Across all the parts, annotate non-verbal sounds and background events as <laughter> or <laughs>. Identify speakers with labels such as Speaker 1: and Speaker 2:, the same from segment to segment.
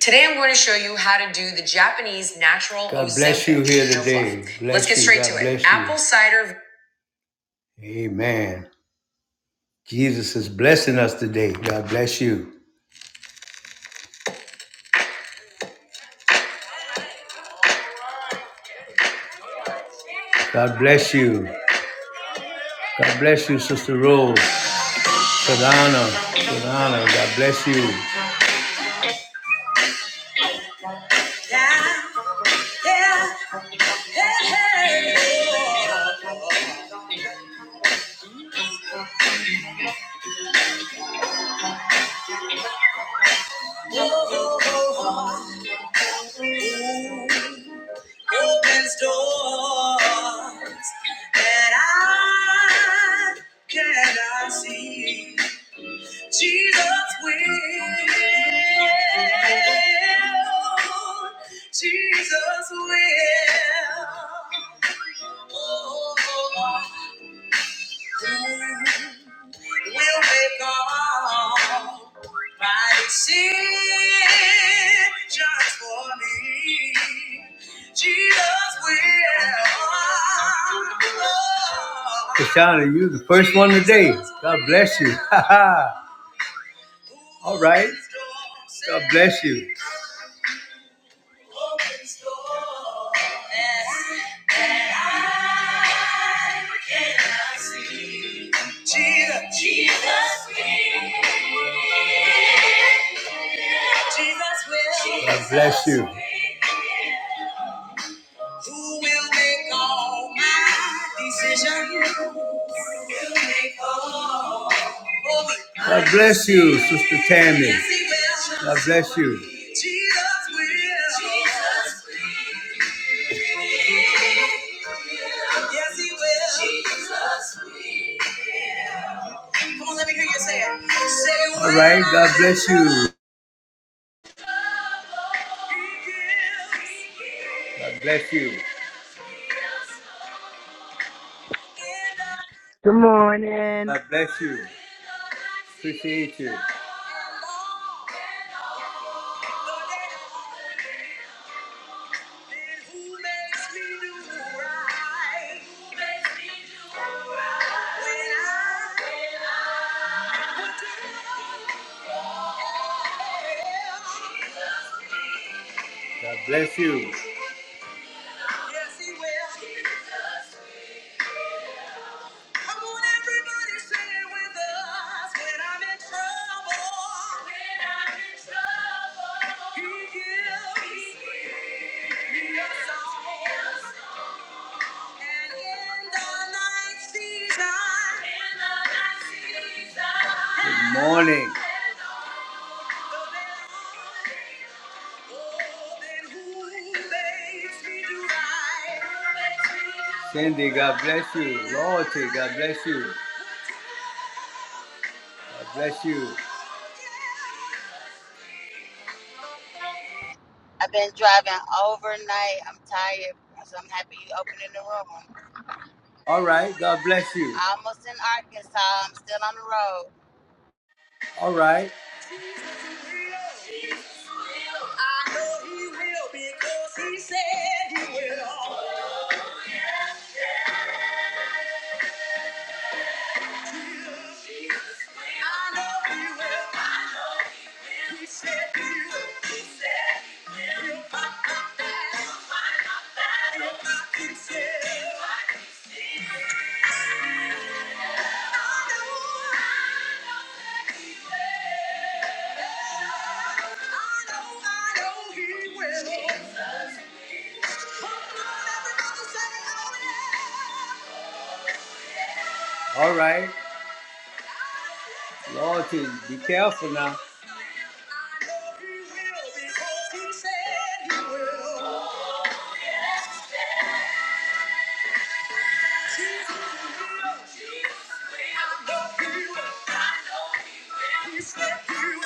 Speaker 1: Today I'm going to show you how to do the Japanese natural. God bless you here No today. Bless Let's get straight God to it. bless you. Apple cider. Amen. Jesus is blessing us today. God bless you. God bless you. God bless you, Sister Rose. Sadana. Sadana. God bless you. Yeah, yeah, hey, hey. opens doors that I cannot see. Jesus will. Jesus will. Oh, oh, oh, oh will make all my decisions for me. Jesus will. Kashana, you the first one today. God bless you. <laughs> all right. God bless you. God bless you. Who will make all my decisions? Who will make all my God bless you, Sister Tammy. Yes, he will. God bless you. Jesus will. Jesus will. Yes, he will. Jesus will. Come on, let me hear you say it. Say, All right, God bless you. God bless you.
Speaker 2: Good morning.
Speaker 1: God bless you. Appreciate you. God bless you. Yes, he will. Jesus will. Come on, everybody, sing it with us. When I'm in trouble, when I'm in trouble, he gives he gives me a song. me a song. And in the night season, in the night season, good morning. Cindy, God bless you. Loyalty, God bless you. God bless you.
Speaker 3: I've been driving overnight. I'm tired, so I'm happy you opening the room.
Speaker 1: All right, God bless you.
Speaker 3: I'm almost in Arkansas. I'm still on the road.
Speaker 1: All right. I know he will because he said he will. oh yeah. All right. Lord, be careful now. He said he will. Yeah.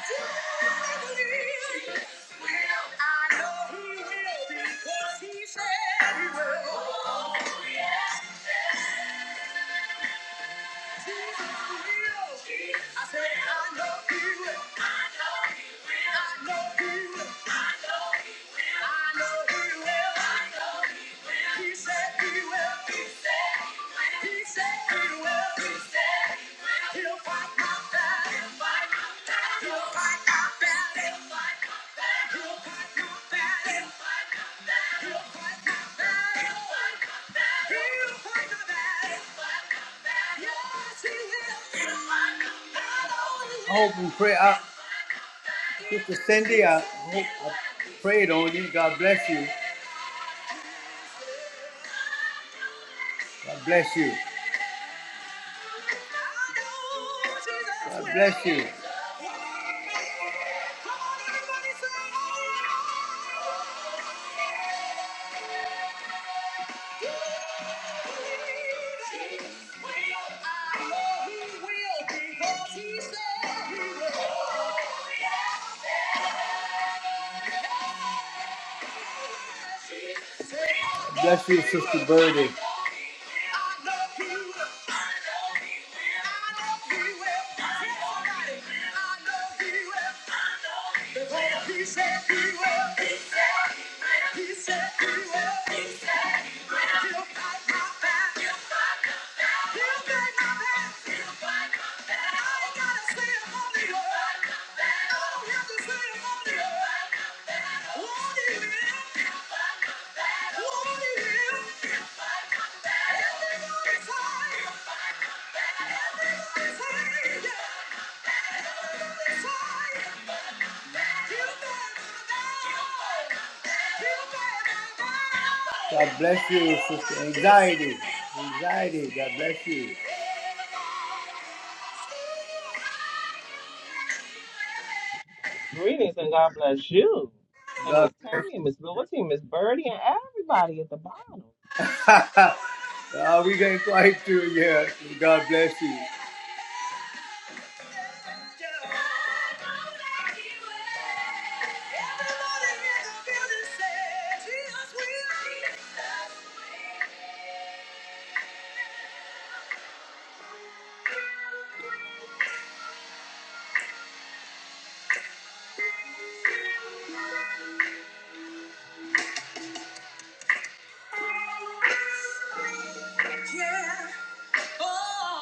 Speaker 1: He said he will. he said he will, He'll fight I hope and pray. I, Sister Cindy, I hope I prayed on you. God bless you. God bless you. God bless you. I know he will because he said he will. Oh, yeah. Bless you, Sister Birdie. God bless you, sister. Anxiety. Anxiety. God bless you.
Speaker 4: Greetings and God bless you. And
Speaker 1: God
Speaker 4: Miss
Speaker 1: bless
Speaker 4: Tammy and Miss Liberty and Miss Birdie and everybody at the bottom.
Speaker 1: <laughs> you. uh, we getting quiet too, yeah. God bless you. I know that he will. Everybody in the building says, "Jesus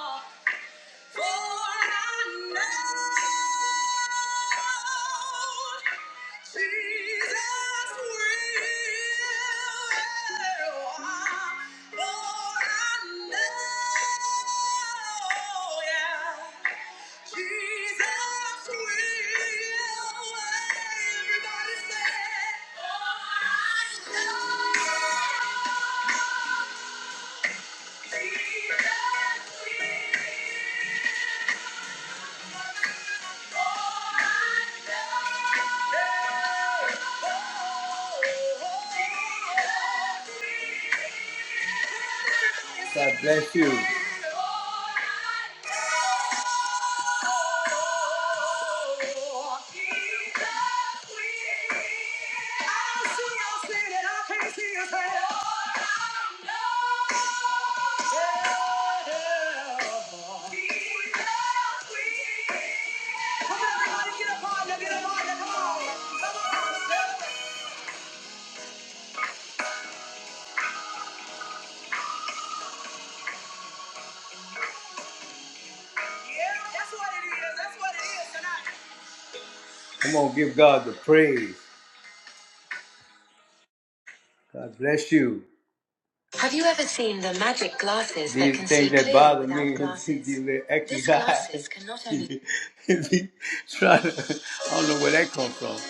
Speaker 1: will." Everybody say, oh, I know. God bless you. I see your sin and I can't see your sin. Come on, give God the praise. God bless you. These that things that bother me, <laughs> these little exercise. Be <laughs> trying to- I don't know where that comes from.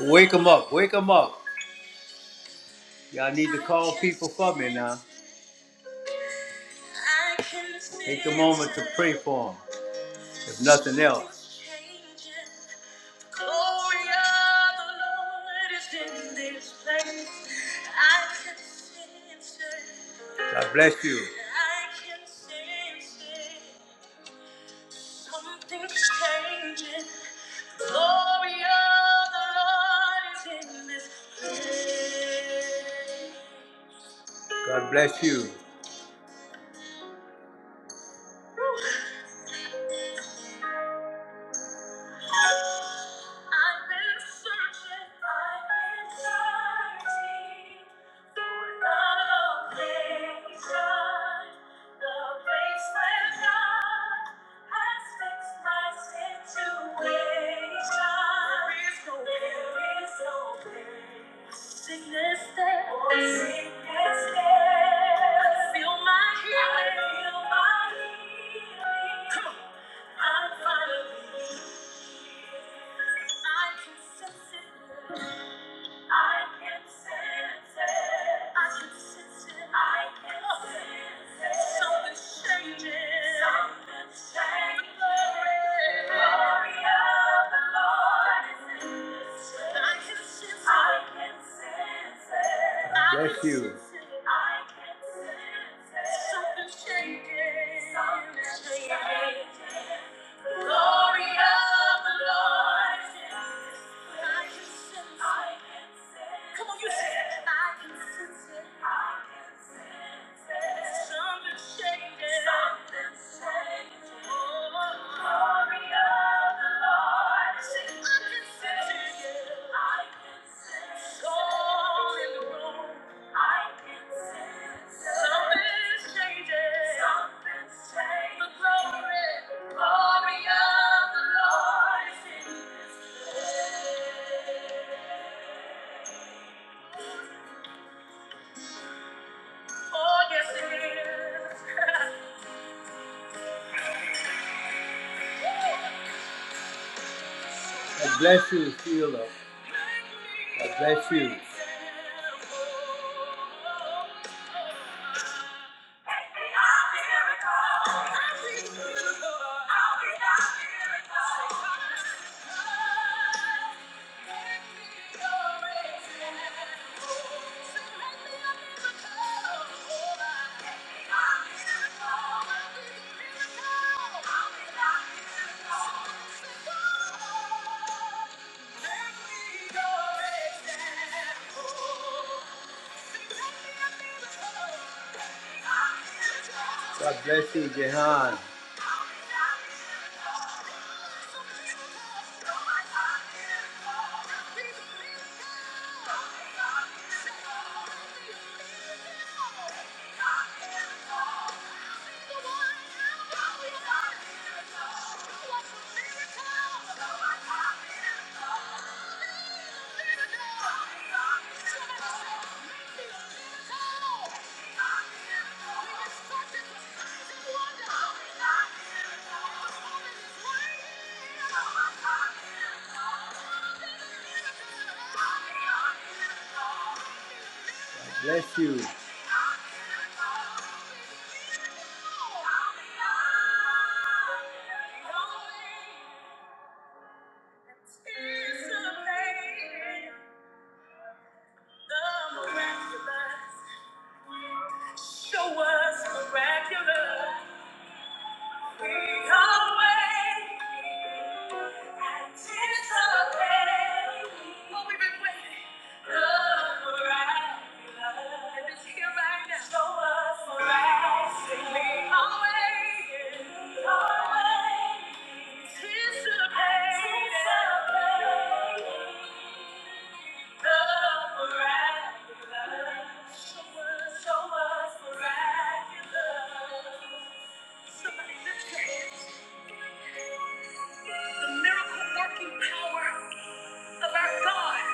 Speaker 1: Wake them up. Wake them up. Y'all need to call people for me now. Take a moment to pray for them, if nothing else. God bless you. Something's changing. Glory of the Lord is in this place. God bless you. I've been searching, I've been searching for location. The place where God has fixed my situation. There is no There is no pain. Sickness there. Oh, sickness there. feel my healing. feel my healing. Come on. i finally healed. I can sense it. I can sense it. I can sense it. I can Oh. sense it. Something's changing. Something's changing. The glory of the Lord is in this place. I can sense it. I can sense it. I can Bless you. sense it. I can Something's shaking. Something's shaking. Glory of the Lord. I can sense it. I can sense it. I can sense it. I can sense it. Something's shaking. Something's shaking. Glory Oh, yes, it is. <laughs> Woo! God bless you, healer. God bless you. God bless you, Jehan. Thank you. Bless you. Anticipated the miraculous. Show us miraculous. We are waiting, anticipating. Oh, we've been waiting. The miraculous. And it's here right now. Show us miraculous. We are waiting, We are waiting.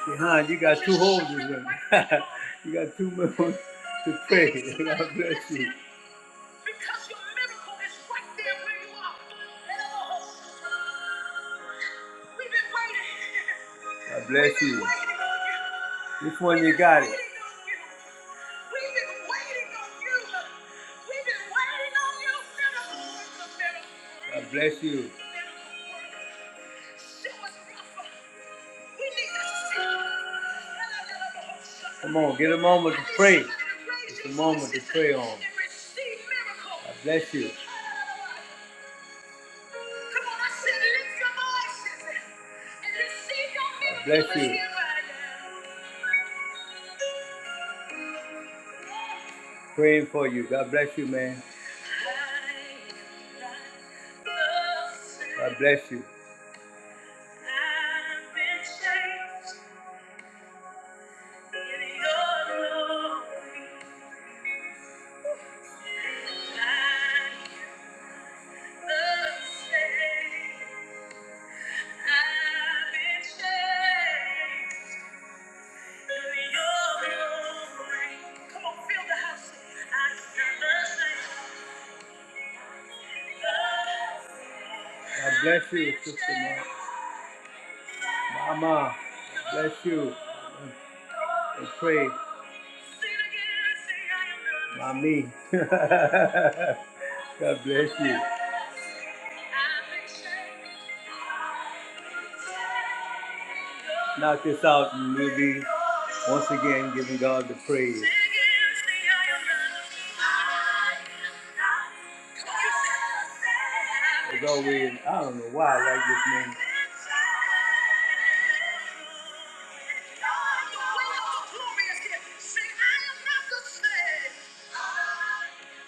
Speaker 1: Behind you got two holders. <laughs> you got two more to pray. <laughs> God bless you. Because your miracle is right there where you are. We've been waiting. God bless you. We've been you. waiting on you. Which one you got it? We've been waiting on you. We've been waiting on you. Miracle worker, miracle worker. God bless you. Miracle worker. Show us, Rafa. Come on, get a moment to pray. It's a moment to pray on. God bless you. God bless you. Praying for you. God bless you, man. God bless you. I am saved. I've been saved. In your glory. Come on, fill the house. I am saved. God bless you, Sister Ma- Mama. God bless you. And pray. mommy. <laughs> God bless you. Knock this out and we'll be once again giving God the praise. As always, I don't know why I like this name. Thank you.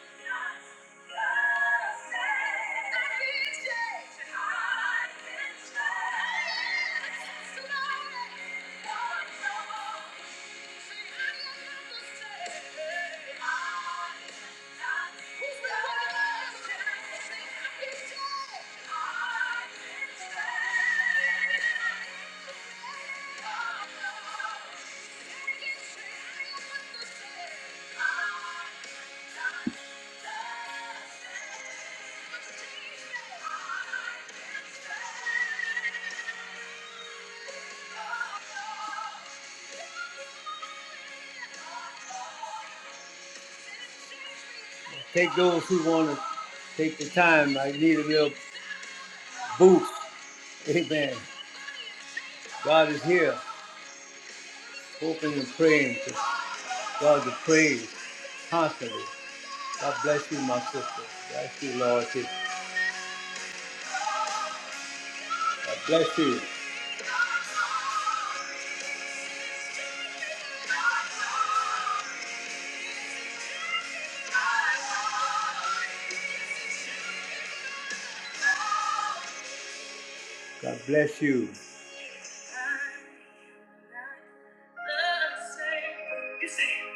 Speaker 1: Take those who want to take the time. I need a little boost. Amen. God is here, hoping and praying to God to praise constantly. God bless you, my sister. God Bless you, Lord. Jesus. God bless you. God bless you.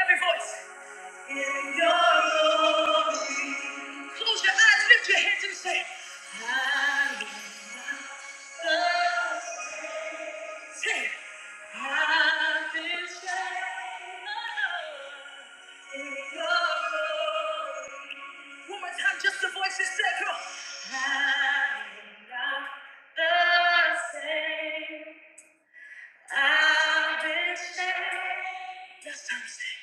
Speaker 1: Every voice. In your glory. Close your eyes, lift your hands and say, I am the Say it. I've been shaped in your glory. One more time, just the voice. I am not the same. I've been saved. That's Thursday.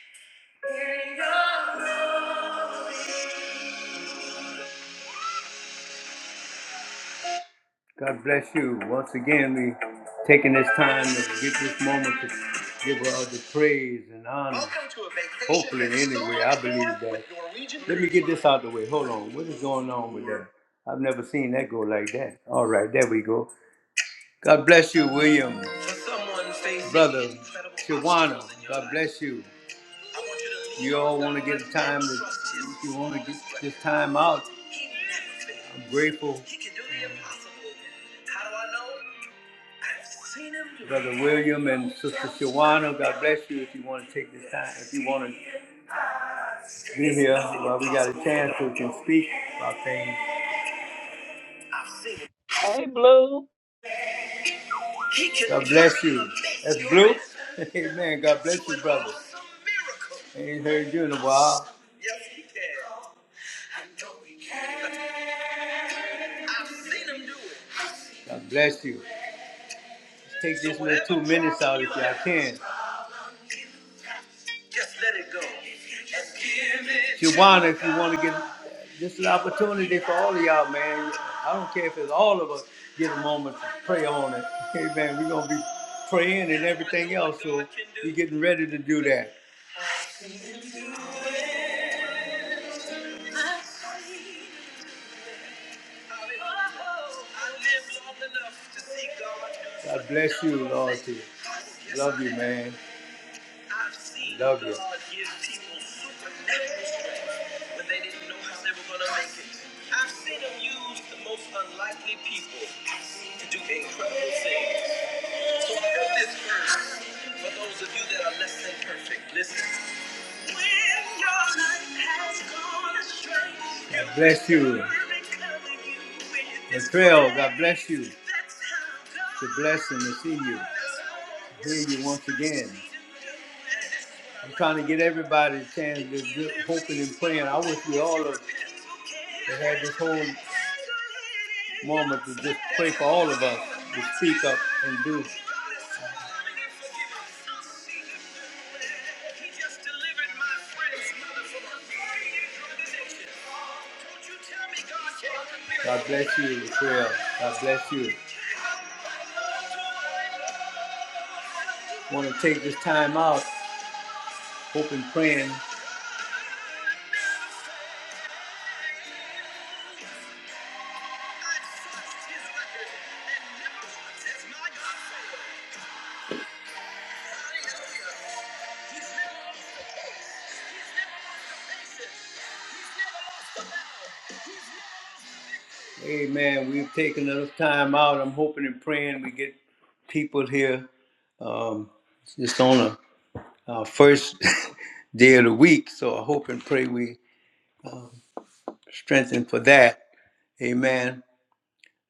Speaker 1: In your glory. God bless you. Once again, we taking this time to give this moment to give all the praise and honor. Welcome to a vacation Hopefully, anyway, I believe that. Let me get this out the way. Hold on. What is going on with that? I've never seen that go like that. All right, there we go. God bless you, William. For someone facing Brother incredible Shawana, obstacles in your God life, bless you. You all want to get a time that you want to get this time out. I'm grateful. Brother William and Sister Shawana, God bless you if you want to take this time, if you want to be here while we got a chance to so can speak about things.
Speaker 4: Hey Blue.
Speaker 1: God bless you. That's Blue. <laughs> Amen. God bless you, brother. Ain't heard you in a while. Yes, he can. I've seen him do it. God bless you. Take this little two minutes out if y'all can. Just let it go. And give it Shawana, if you want to get this is an opportunity for all of y'all, man. I don't care if it's all of us get a moment to pray on it. Amen. We're gonna be praying and everything else, so we're getting ready to do that. God bless you, Lord. Love you, man. I've seen God give people supernatural strength when they didn't know how they were going to make it. I've seen Him use the most unlikely people to do incredible things. So I this verse for those of you that are less than perfect. Listen. When your life has gone astray, God bless you. Latrell, God bless you. It's a blessing to see you. Hear you once again. I'm trying to get everybody a chance to do, hoping and praying. I wish we all of to have this whole moment to just pray for all of us to speak up and do. God bless you as well. God bless you. Want to take this time out, hoping, praying. Amen. We've taken a little time out. I'm hoping and praying we get people here. Um, it's on a, our first <laughs> day of the week, so I hope and pray we strengthen for that. Amen.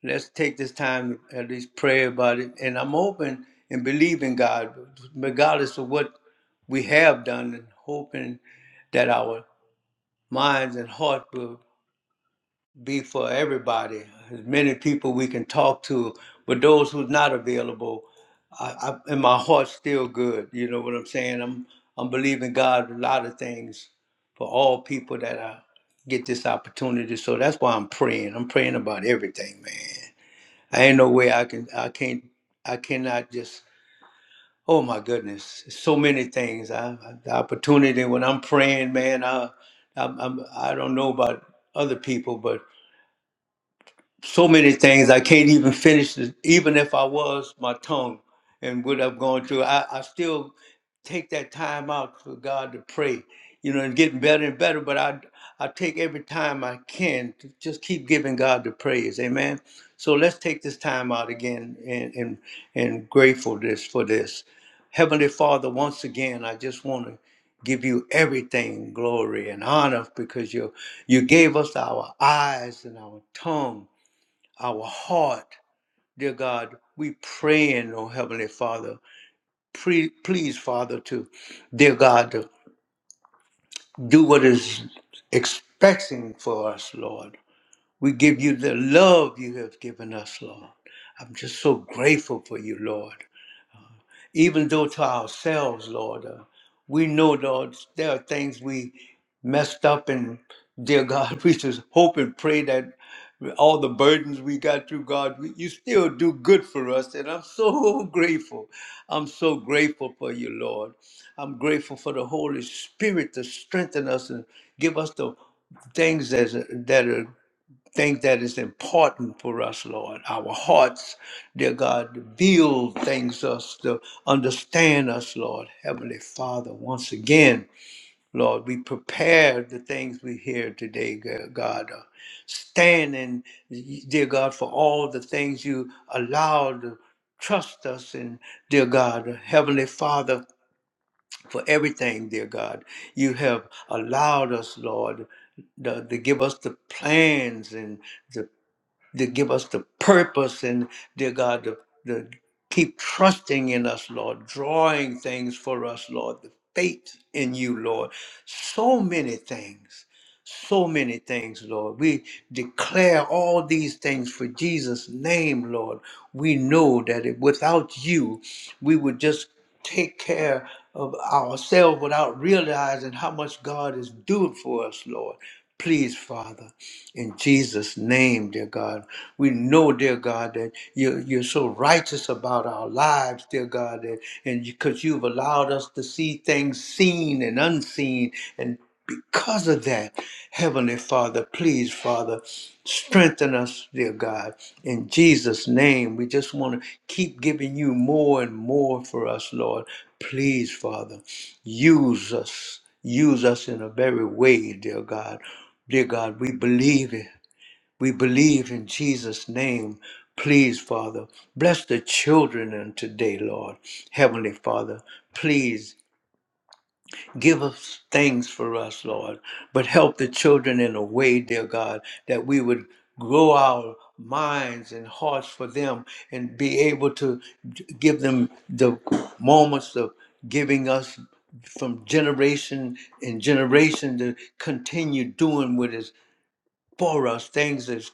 Speaker 1: Let's take this time to at least pray about it. And I'm open and believing God, regardless of what we have done, and hoping that our minds and heart will be for everybody, as many people we can talk to. But those who's not available, I, I, and my heart's still good. You know what I'm saying? I'm I'm believing God a lot of things for all people that I get this opportunity. So that's why I'm praying. I'm praying about everything, man. I ain't no way I can I can't I cannot just. Oh my goodness, so many things. I, I- the opportunity when I'm praying, man. I, I'm, I'm I don't know about other people, but so many things I can't even finish. This, even if I was my tongue and what I'm going through, I, I still take that time out for God to pray. You know, and getting better and better. But I I take every time I can to just keep giving God the praise. Amen. So let's take this time out again and and and gratefulness for this. Heavenly Father, once again, I just want to give you everything glory and honor because you you gave us our eyes and our tongue our heart, dear God. We praying, oh Heavenly Father, pre- please, Father, to, dear God, to do what is expecting for us, Lord. We give you the love you have given us, Lord. I'm just so grateful for you, Lord. even though to ourselves, Lord, uh, we know, Lord, there are things we messed up, and dear God, <laughs> we just hope and pray that all the burdens we got through, God, we, you still do good for us, and I'm so <laughs> grateful. I'm so grateful for you, Lord. I'm grateful for the Holy Spirit to strengthen us and give us the things that that are think that is important for us, Lord. Our hearts, dear God, to build things us to understand us, Lord. Heavenly Father, once again, Lord, we prepare the things we hear today, dear God. Uh, Standing, dear God, for all the things you allowed to trust us in, dear God. Heavenly Father, for everything, dear God. You have allowed us, Lord, to, to give us the plans and the to give us the purpose and dear God to, to keep trusting in us, Lord, drawing things for us, Lord, the faith in you, Lord. So many things so many things, Lord. We declare all these things for Jesus' name, Lord. We know that if, without you, we would just take care of ourselves without realizing how much God is doing for us, Lord. Please, Father, in Jesus' name, dear God, we know, dear God, that you're, you're so righteous about our lives, dear God, that, and because you've allowed us to see things seen and unseen, and because of that, Heavenly Father, please, Father, strengthen us, dear God. In Jesus' name, we just want to keep giving you more and more for us, Lord. Please, Father, use us. Use us in a very way, dear God. Dear God, we believe it. We believe in Jesus' name. Please, Father, bless the children in today, Lord. Heavenly Father, please Give us things for us, Lord, but help the children in a way, dear God, that we would grow our minds and hearts for them and be able to g- give them the moments of giving us from generation and generation to continue doing what is for us, things that's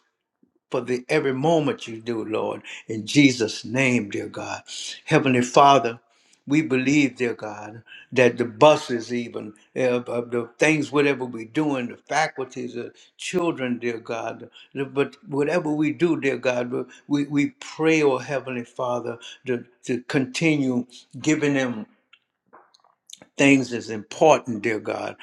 Speaker 1: for the every moment you do, Lord. In Jesus' name, dear God. Heavenly Father, we believe, dear God, that the buses, even uh, uh, the things, whatever we're doing, the faculties, the children, dear God, the- but whatever we do, dear God, we, we pray, oh Heavenly Father, to, to continue giving them things that's important, dear God.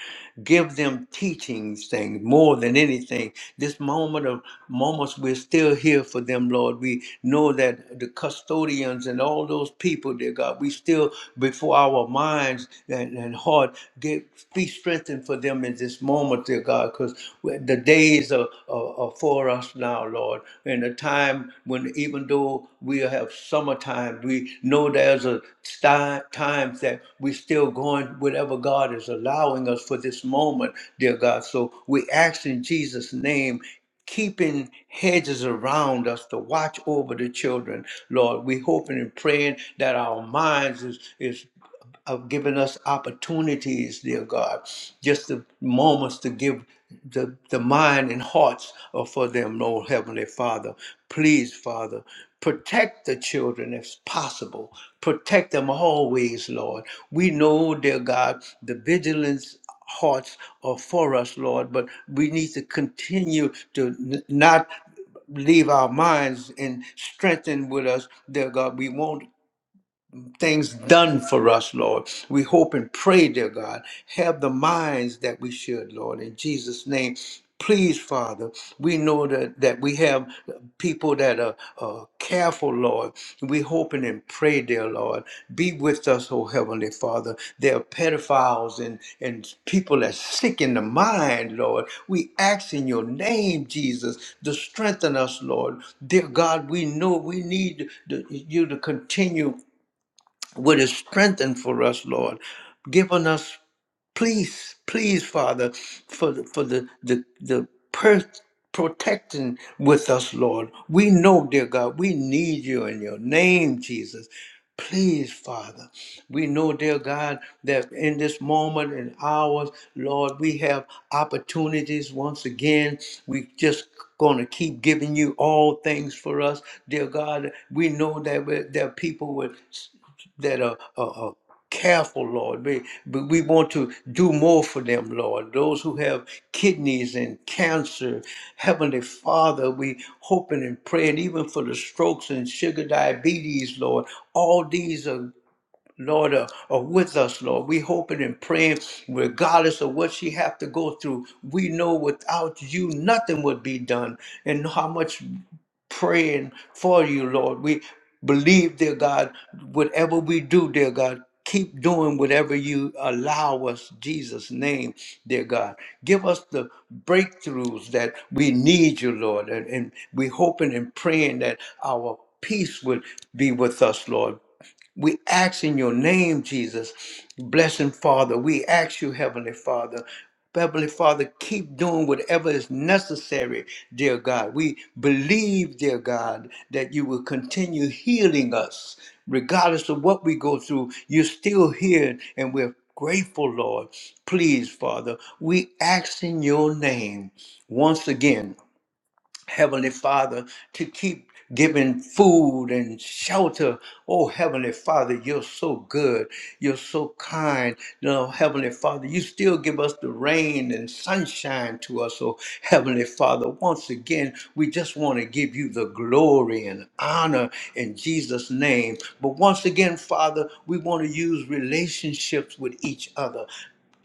Speaker 1: Give them teachings, things more than anything. This moment of moments, we're still here for them, Lord. We know that the custodians and all those people, dear God, we still before our minds and, and heart get be strengthened for them in this moment, dear God, because the days are, are, are for us now, Lord. And the time when when even though we have summertime, we know there's a sti- times that we still going whatever God is allowing us for this moment, dear God. So we ask in Jesus' name, keeping hedges around us to watch over the children, Lord. We hoping and praying that our minds is is have given us opportunities, dear God, just the moments to give the, the mind and hearts of for them, Lord Heavenly Father. Please, Father, protect the children if possible. Protect them always, Lord. We know, dear God, the vigilance hearts are for us, Lord, but we need to continue to n- not leave our minds and strengthen with us, dear God. We won't things done for us, Lord. We hope and pray, dear God, have the minds that we should, Lord. In Jesus' name, please, Father, we know that, that we have people that are, are careful, Lord. We hoping and pray, dear Lord. Be with us, oh Heavenly Father. There are pedophiles and, and people that sick in the mind, Lord. We ask in your name, Jesus, to strengthen us, Lord. Dear God, we know we need the- you to continue would it strengthen for us, Lord, Given us please, please, Father, for the, for the the the per- protecting with us, Lord. We know, dear God, we need you in your name, Jesus. Please, Father, we know, dear God, that in this moment and hours, Lord, we have opportunities once again. We just going to keep giving you all things for us, dear God. We know that we, there are people with that are, are, are careful, Lord. We, but we want to do more for them, Lord. Those who have kidneys and cancer, Heavenly Father, we hoping and praying even for the strokes and sugar diabetes, Lord. All these are Lord, are, are with us, Lord. We hoping and praying, regardless of what she have to go through. We know without you, nothing would be done, and how much praying for you, Lord. We believe, dear God, whatever we do, dear God, keep doing whatever you allow us, Jesus' name, dear God. Give us the breakthroughs that we need you, Lord. And, and we hoping and praying that our peace would be with us, Lord. We ask in your name, Jesus. Blessing Father, we ask you, Heavenly Father. Heavenly Father, keep doing whatever is necessary, dear God. We believe, dear God, that you will continue healing us. Regardless of what we go through, you're still here and we're grateful, Lord. Please, Father, we ask in your name once again Heavenly Father, to keep giving food and shelter. Oh, Heavenly Father, you're so good. You're so kind. You know, Heavenly Father, you still give us the rain and sunshine to us. Oh, Heavenly Father, once again, we just want to give you the glory and honor in Jesus' name. But once again, Father, we want to use relationships with each other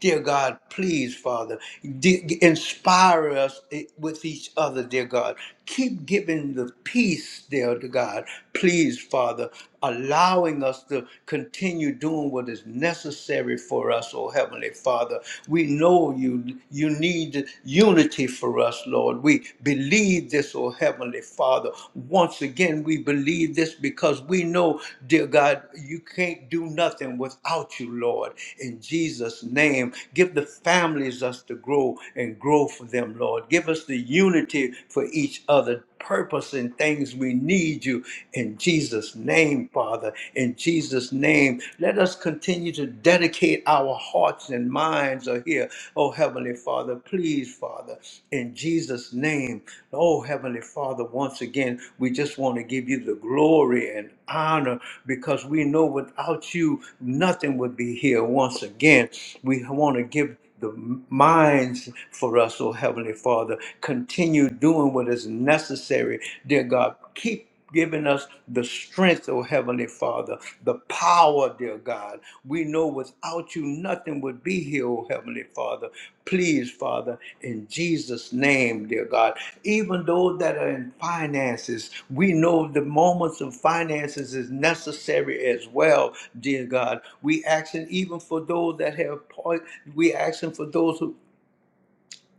Speaker 1: Dear God, please, Father, de- inspire us eh, with each other, dear God. Keep giving the peace, dear to God. Please, Father, allowing us to continue doing what is necessary for us, oh Heavenly Father. We know you you need unity for us, Lord. We believe this, oh Heavenly Father. Once again, again, we believe this because we know, dear God, you can't do nothing without you, Lord. In Jesus' name, give the families us to grow and grow for them, Lord. Give us the unity for each other, purpose and things we need you. In Jesus' name, Father, in Jesus' name, let us continue to dedicate our hearts and minds here. Oh, Heavenly Father, please, Father, in Jesus' name. Oh, Heavenly Father, once again, we just want to give you the glory and honor because we know without you, nothing would be here. Once again, we want to give the minds for us, oh Heavenly Father. Continue doing what is necessary, dear God. Keep giving us the strength, oh Heavenly Father, the power, dear God. We know without you nothing would be here, oh Heavenly Father. Father. Please, Father, in Jesus' name, dear God. Even those that are in finances, we know the moments of finances is necessary as well, dear God. We asking even for those that have, part- we asking for those who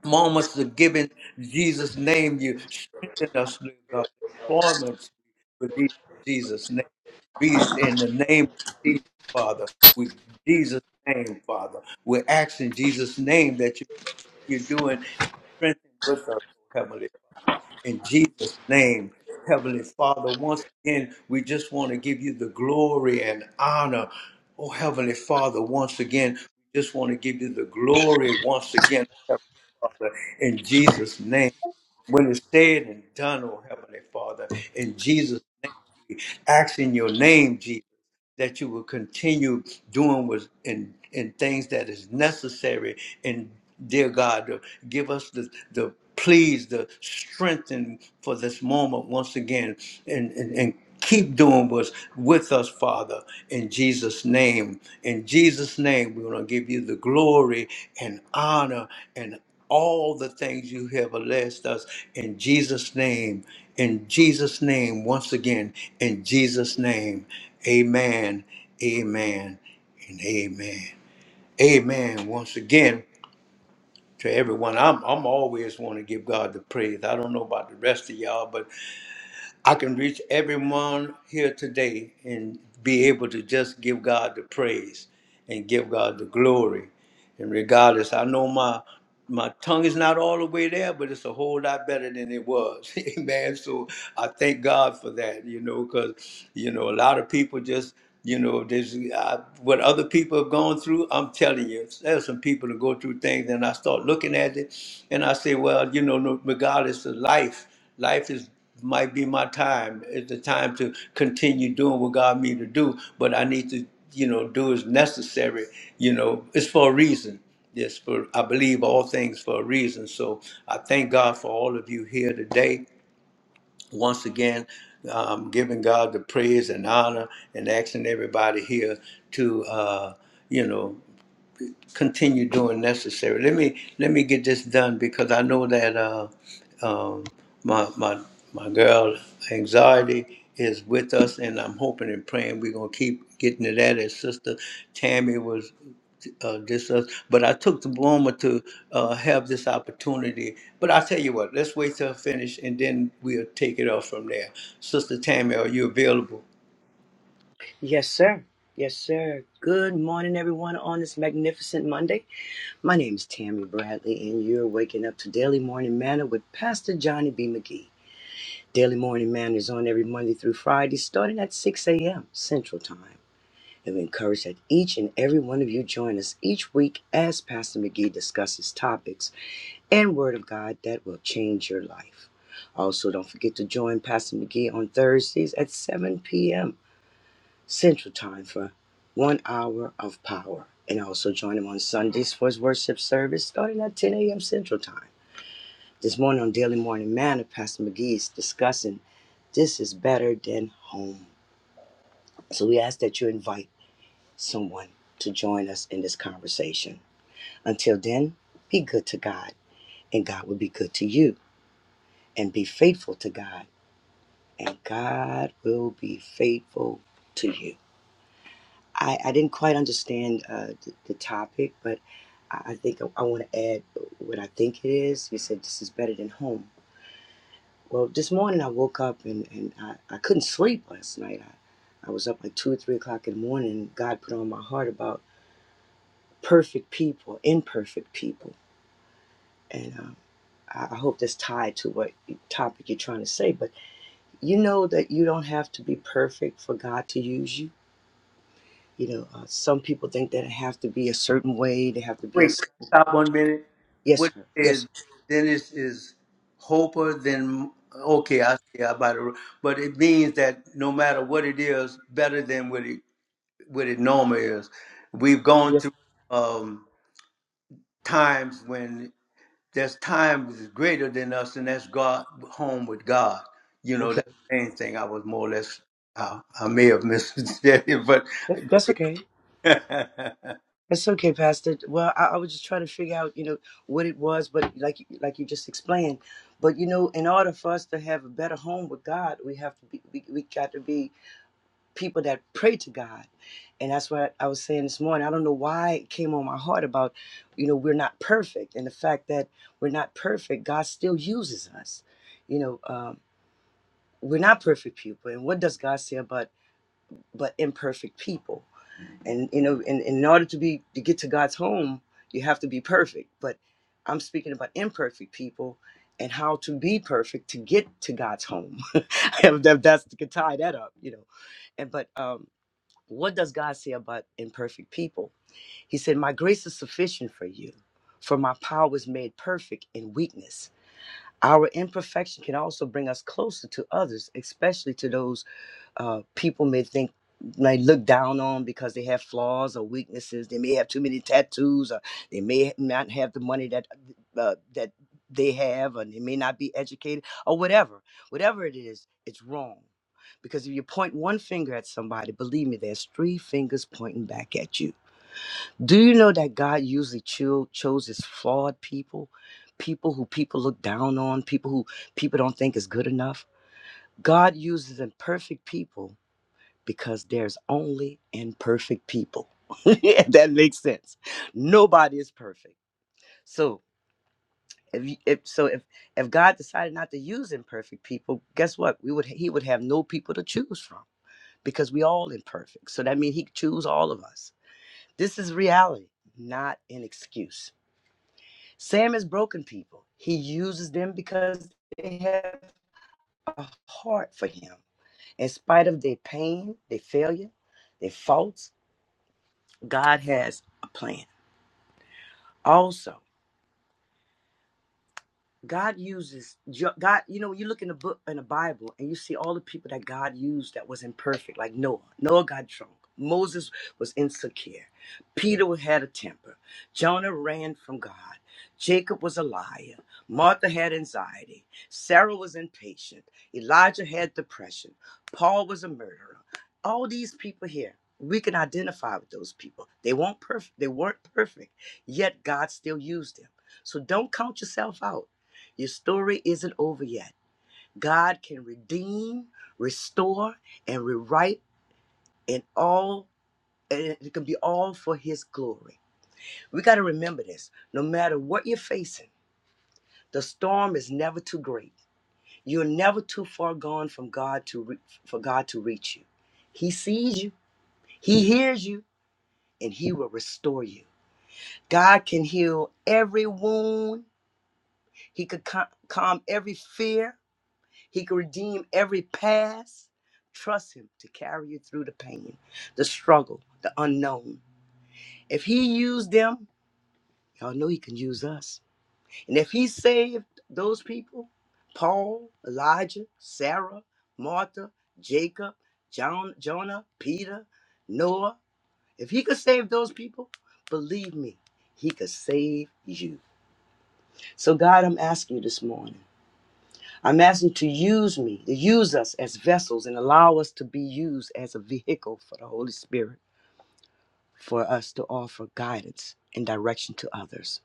Speaker 1: moments of giving Jesus' name, you strengthen us, Lord God. Employment for these in Jesus' name. Be it in the name of Jesus, Father. With Jesus' name, Father. We're asking Jesus' name that you continue doing and strengthen with us, oh Heavenly Father. In Jesus' name, Heavenly Father, once again, we just want to give you the glory and honor. Oh, Heavenly Father, once again, we just want to give you the glory once again. Father, in Jesus' name. When it's said and done, oh Heavenly Father, in Jesus' name, we ask in your name, Jesus that you will continue doing was in in things that is necessary and dear God to give us the the please the strength and for this moment once again and and, and keep doing what's with us father in jesus name in jesus name we want to give you the glory and honor and all the things you have blessed us in jesus name in jesus name once again in jesus name Amen, amen, and amen. Amen. Once again to everyone. I'm I'm always want to give God the praise. I don't know about the rest of y'all, but I can reach everyone here today and be able to just give God the praise and give God the glory. And regardless, I know my my tongue is not all the way there, but it's a whole lot better than it was. <laughs> Amen. So I thank God for that, you know, because you know, a lot of people just you know, there's I, what other people have gone through. I'm telling you, there's some people that go through things, and I start looking at it, and I say, well, you know, no- regardless of life, life is might be my time. It's the time to continue doing what God me to do, but I need to you know, do is necessary. You know, it's for a reason. Yes, for I believe all things for a reason. So I thank God for all of you here today. Once again, um, giving God the praise and honor, and asking everybody here to, uh, you know, continue doing necessary. Let me let me get this done because I know that uh, um, my my my girl anxiety is with us, and I'm hoping and praying we're gonna keep getting to that. As Sister Tammy was uh, this us, but I took the moment to uh, have this opportunity. But I tell you what, let's wait till I finish, and then we'll take it off from there. Sister Tammy, are you available?
Speaker 2: Yes, sir. Yes, sir. Good morning, everyone, on this magnificent Monday. My name is Tammy Bradley, and you're waking up to Daily Morning Manna with Pastor Johnny B. McGee. Daily Morning Manna is on every Monday through Friday, starting at 6 a.m. Central Time. And we encourage that each and every one of you join us each week as Pastor McGee discusses topics and Word of God that will change your life. Also, don't forget to join Pastor McGee on Thursdays at 7 p.m. Central Time for one hour of power. And also join him on Sundays for his worship service starting at 10 a.m. Central Time. This morning on Daily Morning Manna, Pastor McGee is discussing this is better than home. So we ask that you invite someone to join us in this conversation. Until then, be good to God, and God will be good to you. And be faithful to God, and God will be faithful to you. I, I didn't quite understand uh, the, the topic, but I, I think I, I want to add what I think it is. You said this is better than home. Well, this morning I woke up and, and I, I couldn't sleep last night. I, I was up like two or three o'clock in the morning. And God put on my heart about perfect people, imperfect people. And um, I I hope that's tied to what you- topic you're trying to say, but you know that you don't have to be perfect for God to use you. You know, uh, some people think that it have to be a certain way, they have to be
Speaker 1: Wait,
Speaker 2: a
Speaker 1: can I stop one minute. What
Speaker 2: Yes,
Speaker 1: it is
Speaker 2: Yes,
Speaker 1: Dennis is hoper than okay? I see about it, but it means that no matter what it is, better than what it what it normally is. We've gone
Speaker 2: yes.
Speaker 1: through um, times when there's time is greater than us, and that's God home with God. You know
Speaker 2: Okay,
Speaker 1: that same thing. I was more or less. Uh, I may have missed <laughs> it, but
Speaker 2: that's, that's
Speaker 1: go
Speaker 2: okay.
Speaker 1: ahead. <laughs>
Speaker 2: That's okay, Pastor. Well, I, I was just trying to figure out, you know, what it was, but like like you just explained. But you know, in order for us to have a better home with God, we have to be we, we got to be people that pray to God, and that's what I was saying this morning. I don't know why it came on my heart about, you know, we're not perfect, and the fact that we're not perfect, God still uses us. You know, um, we're not perfect people, and what does God say about but imperfect people? and you know in, in order to be to get to god's home you have to be perfect but i'm speaking about imperfect people and how to be perfect to get to god's home <laughs> if that- that's to tie that up you know and but um what does god say about imperfect people he said my grace is sufficient for you for my power is made perfect in weakness our imperfection can also bring us closer to others especially to those uh, people may think may look down on because they have flaws or weaknesses. They may have too many tattoos, or they may ha- not have the money that uh, that they have, and they may not be educated or whatever. Whatever it is, it's wrong. Because if you point one finger at somebody, believe me, there's three fingers pointing back at you. Do you know that God usually cho- chose his flawed people, people who people look down on, people who people don't think is good enough? God uses imperfect people because there's only imperfect people. <laughs> If that makes sense. Nobody is perfect. So if, you, if so, if if God decided not to use imperfect people, guess what? We would He would have no people to choose from because we all imperfect. So that means He could choose all of us. This is reality, not an excuse. Sam is broken people. He uses them because they have a heart for Him, in spite of their pain, their failure, their faults. God has a plan. Also, God uses God. You know, you look in the book in the Bible and you see all the people that God used that was imperfect, like Noah. Noah got drunk. Moses was insecure. Peter had a temper. Jonah ran from God. Jacob was a liar. Martha had anxiety. Sarah was impatient. Elijah had depression. Paul was a murderer. All these people here, we can identify with those people. They weren't perfect. They weren't perfect, yet God still used them. So don't count yourself out your story isn't over yet. God can redeem, restore, and rewrite and all and it can be all for his glory. We got to remember this. No matter what you're facing, the storm is never too great. You're never too far gone from God to re- for God to reach you. He sees you, he hears you, and he will restore you. God can heal every wound. He could ca- calm every fear He can redeem every past. Trust Him to carry you through the pain, the struggle, the unknown. If He used them, y'all know He can use us. And if He saved those people, Paul, Elijah, Sarah, Martha, Jacob, John, Jonah, Peter, Noah, if He could save those people, believe me, He could save you. So, God, I'm asking you this morning. I'm asking to use me, to use us as vessels and allow us to be used as a vehicle for the Holy Spirit, for us to offer guidance and direction to others.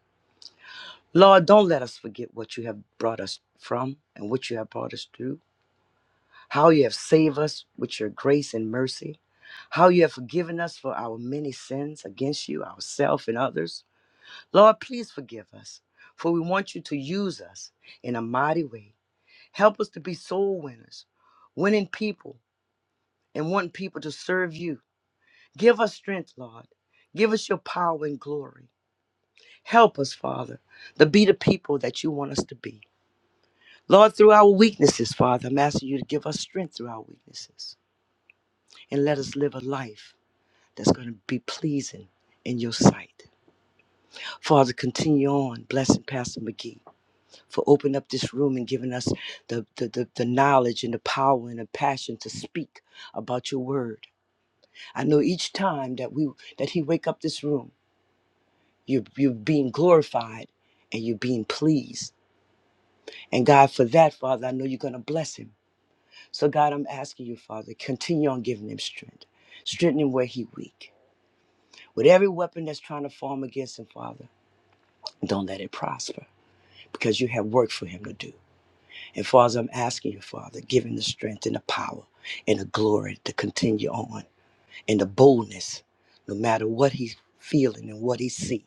Speaker 2: Lord, don't let us forget what you have brought us from and what you have brought us through, how you have saved us with your grace and mercy, how you have forgiven us for our many sins against you, ourselves, and others. Lord, please forgive us, for we want you to use us in a mighty way. Help us to be soul winners winning people and wanting people to serve you. Give us strength, Lord. Give us your power and glory. Help us, Father, to be the people that you want us to be. Lord, through our weaknesses, Father, I'm asking you to give us strength through our weaknesses and let us live a life that's going to be pleasing in your sight. Father, continue on blessing Pastor McGee for opening up this room and giving us the, the, the, the knowledge and the power and the passion to speak about your word. I know each time that we that he wake up this room, You're, you're being glorified and you're being pleased. And God, for that, Father, I know you're going to bless him. So, God, I'm asking you, Father, continue on giving him strength, strengthen him where he weak. With every weapon that's trying to form against him, Father, don't let it prosper because you have work for him to do. And, Father, I'm asking you, Father, give him the strength and the power and the glory to continue on. and the boldness, no matter what he's feeling and what he see,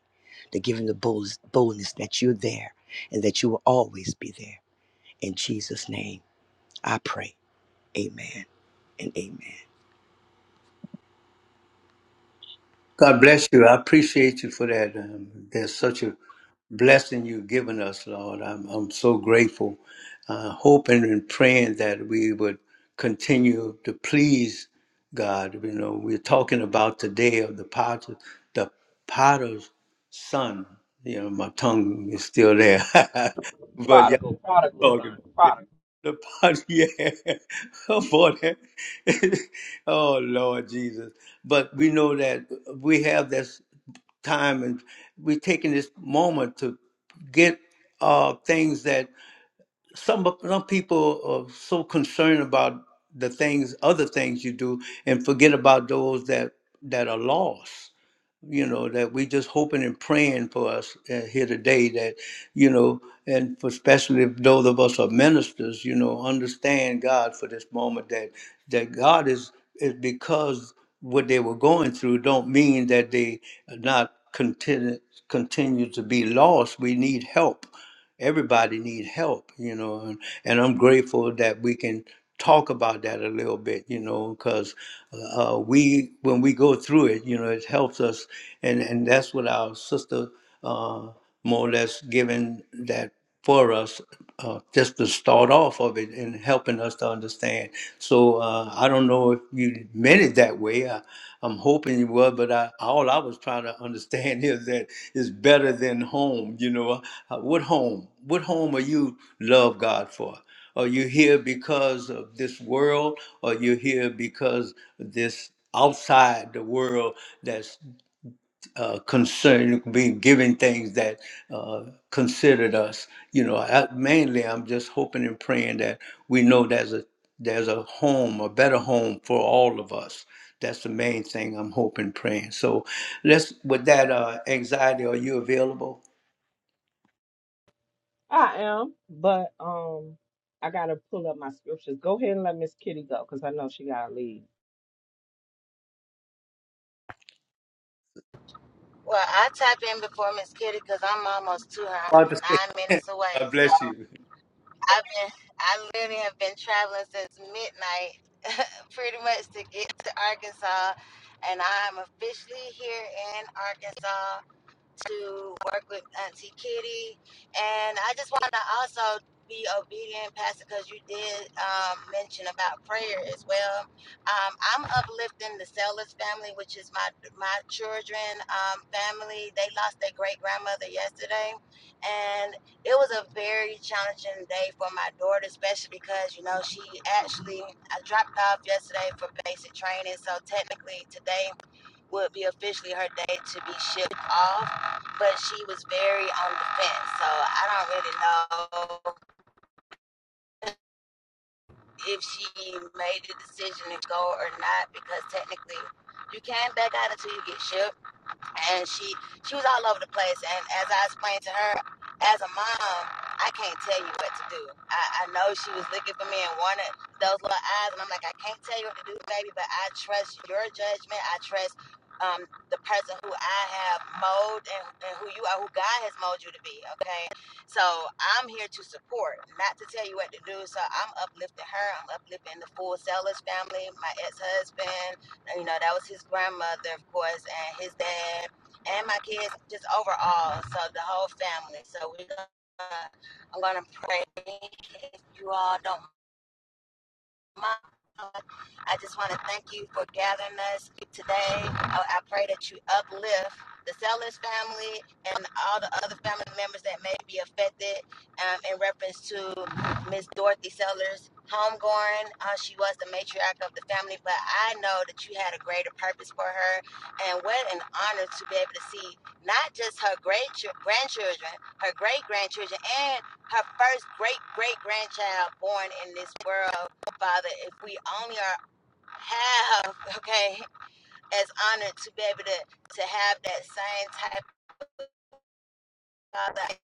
Speaker 2: to give him the bold, boldness that you're there and that you will always be there. In Jesus' name, I pray. Amen and amen.
Speaker 1: God bless you. I appreciate you for that. Um, there's such a blessing you've given us, Lord. I'm, I'm so grateful. Uh, hoping and praying that we would continue to please God. You know, we're talking about today of the potter, the potter's son. You know, my tongue is still there, <laughs> but y'all
Speaker 4: Prodigal,
Speaker 1: are
Speaker 4: prodigal
Speaker 1: talking.
Speaker 4: son, prodigal.
Speaker 1: The pot, <laughs> yeah. Oh, boy, that- <laughs> oh, Lord Jesus. But we know that we have this time and we're taking this moment to get uh, things that some some people are so concerned about the things, other things you do, and forget about those that that are lost you know, that we just hoping and praying for us uh, here today that, you know, and for especially if those of us are ministers, you know, understand God for this moment that that God is is because what they were going through don't mean that they are not continue continue to be lost. We need help everybody need help, you know, and, and I'm grateful that we can talk about that a little bit, you know, because uh, we when we go through it, you know, it helps us, and and that's what our sister uh, more or less given that for us uh, just to start off of it and helping us to understand. So uh, I don't know if you meant it that way. I, I'm hoping you were, but I, all I was trying to understand <laughs> is that it's better than home. You know, Uh, what home? What home are you love God for? Are you here because of this world? Or you here because this outside the world That's uh, concern being given things that uh, considered us. You know, I, mainly I'm just hoping and praying that we know there's a there's a home, a better home for all of us. That's the main thing I'm hoping, praying. So, let's with that uh, anxiety. Are you available?
Speaker 4: I am, but um I gotta pull up my scriptures. Go ahead and let Miss Kitty go because I know she gotta leave.
Speaker 3: Well, I tap in before Miss Kitty because I'm almost to her. I'm
Speaker 1: Father, <laughs> say
Speaker 3: nine minutes
Speaker 1: God
Speaker 3: away. So
Speaker 1: bless you.
Speaker 3: I've been, I literally have been traveling since midnight, pretty much to get to Arkansas, and I'm officially here in Arkansas. to work with Auntie Kitty. And I just want to also be obedient, Pastor, because you did um, mention about prayer as well. Um, I'm uplifting the Sellers family, which is my my children um, family. They lost their great grandmother yesterday, and it was a very challenging day for my daughter, especially because you know she actually I dropped off yesterday for basic training, so technically today would be officially her day to be shipped off, but she was very on the fence. So I don't really know if she made the decision to go or not because technically you can not back out until you get shipped. and she she was all over the place. And as I explained to her, as a mom, I can't tell you what to do. I, I know she was looking for me and wanted those little eyes, and I'm like, I can't tell you what to do, baby, but I trust your judgment. I trust um, the person who I have molded and, and who you are, who God has molded you to be. Okay, so I'm here to support, not to tell you what to do. So I'm uplifting her. I'm uplifting the full sellers family, my ex husband you know that was his grandmother of course and his dad and my kids just overall so the whole family so we uh, i'm gonna pray if you all don't Mom, I just want to thank you for gathering us today. I, pray that you uplift the Sellers family and all the other family members that may be affected um, in reference to Miss Dorothy Sellers' homegoing. Uh, she was the matriarch of the family, but I know that you had a greater purpose for her. And what an honor to be able to see not just her great grandchildren, her great grandchildren, and her first great great grandchild born in this world. Father, if we only are have, okay, as honored to be able to to have that same type, Father. I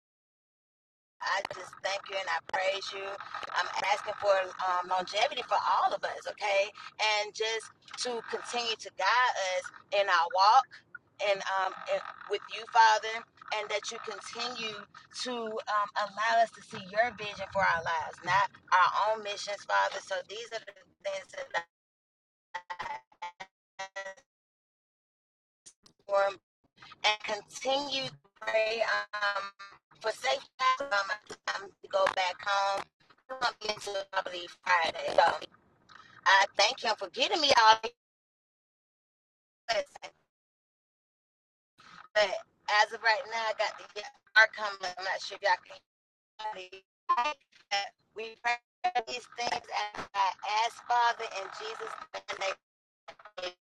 Speaker 3: just thank you and I praise you. I'm asking for um, longevity for all of us, okay, and just to continue to guide us in our walk and um with you, Father, and that you continue to um, allow us to see your vision for our lives, not our own missions, Father. So these are the things that I platform and continue to pray um, for safe travels. um, time to go back home. I'm gonna be into probably Friday. So I thank him for getting me all these blessings. But as of right now, I got the car coming. I'm not sure if y'all can hear me. We pray these things as I ask Father in Jesus' name.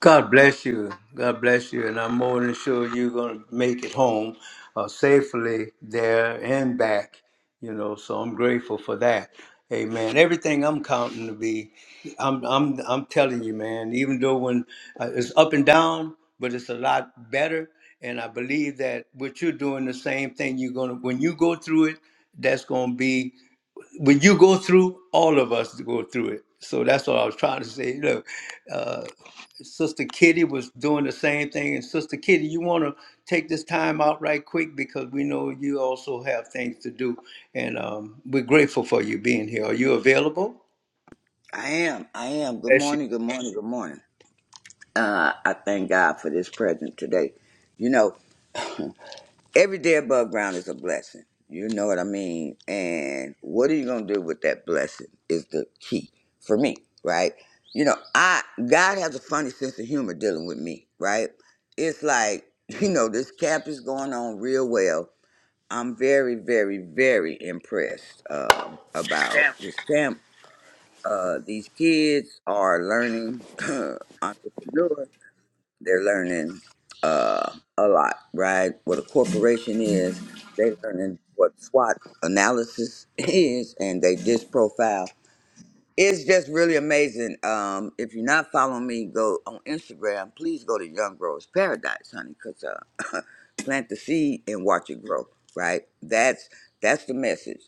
Speaker 1: God bless you. God bless you. And I'm more than sure you're going to make it home uh, safely there and back, you know. So I'm grateful for that. Amen. Everything I'm counting to be, I'm, I'm, I'm telling you, man, even though when uh, it's up and down, but it's a lot better. And I believe that what you're doing, the same thing you're going to, when you go through it, that's going to be when you go through, all of us go through it. So that's what I was trying to say. Look, uh, Sister Kitty was doing the same thing. And Sister Kitty, you want to take this time out right quick because we know you also have things to do. And um, we're grateful for you being here. Are you available?
Speaker 5: I am. I am. Good
Speaker 1: Bless you.
Speaker 5: morning. Good morning. Good morning. Uh, I thank God for this present today. You know, every day above ground is a blessing. You know what I mean? And what are you going to do with that blessing is the key for me, right? You know, I God has a funny sense of humor dealing with me, right? It's like, <laughs> you know, this camp is going on real well. I'm very, very, very impressed um, about this camp uh, these kids are learning <clears throat> entrepreneur. They're learning uh, a lot, right? What a corporation is. They're learning what SWOT analysis <laughs> is, and they disprofile. It's just really amazing. Um, if you're not following me, go on Instagram. Please go to Young Growers Paradise, honey, because uh, <laughs> plant the seed and watch it grow. Right? That's that's the message.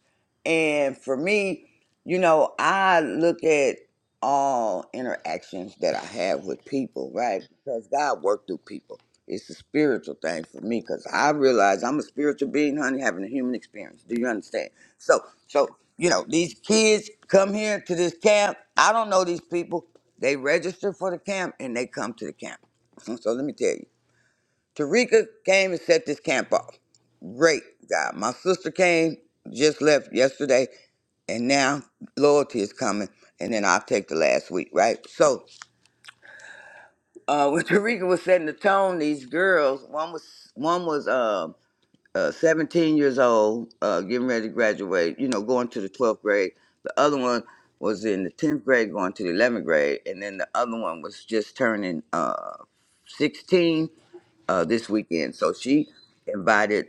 Speaker 5: And for me, you know, I look at all interactions that I have with people, right? Because God worked through people. It's a spiritual thing for me because I realize I'm a spiritual being, honey, having a human experience. Do you understand? So, so you know, these kids come here to this camp. I don't know these people. They register for the camp and they come to the camp. <laughs> So let me tell you, Tarika came and set this camp off. Great guy. My sister came, just left yesterday, and now loyalty is coming. And then I'll take the last week, right? So uh, when <laughs> Tarika was setting the tone, these girls, one was one was um uh, 17 years old, uh, getting ready to graduate, you know, going to the 12th grade. The other one was in the 10th grade, going to the 11th grade. And then the other one was just turning uh, 16 uh, this weekend. So she invited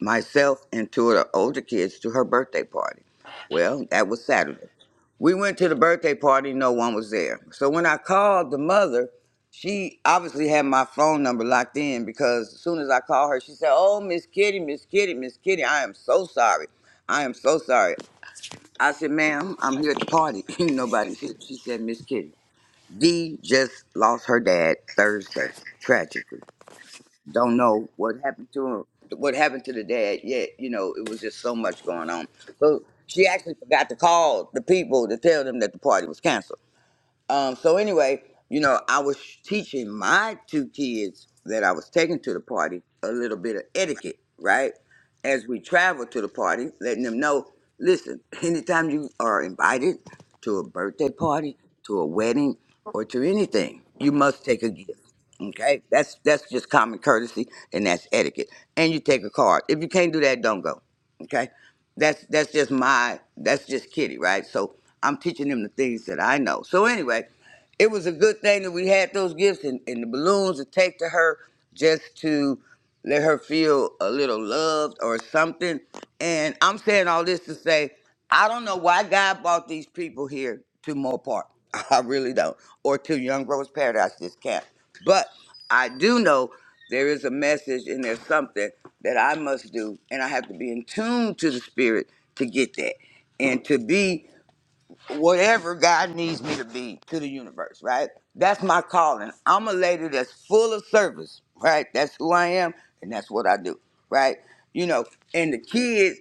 Speaker 5: myself and two of the older kids to her birthday party. Well, that was Saturday. We went to the birthday party, no one was there. So when I called the mother, she obviously had my phone number locked in because as soon as I called her, she said, Oh, Miss Kitty, Miss Kitty, Miss Kitty, I am so sorry. I am so sorry. I said, Ma'am, I'm here at the party. <laughs> Ain't Nobody. She, she said, Miss Kitty. Dee just lost her dad Thursday, tragically. Don't know what happened to him, what happened to the dad yet. You know, it was just so much going on. So she actually forgot to call the people to tell them that the party was canceled. Um, so anyway, you know, I was teaching my two kids that I was taking to the party a little bit of etiquette, right? As we travel to the party, letting them know, listen, <laughs> anytime you are invited to a birthday party, to a wedding, or to anything, you must take a gift. Okay, that's that's just common courtesy and that's etiquette. And you take a card. If you can't do that, don't go. Okay that's that's just my that's just kitty right so i'm teaching him the things that i know so anyway it was a good thing that we had those gifts and, and the balloons to take to her just to let her feel a little loved or something. And I'm saying all this to say, I don't know why God brought these people here to Mopar. <laughs> I really don't. Or to Young Rose Paradise, this camp. But I do know there is a message and there's something that I must do. And I have to be in tune to the spirit to get that. And to be whatever God needs me to be to the universe, right? That's my calling. I'm a lady that's full of service, right? That's who I am, and that's what I do, right? You know, and the kids,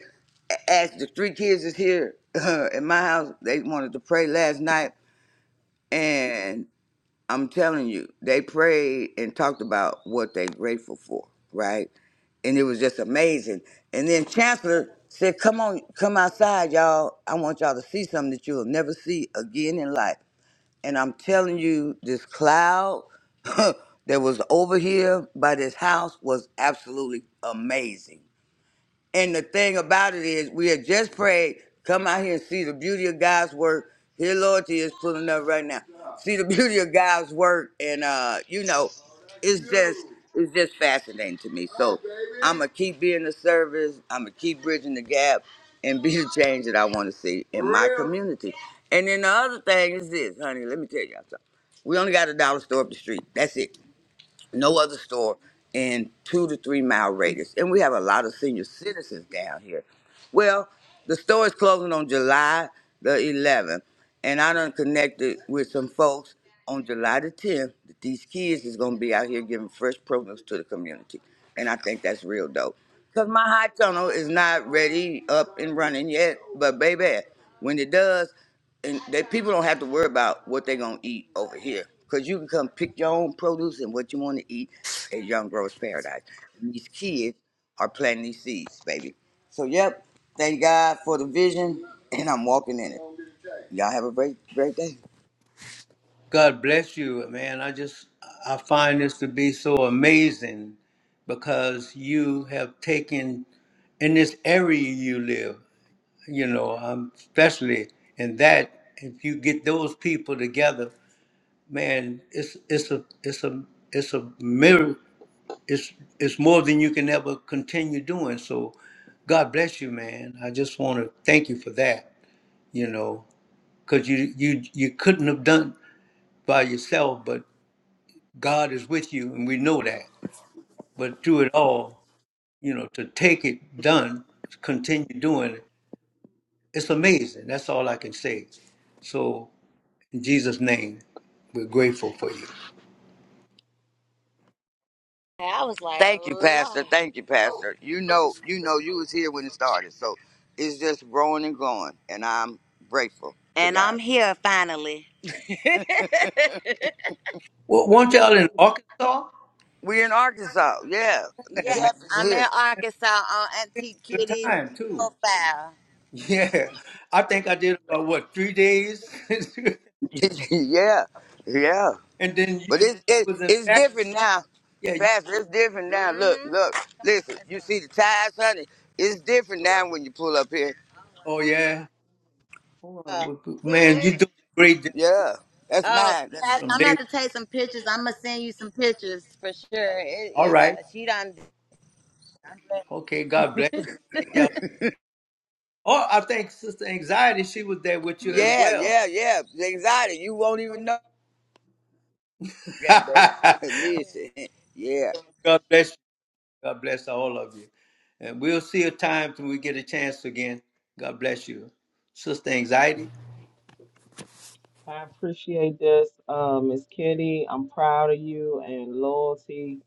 Speaker 5: as the three kids is here <laughs> uh, in my house, they wanted to pray last night, and. I'm telling you, they prayed and talked about what they're grateful for, right? And it was just amazing. And then Chancellor said, Come on, come outside, y'all. I want y'all to see something that you'll never see again in life. And I'm telling you, this cloud <laughs> that was over here by this house was absolutely amazing. And the thing about it is, we had just prayed, come out here and see the beauty of God's work. His loyalty is pulling up right now. See the <laughs> beauty of God's work, and uh, you know, it's just it's just fascinating to me. So I'm gonna keep being the service. I'm gonna keep bridging the gap and be <laughs> the change that I want to see in my community. And then the other thing is this, honey. Let me tell y'all something. We only got a dollar store up the street. That's it no other store in two to three mile radius. And we have a lot of senior citizens down here. Well, the store is closing on July the 11th, and I done connected with some folks on July the 10th that these kids is gonna be out here giving fresh produce to the community. And I think that's real dope. Cause my high tunnel is not ready up and running yet, but baby, when it does, and that people don't have to worry about what they're gonna eat over here, cause you can come pick your own produce and what you want to eat at Young Growers Paradise. And these kids are planting these seeds, baby. So yep, thank God for the vision, and I'm walking in it. Y'all have a great, great day.
Speaker 1: God bless you, man. I just, I find this to be so amazing because you have taken in this area you live. you know, um, especially in that. If you get those people together, man, it's it's a it's a it's a mirror. It's it's more than you can ever continue doing. So, God bless you, man. I just want to thank you for that. You know, because you you you couldn't have done by yourself, but God is with you, and we know that. But through it all, you know, to take it done, continue doing it. It's amazing. That's all I can say. So In Jesus' name, we're grateful for you.
Speaker 5: And I was like, Thank you, Pastor. Lord. Thank you, Pastor. You know, you know, you was here when it started, so it's just growing and growing, and I'm grateful to And God. I'm here finally.
Speaker 1: Well, weren't y'all in Arkansas? Yeah,
Speaker 5: We're in Arkansas. Yeah, the Yes,
Speaker 1: man.
Speaker 5: cap is I'm in here. <laughs> Arkansas on Auntie
Speaker 1: Good
Speaker 5: Kitty's
Speaker 1: time, too.
Speaker 5: profile.
Speaker 1: Yeah. I think I did about, what, three days? <laughs>
Speaker 5: <laughs> yeah, yeah.
Speaker 1: and then you
Speaker 5: But it's it,
Speaker 1: was in
Speaker 5: it's
Speaker 1: that.
Speaker 5: different now,
Speaker 1: Yeah. You,
Speaker 5: Pastor. It's different now. Look, Mm-hmm. look, listen. You see the ties, honey. It's different now when you pull up here.
Speaker 1: oh, yeah. Hold on.
Speaker 5: Okay.
Speaker 1: what- what- Man, you doing a great job
Speaker 5: Yeah, that's Oh, mine. That's Pat,
Speaker 1: from
Speaker 5: I'm gonna
Speaker 1: day
Speaker 5: have
Speaker 1: one.
Speaker 5: to take some pictures. I'm gonna send you some pictures for sure. It,
Speaker 1: All
Speaker 5: yeah,
Speaker 1: right.
Speaker 5: she done. Mhm.
Speaker 1: Okay. God bless you. Thank you. Oh, I think Sister Anxiety, she was there with you as
Speaker 5: Yeah,
Speaker 1: well.
Speaker 5: yeah, yeah. The anxiety. You won't even know.
Speaker 1: <laughs>
Speaker 5: game,
Speaker 1: God
Speaker 5: baby. <laughs> Listen, yeah.
Speaker 1: bless you. God bless all of you. And we'll see a time when we get a chance again. God bless you. Sister Anxiety,
Speaker 4: I appreciate this, uh, Miss Kitty. I'm proud of you and loyalty.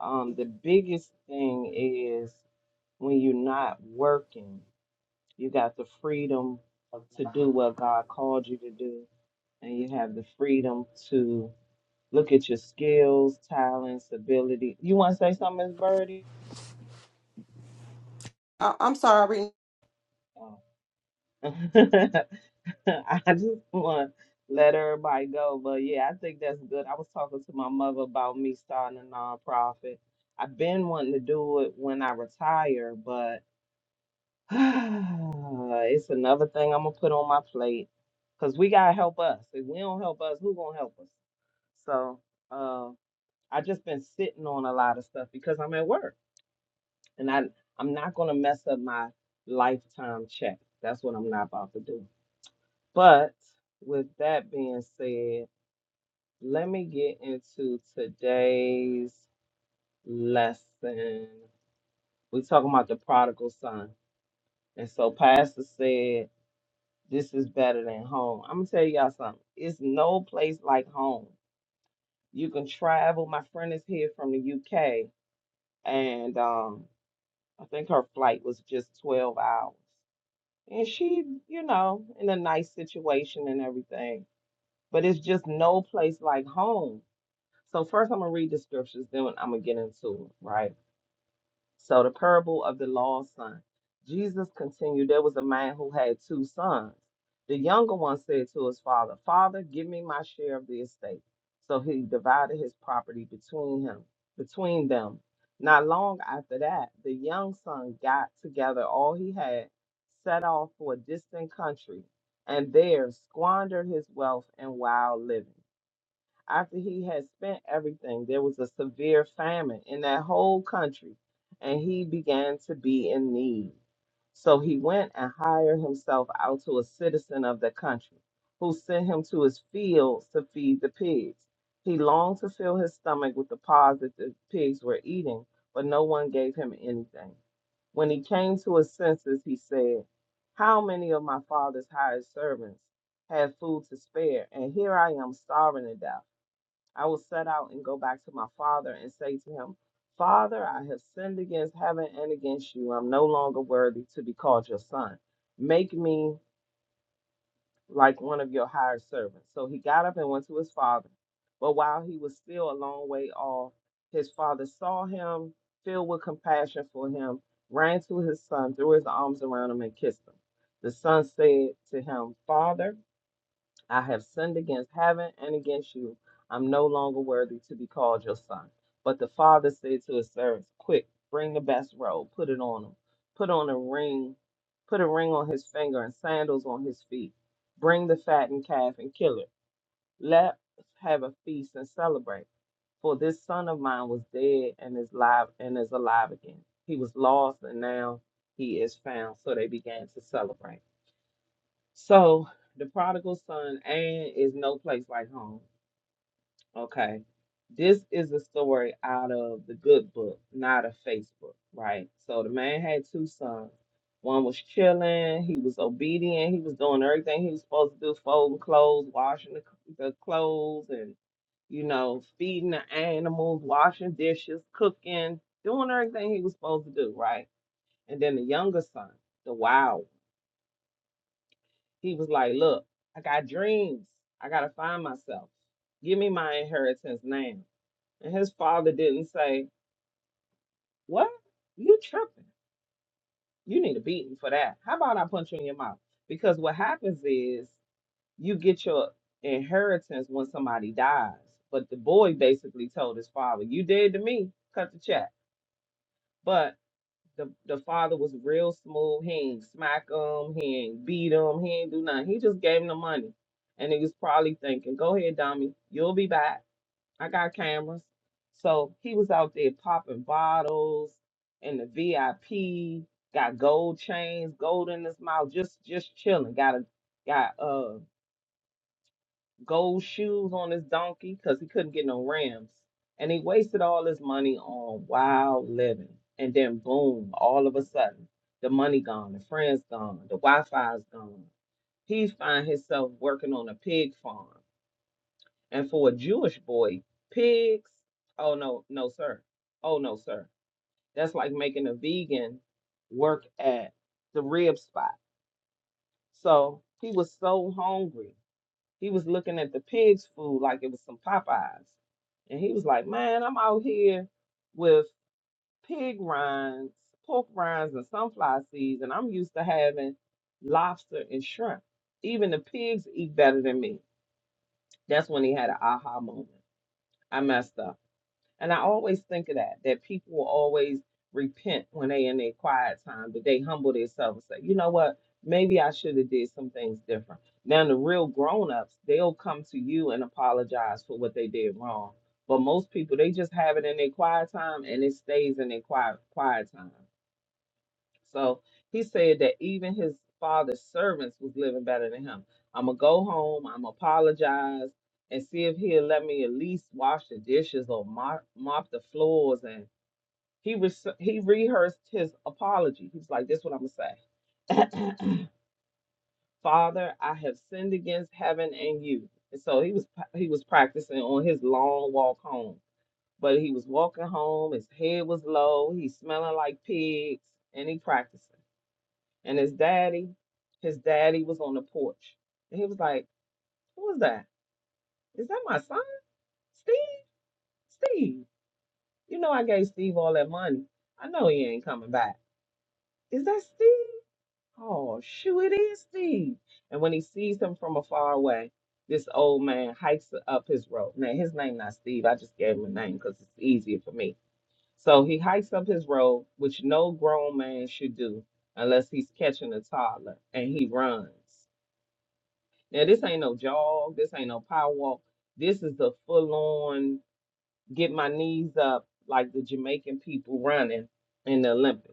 Speaker 4: Um, the biggest thing is when you're not working, you got the freedom to do what God called you to do and you have the freedom to look at your skills, talents, ability. You want to say something, Miss Birdie?
Speaker 6: I- I'm sorry.
Speaker 4: Oh. <laughs> I just want to let everybody go, but yeah, I think that's good. I was talking to my mother about me starting a nonprofit. I've been wanting to do it when I retire, but <sighs> it's another thing I'm gonna put on my plate because we gotta help us. If we don't help us, who gonna help us? So. uh, I just been sitting on a lot of stuff because I'm at work and I I'm not gonna mess up my lifetime check. That's what I'm not about to do. But with that being said, let me get into today's lesson. We're talking about the prodigal son. And so Pastor said, This is better than home. I'm gonna tell y'all something. It's no place like home. You can travel. My friend is here from the UK and um I think her flight was just 12 hours. And she, you know, in a nice situation and everything. But it's just no place like home. So first I'm gonna read the scriptures, then I'm gonna get into it, right? So the parable of the lost son. Jesus continued, There was a man who had two sons. The younger one said to his father, Father, give me my share of the estate. So he divided his property between him, between them. Not long after that, the young son got together all he had, set off for a distant country, and there squandered his wealth in wild living after he had spent everything, there was a severe famine in that whole country, and he began to be in need. So he went and hired himself out to a citizen of the country, who sent him to his fields to feed the pigs. He longed to fill his stomach with the pods that the pigs were eating, but no one gave him anything. When he came to his senses, he said, How many of my father's hired servants had food to spare, and here I am starving to death? I will set out and go back to my father and say to him, Father, I have sinned against heaven and against you. I'm no longer worthy to be called your son. Make me like one of your hired servants. So he got up and went to his father. But while he was still a long way off, his father saw him, filled with compassion for him, ran to his son, threw his arms around him, and kissed him. The son said to him, Father, I have sinned against heaven and against you. I'm no longer worthy to be called your son. But the father said to his servants, Quick, bring the best robe, put it on him. Put on a ring, put a ring on his finger and sandals on his feet. Bring the fattened calf and kill it. Let's have a feast and celebrate. For this son of mine was dead and is alive and is alive again. He was lost and now he is found. So they began to celebrate. So the prodigal son ain't is no place like home. Okay. This is a story out of the good book, not a Facebook, right? So the man had two sons. One was chilling, he was obedient, he was doing everything he was supposed to do, folding clothes, washing the, the clothes, and you know, feeding the animals, washing dishes, cooking, doing everything he was supposed to do, right? And then the younger son, the wild one he was like, Look, I got dreams. I got to find myself. Give me my inheritance now. And his father didn't say, What? You tripping. You need a beating for that. How about I punch you in your mouth? Because what happens is you get your inheritance when somebody dies. But the boy basically told his father, You dead to me. Cut the check. But. The the father was real smooth. He ain't smack him. He ain't beat him. He ain't do nothing. He just gave him the money. And he was probably thinking, go ahead, dummy. You'll be back. I got cameras. So he was out there popping bottles in the VIP, got gold chains, gold in his mouth, just just chilling. Got a got uh gold shoes on his donkey because he couldn't get no rams. And he wasted all his money on wild living. And then boom, all of a sudden, the money gone, the friends gone, the Wi-Fi's gone. He find himself working on a pig farm. And for a Jewish boy, pigs, oh no, no, sir. Oh no, sir. That's like making a vegan work at the rib spot. So he was so hungry he was looking at the pig's food like it was some Popeyes. And he was like, Man, I'm out here with pig rinds, pork rinds, and sunflower seeds, and I'm used to having lobster and shrimp. Even the pigs eat better than me. That's when he had an aha moment. I messed up. And I always think of that, that people will always repent when they in their quiet time, that they humble themselves and say, you know what, maybe I should have did some things different. Now the real grown ups, they'll come to you and apologize for what they did wrong. But most people they just have it in their quiet time and it stays in their quiet quiet time. So he said that even his father's servants was living better than him. I'm gonna go home. I'm gonna apologize and see if he'll let me at least wash the dishes or mop, mop the floors. And he was he rehearsed his apology. He was like, "This is what I'm gonna say, <coughs> <clears throat> Father. I have sinned against heaven and you." And so he was he was practicing on his long walk home. But he was walking home. His head was low. He's smelling like pigs, and he practicing and his daddy, his daddy was on the porch. And he was like, Who is that? Is that my son? Steve? Steve. You know I gave Steve all that money. I know he ain't coming back. Is that Steve? Oh shoot, it is Steve. And when he sees him from afar away, this old man hikes up his robe. Now his name not Steve. I just gave him a name because it's easier for me. So he hikes up his robe, which no grown man should do unless he's catching a toddler, and he runs. Now this ain't no jog, this ain't no power walk. This is the full on get my knees up like the Jamaican people running in the Olympics.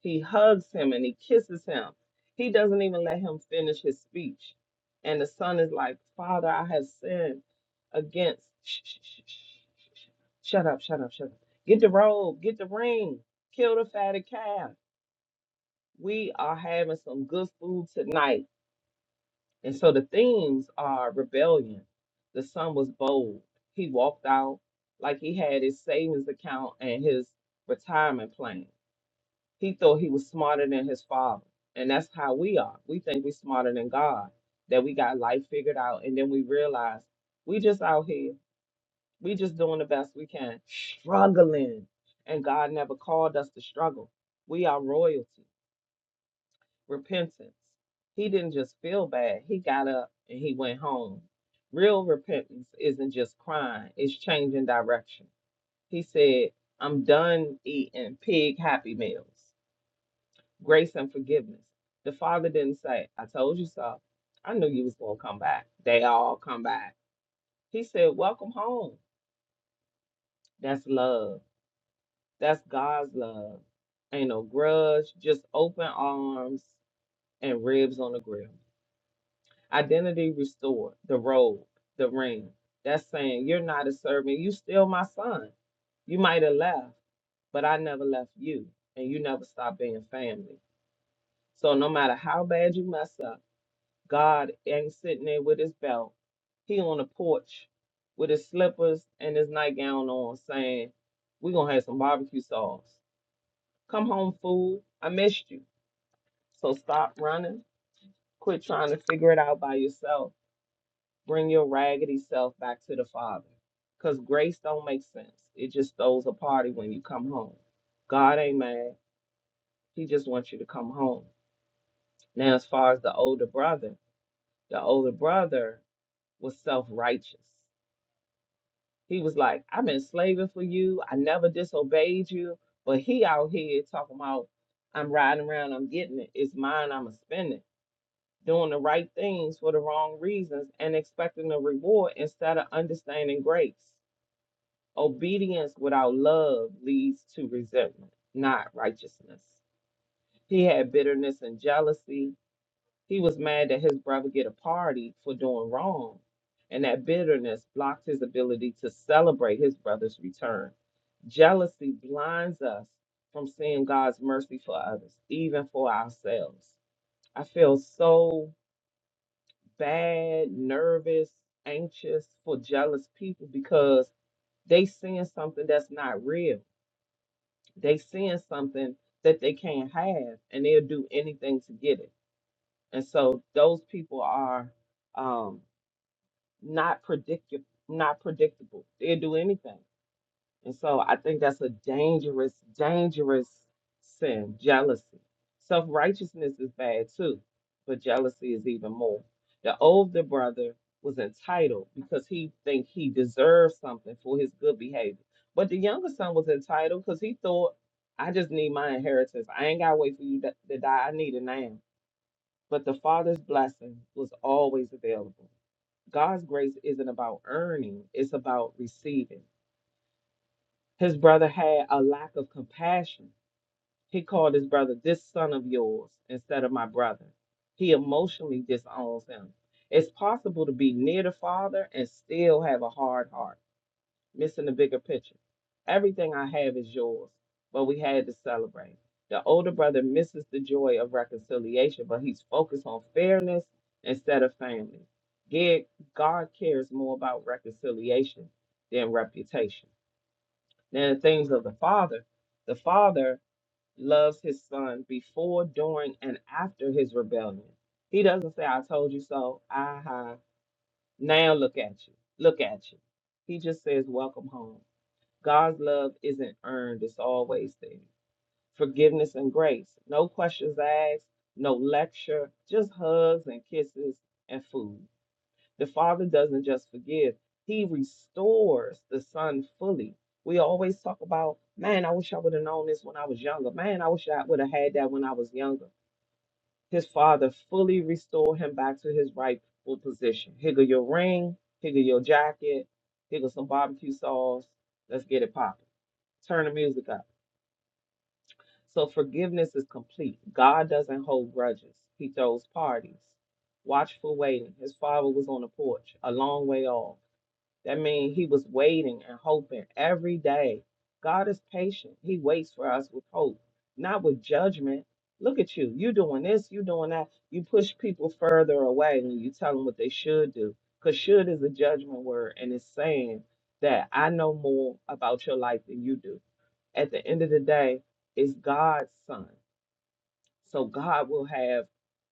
Speaker 4: He hugs him and he kisses him. He doesn't even let him finish his speech. And the son is like, Father, I have sinned against. Shh, shh, shh, shh, shh, shh. Shut up, shut up, shut up. Get the robe, get the ring, kill the fatted calf. We are having some good food tonight and so the themes are rebellion. The son was bold. He walked out like he had his savings account and his retirement plan. He thought he was smarter than his father. And that's how we are. We think we're smarter than God, that we got life figured out. And then we realize we just out here. We just doing the best we can, struggling. And God never called us to struggle. We are royalty repentance. He didn't just feel bad. He got up and he went home. Real repentance isn't just crying, it's changing direction. He said, I'm done eating pig happy meals, grace and forgiveness. The father didn't say, I told you so. I knew you was going to come back. They all come back. He said, Welcome home. That's love. That's God's love. Ain't no grudge, just open arms and ribs on the grill. Identity restored, the robe, the ring. That's saying you're not a servant. You still my son. You might have left, but I never left you, and you never stopped being family. So no matter how bad you mess up, God ain't sitting there with his belt. He on the porch with his slippers and his nightgown on, saying, "We gonna have some barbecue sauce. Come home, fool. I missed you. So stop running. Quit trying to figure it out by yourself Bring your raggedy self back to the Father. Because grace don't make sense. It just throws a party when you come home. God ain't mad. He just wants you to come home. Now, as far as the older brother, the older brother was self righteous. He was like, I've been slaving for you. I never disobeyed you. But he out here talking about, I'm riding around, I'm getting it. It's mine, I'm going to spend it doing the right things for the wrong reasons and expecting a reward instead of understanding grace. Obedience without love leads to resentment, not righteousness. He had bitterness and jealousy. He was mad that his brother get a party for doing wrong, and that bitterness blocked his ability to celebrate his brother's return. Jealousy blinds us from seeing God's mercy for others, even for ourselves. I feel so bad, nervous, anxious for jealous people because they seeing something that's not real they seeing something that they can't have and they'll do anything to get it and so those people are um, not predict not predictable they'll do anything and so I think that's a dangerous, dangerous sin, jealousy. Self righteousness is bad too, but jealousy is even more. The older brother was entitled because he think he deserved something for his good behavior. But the younger son was entitled because he thought, I just need my inheritance. I ain't gotta wait for you to to die. I need it now. But the father's blessing was always available. God's grace isn't about earning, it's about receiving. His brother had a lack of compassion. He called his brother this son of yours instead of my brother. He emotionally disowns him. It's possible to be near the father and still have a hard heart, missing the bigger picture. Everything I have is yours, but we had to celebrate. The older brother misses the joy of reconciliation, but he's focused on fairness instead of family. Gid- God cares more about reconciliation than reputation. Now, the things of the Father. The Father loves his son before, during, and after his rebellion. He doesn't say, I told you so. Aha. Now look at you. Look at you. He just says, Welcome home. God's love isn't earned, it's always there. Forgiveness and grace. No questions asked, no lecture, just hugs and kisses and food. The Father doesn't just forgive, He restores the Son fully. We always talk about, man, I wish I would have known this when I was younger. Man, I wish I would have had that when I was younger. His Father fully restored him back to his rightful position. Here go your ring, here go your jacket, here go some barbecue sauce. Let's get it popping. Turn the music up. So forgiveness is complete. God doesn't hold grudges. He throws parties. Watchful waiting. His father was on the porch, a long way off. I mean, he was waiting and hoping every day. God is patient. He waits for us with hope, not with judgment. Look at you. You doing this, you doing that. You push people further away when you tell them what they should do. Because should is a judgment word, and it's saying that I know more about your life than you do. At the end of the day, it's God's son. So God will have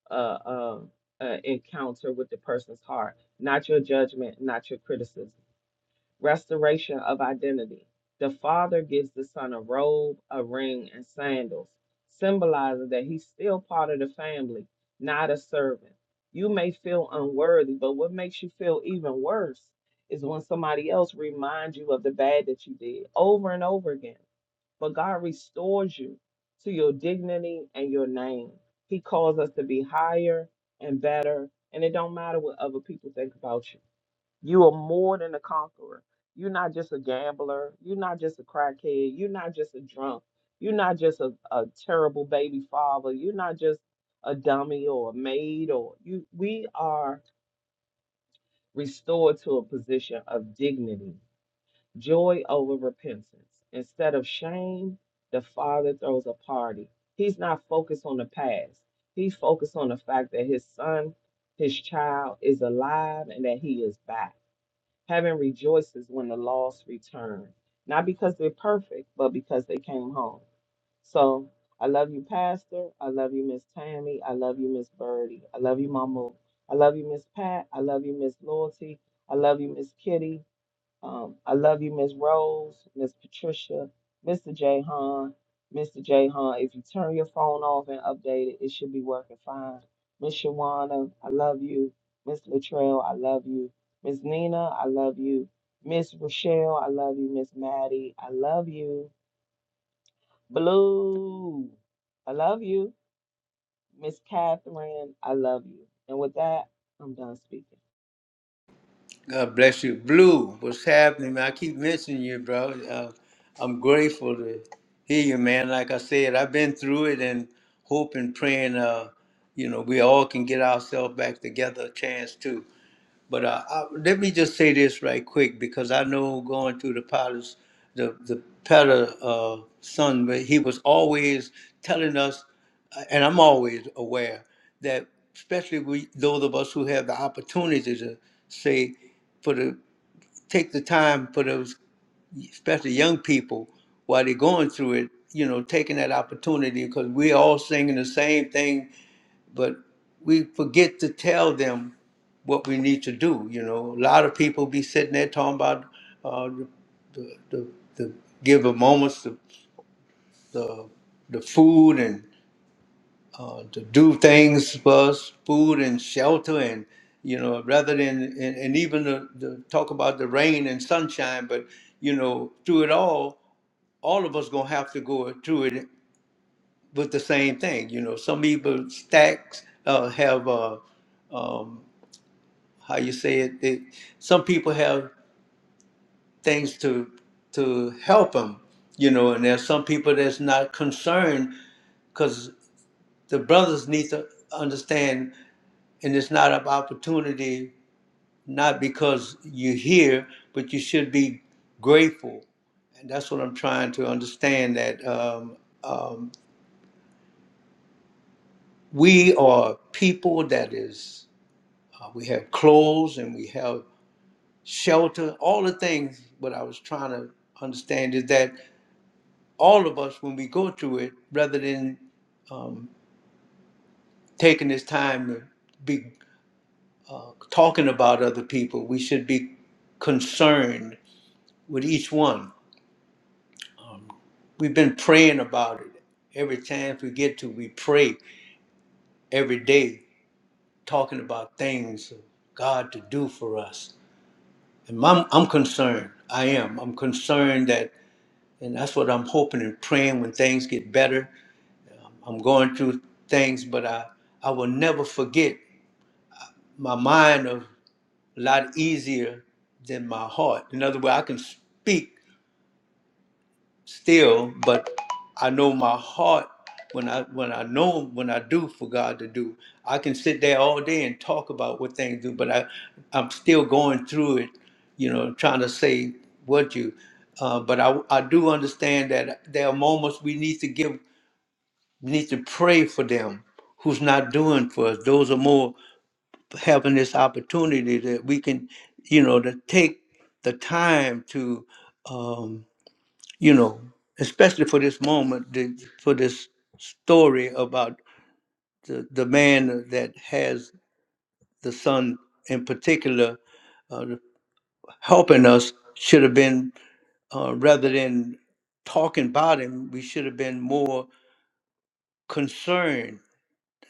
Speaker 4: a, a, a encounter with the person's heart, not your judgment, not your criticism restoration of identity. The father gives the son a robe, a ring, and sandals, symbolizing that he's still part of the family, not a servant. You may feel unworthy, but what makes you feel even worse is when somebody else reminds you of the bad that you did over and over again. But God restores you to your dignity and your name. He calls us to be higher and better, and it don't matter what other people think about you. You are more than a conqueror. You're not just a gambler. You're not just a crackhead. You're not just a drunk. You're not just a, a terrible baby father. You're not just a dummy or a maid or you we are restored to a position of dignity, joy over repentance. Instead of shame, the father throws a party. He's not focused on the past. He's focused on the fact that his son, his child is alive and that he is back Heaven rejoices when the lost return, not because they're perfect, but because they came home. So I love you, Pastor. I love you, Miss Tammy. I love you, Miss Birdie. I love you, Mama. I love you, Miss Pat. I love you, Miss Loyalty. I love you, Miss Kitty. Um, I love you, Miss Rose, Miss Patricia, Mr. J. Han, Mr. J. Han. If you turn your phone off and update it, it should be working fine. Miss Shawana, I love you. Miss Latrell, I love you. Miss Nina, I love you. Miss Rochelle, I love you. Miss Maddie, I love you. Blue, I love you. Miss Catherine, I love you. And with that, I'm done speaking.
Speaker 1: God bless you. Blue, what's happening? man? I keep mentioning you, bro. Uh, I'm grateful to hear you, man. Like I said, I've been through it and hope and praying, uh, you know, we all can get ourselves back together a chance too. But uh, I, let me just say this right quick because I know going through the pilot's, the the Petter uh, son, but he was always telling us, uh, and I'm always aware that, especially we those of us who have the opportunity to say, for the take the time for those, especially young people, while they're going through it, you know, taking that opportunity because we're all singing the same thing but we forget to tell them what we need to do. You know, a lot of people be sitting there talking about uh, the, the, the, the give a moments the, the, the food and uh, to do things for us, food and shelter and you know, rather than and, and even the, the talk about the rain and sunshine, but you know, through it all, all of us gonna have to go through it with the same thing. You know, some people stacks uh, have uh, um, how you say it, they, some people have things to to help them, you know, and there's some people that's not concerned because the brothers need to understand, and it's not an opportunity, not because you're here, but you should be grateful, and that's what I'm trying to understand. That um, um, we are people that is, uh, we have clothes and we have shelter, all the things. What I was trying to understand is that all of us when we go through it rather than um, taking this time to be uh, talking about other people. We should be concerned with each one. Um, we've been praying about it. Every chance we get to, we pray every day, talking about things of God to do for us. And I'm, I'm concerned. I am. I'm concerned that, and that's what I'm hoping and praying when things get better. I'm going through things, but I, I will never forget my mind a lot easier than my heart. In other words, I can speak still, but I know my heart when I when I know when I do for God to do. I can sit there all day and talk about what things do, but I I'm still going through it, you know, trying to say what you. Uh, but I I do understand that there are moments we need to give, we need to pray for them who's not doing for us. Those are more having this opportunity that we can, you know, to take the time to, um, you know, especially for this moment, the, for this story about the, the man that has the son in particular uh, helping us should have been uh, rather than talking about him, we should have been more concerned.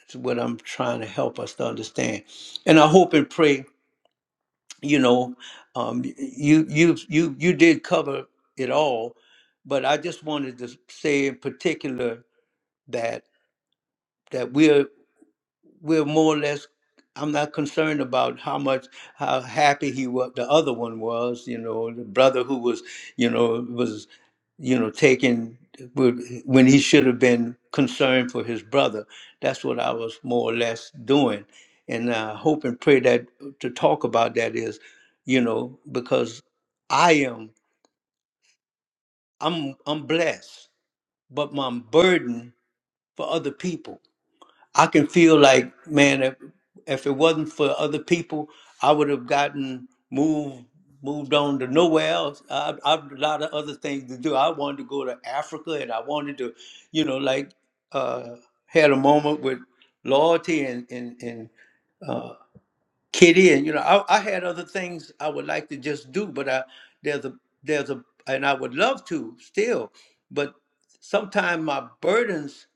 Speaker 1: Is what I'm trying to help us to understand, and I hope and pray you know um, you you you you did cover it all but i just wanted to say in particular that that we're we're more or less i'm not concerned about how much how happy he was the other one was you know the brother who was you know was you know taken would- when he should have been concerned for his brother that's what i was more or less doing and i hope and pray that to talk about that is you know because i am i'm i'm blessed but my burden for other people I can feel like, man, if, if it wasn't for other people, I would have gotten moved moved on to nowhere else. I, I have a lot of other things to do. I wanted to go to Africa, and I wanted to, you know, like uh, had a moment with loyalty and and, and uh, Kitty, and you know, I, I had other things I would like to just do, but I there's a there's a and I would love to still, but sometimes my burdens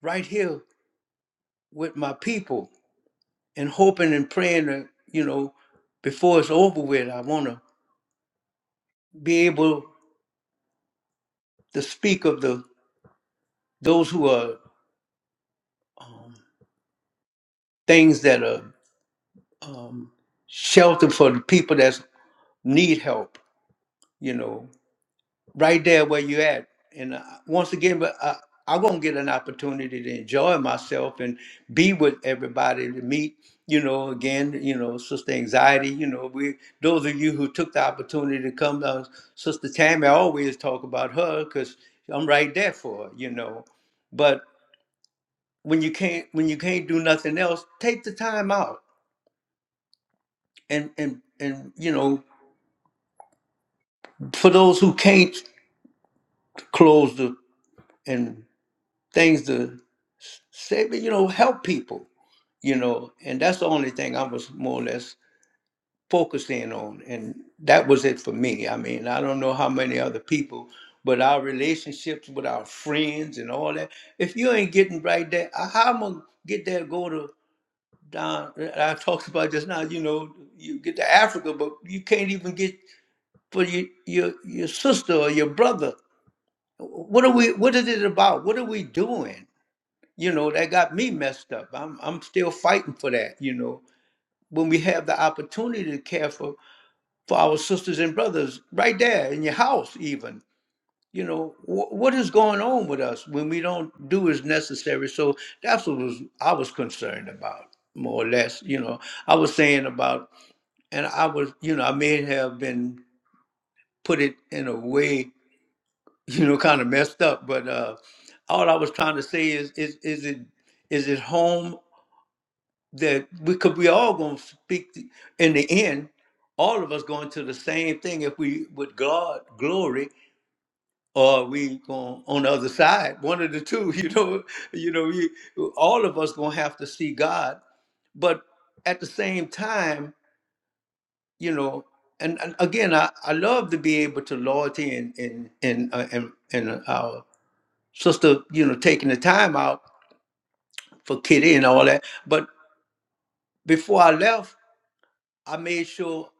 Speaker 1: right here with my people and hoping and praying that you know before it's over with i want to be able to speak of the those who are um, things that are um, shelter for the people that need help you know right there where you at. And uh, once again, but I, I won't get an opportunity to enjoy myself and be with everybody to meet. You know, again, you know, Sister Anxiety. You know, we those of you who took the opportunity to come down, Sister Tammy. I always talk about her because I'm right there for her. You know, but when you can't when you can't do nothing else, take the time out and and and you know, for those who can't close the and things to save it, you know, help people, you know, and that's the only thing I was more or less focused in on. And that was it for me. I mean, I don't know how many other people, but our relationships with our friends and all that, if you ain't getting right there, uh, how am I gonna get there, go to down uh, I talked about just now, you know, you get to Africa, but you can't even get for your your, your sister or your brother. What are we what is it about? What are we doing? you know that got me messed up i'm i'm still fighting for that you know when we have the opportunity to care for for our sisters and brothers right there in your house even you know wh- what is going on with us when we don't do as necessary so that's what was i was concerned about more or less you know i was saying about and i was you know i may have been put it in a way <laughs> you know kind of messed up but uh all i was trying to say is is is it is it home that we could we all gonna speak t- in the end all of us going to the same thing if we with god glory or we going on the other side one of the two <laughs> you know you know you, all of us gonna have to see god but at the same time you know and, and again I, I love to be able to loyalty and and and, uh, and and uh, our sister you know taking the time out for kitty and all that but before i left I made sure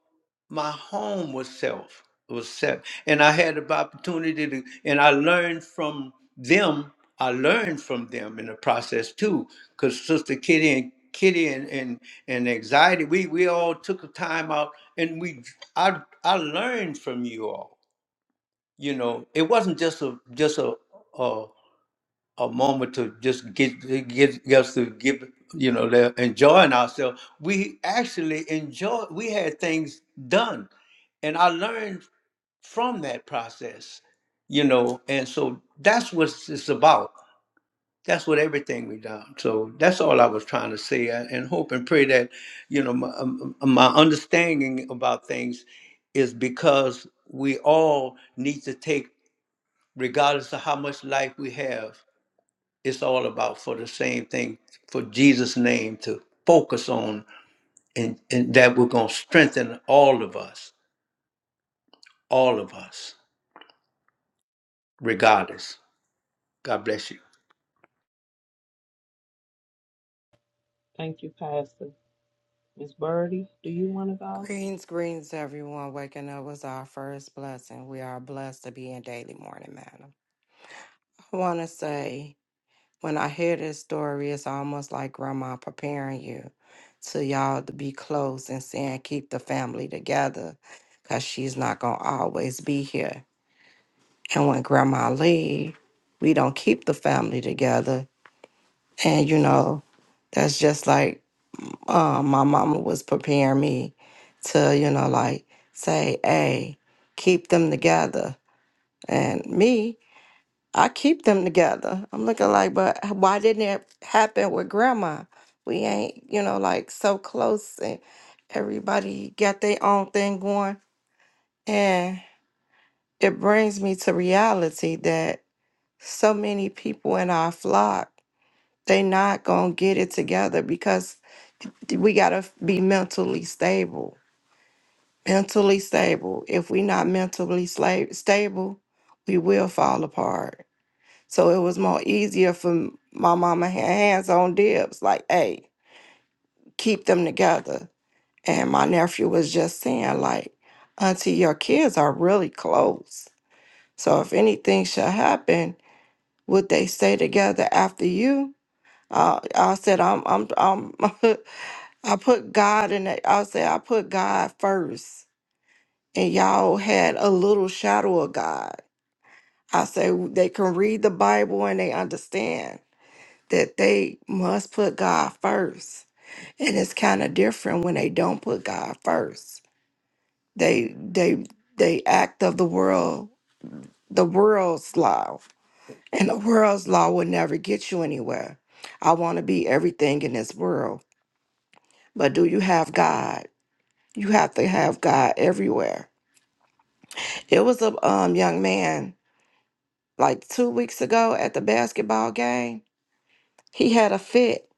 Speaker 1: my home was self was set and i had the opportunity to and i learned from them i learned from them in the process too because sister kitty and kitty and, and and anxiety we we all took a time out and we i i learned from you all you know it wasn't just a just a a a moment to just get get get us to give you know the enjoying ourselves we actually enjoy we had things done and i learned from that process you know and so that's what it's about that's what everything we done so that's all i was trying to say and and hope and pray that you know my, um, um, um, my understanding about things is because we all need to take regardless of how much life we have it's all about for the same thing for Jesus' name to focus on, and, and that we're going to strengthen all of us, all of us, regardless. God bless
Speaker 4: Thank you, Pastor. Miss Birdie, do you want to go?
Speaker 6: Greens, greens, everyone. Waking up was our first blessing. We are blessed to be in daily morning, madam. I want to say, when I hear this story, it's almost like grandma preparing you to y'all to be close and saying, keep the family together because she's not going to always be here. And when grandma leave, we don't keep the family together. And, you know, that's just like uh, my mama was preparing me to, you know, like say, hey, keep them together. And me, I keep them together. I'm looking like, but why didn't it happen with grandma? We ain't, you know, like so close and everybody got their own thing going. And it brings me to reality that so many people in our flock, they not gonna get it together because we gotta be mentally stable mentally stable. If we're not mentally sla- stable, we will fall apart. So it was more easier for m- my mama had hands on dibs, like, hey, keep them together. And my nephew was just saying, like, Auntie, your kids are really close. So if anything should happen, would they stay together after you? Uh, I said, I'm, I'm, I'm <laughs> I put God in it. I said, I put God first and y'all had a little shadow of God. I say they can read the Bible and they understand that they must put God first. And it's kind of different when they don't put God first. They they they act of the world, the world's law. And the world's law will never get you anywhere. I want to be everything in this world. But do you have God? You have to have God everywhere. It was a um, young man like two weeks ago at the basketball game. He had a fit.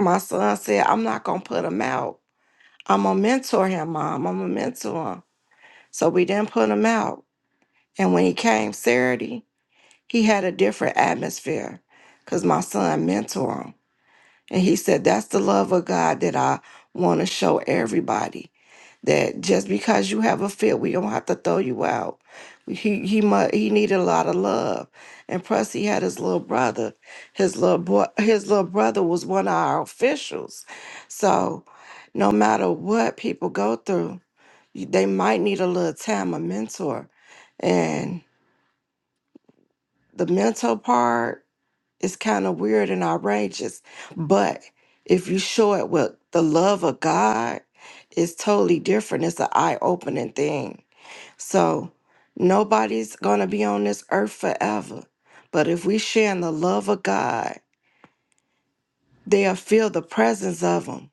Speaker 6: My son said, I'm not going to put him out. I'm going to mentor him, mom. I'm going to mentor him. So we didn't put him out. And when he came Saturday, he had a different atmosphere because my son mentored him. And he said, That's the love of God that I want to show everybody. that just because you have a fit, we don't have to throw you out. He he mu- he needed a lot of love, and plus he had his little brother. His little boy, his little brother was one of our officials, so no matter what people go through, you- they might need a little time, a mentor, and the mentor part is kind of weird and outrageous, but if you show it with the love of God, it's totally different. It's an eye opening thing so nobody's going to be on this earth forever. But if we share in the love of God, they'll feel the presence of Him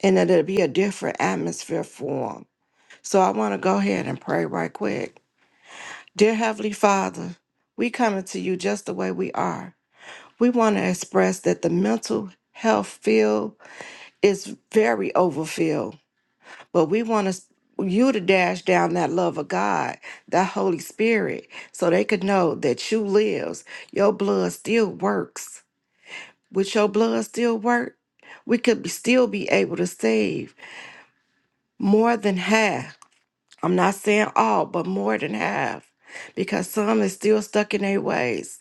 Speaker 6: and it'll be a different atmosphere for them. So I want to go ahead and pray right quick. Dear Heavenly Father, we coming to you just the way we are. We want to express that the mental health field is very overfilled But we want us you to dash down that love of God, that Holy Spirit, so they could know that you lives, your blood still works. With your blood still work, we could be, still be able to save more than half I'm not saying all, but more than half, because some is still stuck in their ways.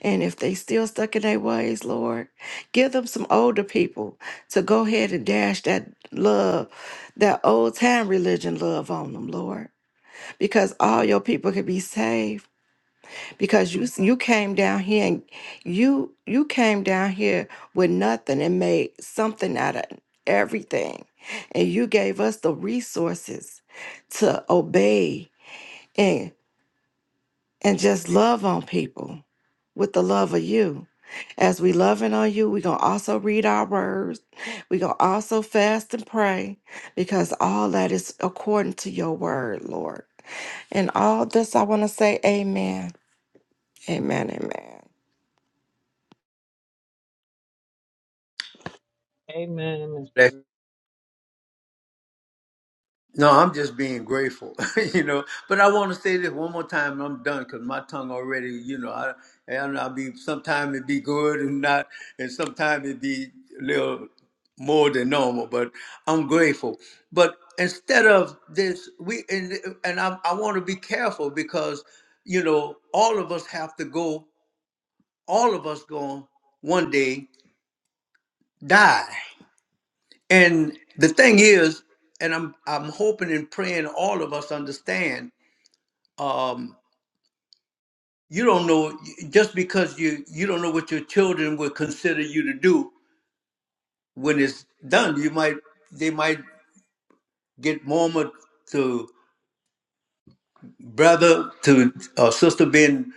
Speaker 6: And if they still stuck in their ways, Lord, give them some older people to go ahead and dash that love, that old time religion love on them, Lord, because all your people could be saved. Because you you came down here and you you came down here with nothing and made something out of everything, and you gave us the resources to obey and and just love on people with the love of you. As we loving on you, we're gonna also read our words. We're gonna also fast and pray because all that is according to your word, Lord. And all this I wanna say amen. Amen, amen.
Speaker 4: Amen, Miss
Speaker 1: you.
Speaker 4: Birdie.
Speaker 1: No, I'm just being grateful, <laughs> you know. But I want to say this one more time, and I'm done because my tongue already, you know, I I don't know. I be sometimes it be good and not, and sometimes it be a little more than normal. But I'm grateful. But instead of this, we and and I, I want to be careful because you know all of us have to go. All of us going one day die. And the thing is, and I'm I'm hoping and praying all of us understand um, you don't know just because you you don't know what your children would consider you to do when it's done. You might they might get mama to brother to uh, sister being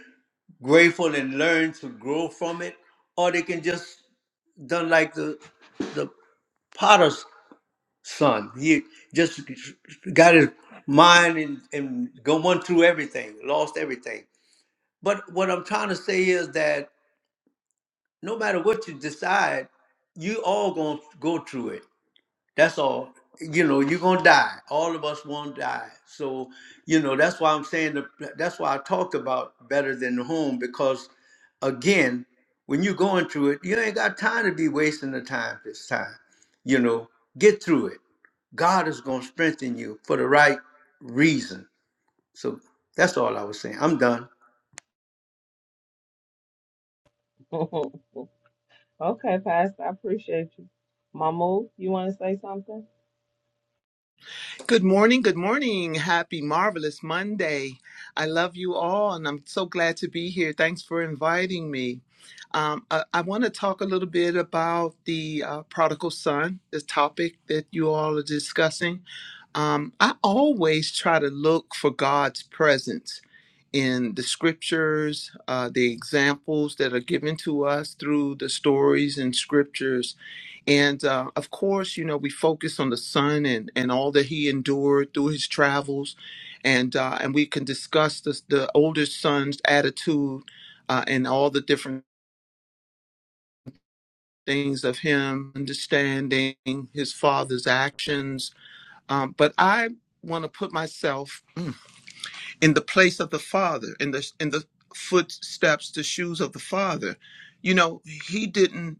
Speaker 1: grateful and learn to grow from it, or they can just done like the the potter's son. He just got his mind and and going through everything, lost everything. But what I'm trying to say is that no matter what you decide, you all gonna go through it. That's all. You know, you're gonna die. All of us won't die. So, you know, that's why I'm saying the, that's why I talk about better than the home because, again, when you're going through it, you ain't got time to be wasting the time this time. You know, get through it. God is gonna strengthen you for the right reason. So that's all I was saying. I'm done.
Speaker 4: <laughs> okay, Pastor, I appreciate you. Mama, you want to say something?
Speaker 7: Good morning. Good morning. Happy, marvelous Monday. I love you all, and I'm so glad to be here. Thanks for inviting me. Um, I, I want to talk a little bit about the uh, prodigal son, the topic that you all are discussing. Um, I always try to look for God's presence in the scriptures, uh, the examples that are given to us through the stories and scriptures and uh, of course, you know, we focus on the son and, and all that he endured through his travels. And, uh, and we can discuss the, the older son's attitude uh, and all the different things of him understanding his father's actions. Um, but I want to put myself mm, in the place of the father, in the, in the footsteps, the shoes of the father. You know, he didn't.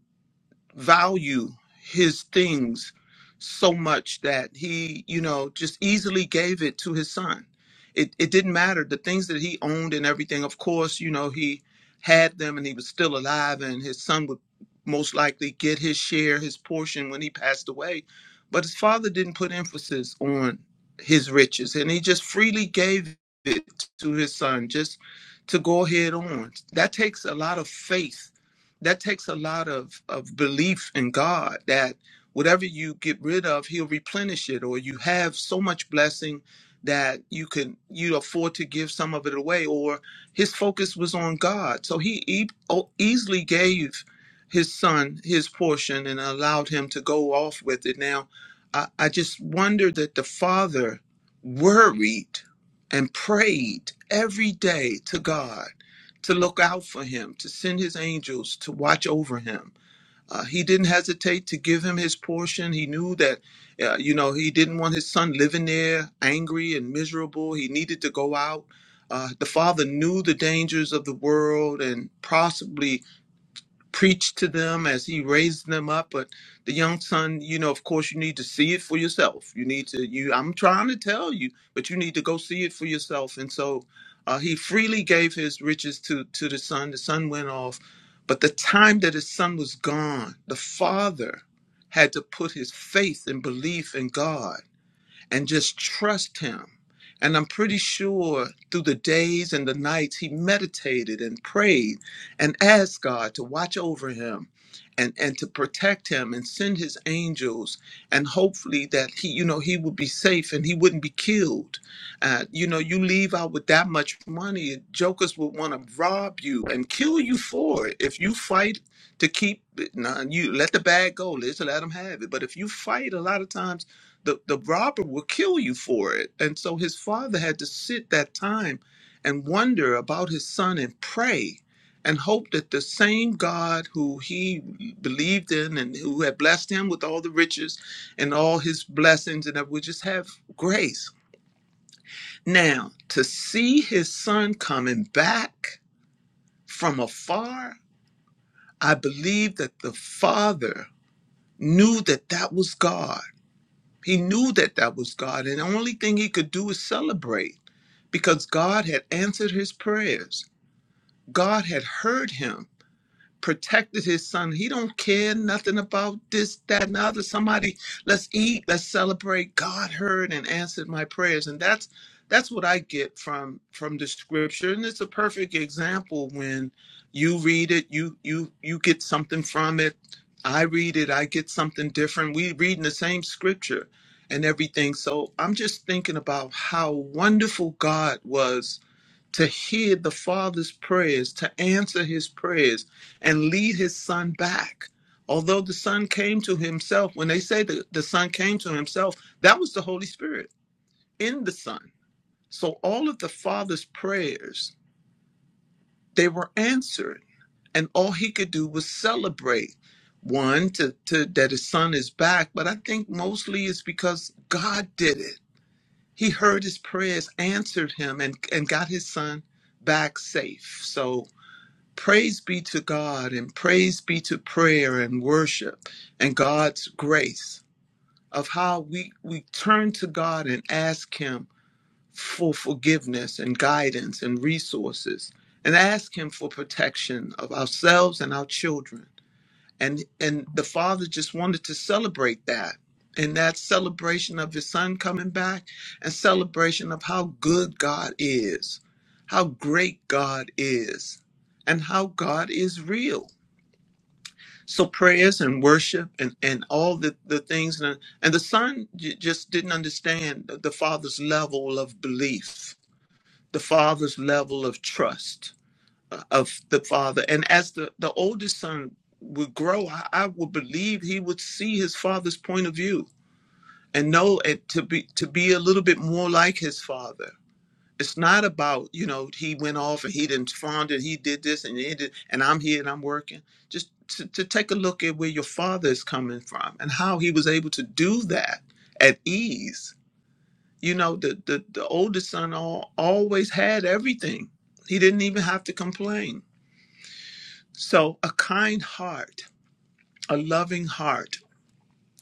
Speaker 7: value his things so much that he, you know, just easily gave it to his son. It it didn't matter the things that he owned and everything. Of course, you know, he had them and he was still alive and his son would most likely get his share, his portion when he passed away. But his father didn't put emphasis on his riches and he just freely gave it to his son just to go ahead on. That takes a lot of faith that takes a lot of, of belief in God that whatever you get rid of, He'll replenish it, or you have so much blessing that you can you afford to give some of it away. Or his focus was on God, so he e- o- easily gave his son his portion and allowed him to go off with it. Now, I, I just wonder that the father worried and prayed every day to God to look out for him, to send his angels to watch over him. Uh, he didn't hesitate to give him his portion. He knew that, uh, you know, he didn't want his son living there angry and miserable. He needed to go out. Uh, the father knew the dangers of the world and possibly preached to them as he raised them up but the young son you know of course you need to see it for yourself you need to you i'm trying to tell you but you need to go see it for yourself and so uh, he freely gave his riches to to the son the son went off but the time that his son was gone the father had to put his faith and belief in god and just trust him. And I'm pretty sure through the days and the nights he meditated and prayed and asked God to watch over him and, and to protect him and send his angels and hopefully that he you know he would be safe and he wouldn't be killed. Uh, you know, you leave out with that much money, jokers would want to rob you and kill you for it. If you fight to keep it, nah, you let the bag go, let's let them have it. But if you fight a lot of times the, the robber will kill you for it. And so his father had to sit that time and wonder about his son and pray and hope that the same God who he believed in and who had blessed him with all the riches and all his blessings and that would just have grace. Now, to see his son coming back from afar, I believe that the father knew that that was God He knew that that was God, and the only thing he could do was celebrate because God had answered his prayers. God had heard him protected his son. He don't care nothing about this, that, and the other. Somebody, let's eat, let's celebrate. God heard and answered my prayers, and that's that's what I get from from the scripture. And it's a perfect example when you read it, you you you get something from it. I read it, I get something different. We reading the same scripture and everything. So I'm just thinking about how wonderful God was to hear the father's prayers, to answer his prayers, and lead his son back. Although the son came to himself, when they say that the son came to himself, that was the Holy Spirit in the son. So all of the father's prayers, they were answered. And all he could do was celebrate. One, to, to that his son is back, but I think mostly it's because God did it. He heard his prayers, answered him, and, and got his son back safe. So Praise be to God and praise be to prayer and worship and God's grace of how we, we turn to God and ask Him for forgiveness and guidance and resources and ask Him for protection of ourselves and our children and and the father just wanted to celebrate that and that celebration of his son coming back and celebration of how good god is how great god is and how god is real so prayers and worship and, and all the, the things and, and the son j- just didn't understand the the father's level of belief the father's level of trust of the father. And as the, the oldest son would grow, I, I would believe he would see his father's point of view and know it to be to be a little bit more like his father. It's not about, you know, he went off and he didn't fond and he did this and he did and I'm here and I'm working. Just to, to take a look at where your father is coming from and how he was able to do that at ease. You know, the the, the oldest son all, always had everything. He didn't even have to complain so, a kind heart, a loving heart,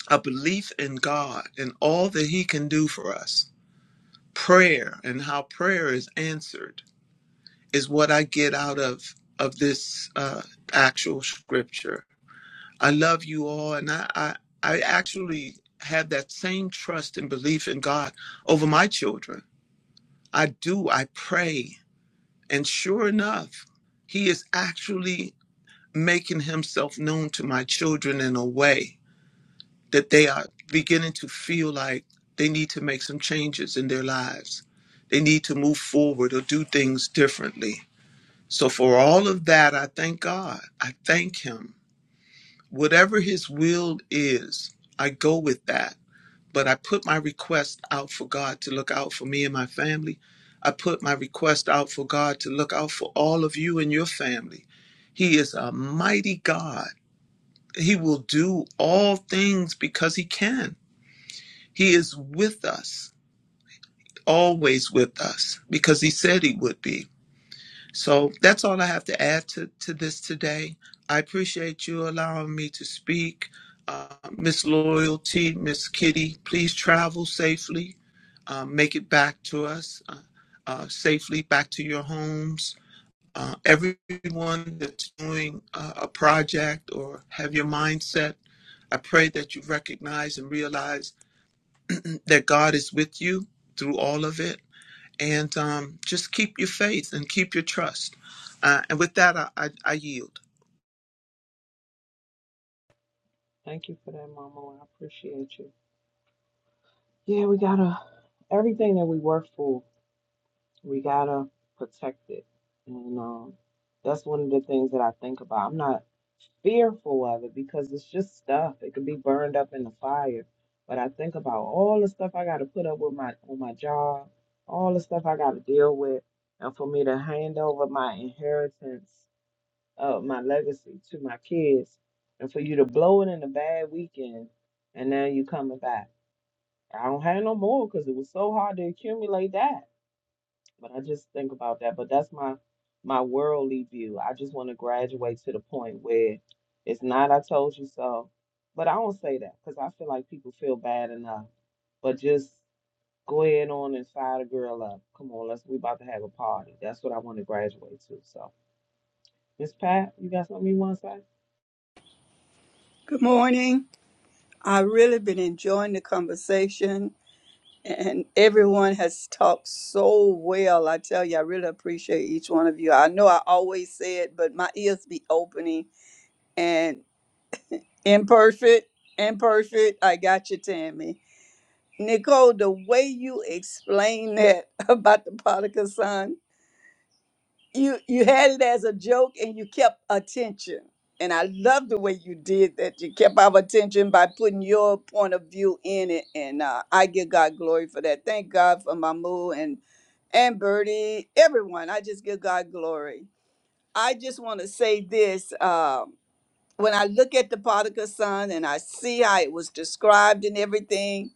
Speaker 7: a belief in God and all that He can do for us, prayer and how prayer is answered is what I get out of of this uh, actual scripture. I love you all, and I, I I actually have that same trust and belief in God over my children. I do. I pray, and sure enough, He is actually making Himself known to my children in a way that they are beginning to feel like they need to make some changes in their lives. They need to move forward or do things differently. So, for all of that, I thank God. I thank Him. Whatever His will is, I go with that. But I put my request out for God to look out for me and my family. I put my request out for God to look out for all of you and your family. He is a mighty God. He will do all things because He can he is with us, always with us, because He said He would be. So that's all I have to add to, to this today. I appreciate you allowing me to speak. Uh, Miss Loyalty, Miss Kitty, please travel safely. Uh, make it back to us uh, uh, safely, back to your homes. Uh, everyone that's doing uh, a project or have your mindset I pray that you recognize and realize that God is with you through all of it. And um, just keep your faith and keep your trust. Uh, and with that, I, I, I yield.
Speaker 4: Thank you for that, Mama. I appreciate you. Yeah, we gotta everything that we work for, we gotta protect it, and um, that's one of the things that I think about. I'm not fearful of it because it's just stuff. It could be burned up in the fire. But I think about all the stuff I got to put up with my on my job, all the stuff I got to deal with, and for me to hand over my inheritance uh, my legacy to my kids, and for you to blow it in a bad weekend, and now you coming back. I don't have no more because it was so hard to accumulate that. But I just think about that. But that's my my worldly view. I just want to graduate to the point where it's not I told you so. But I don't say that because I feel like people feel bad enough. But just go ahead on and fire the girl up. Come on, let's we about to have a party. That's what I want to graduate to. So, Miss Pat, you got something you want to say?
Speaker 8: Good morning. I've really been enjoying the conversation, and everyone has talked so well. I tell you, I really appreciate each one of you. I know I always say it, but my ears be opening and imperfect, imperfect. I got you, Tammy. Nicole, the way you explain that <laughs> about the prodigal son, you you had it as a joke and you kept attention and i love the way you did that you kept our attention by putting your point of view in it and uh, i give god glory for that thank god for mamu and and Birdie, everyone i just give god glory i just want to say this um, when i look at the prodigal son and i see how it was described and everything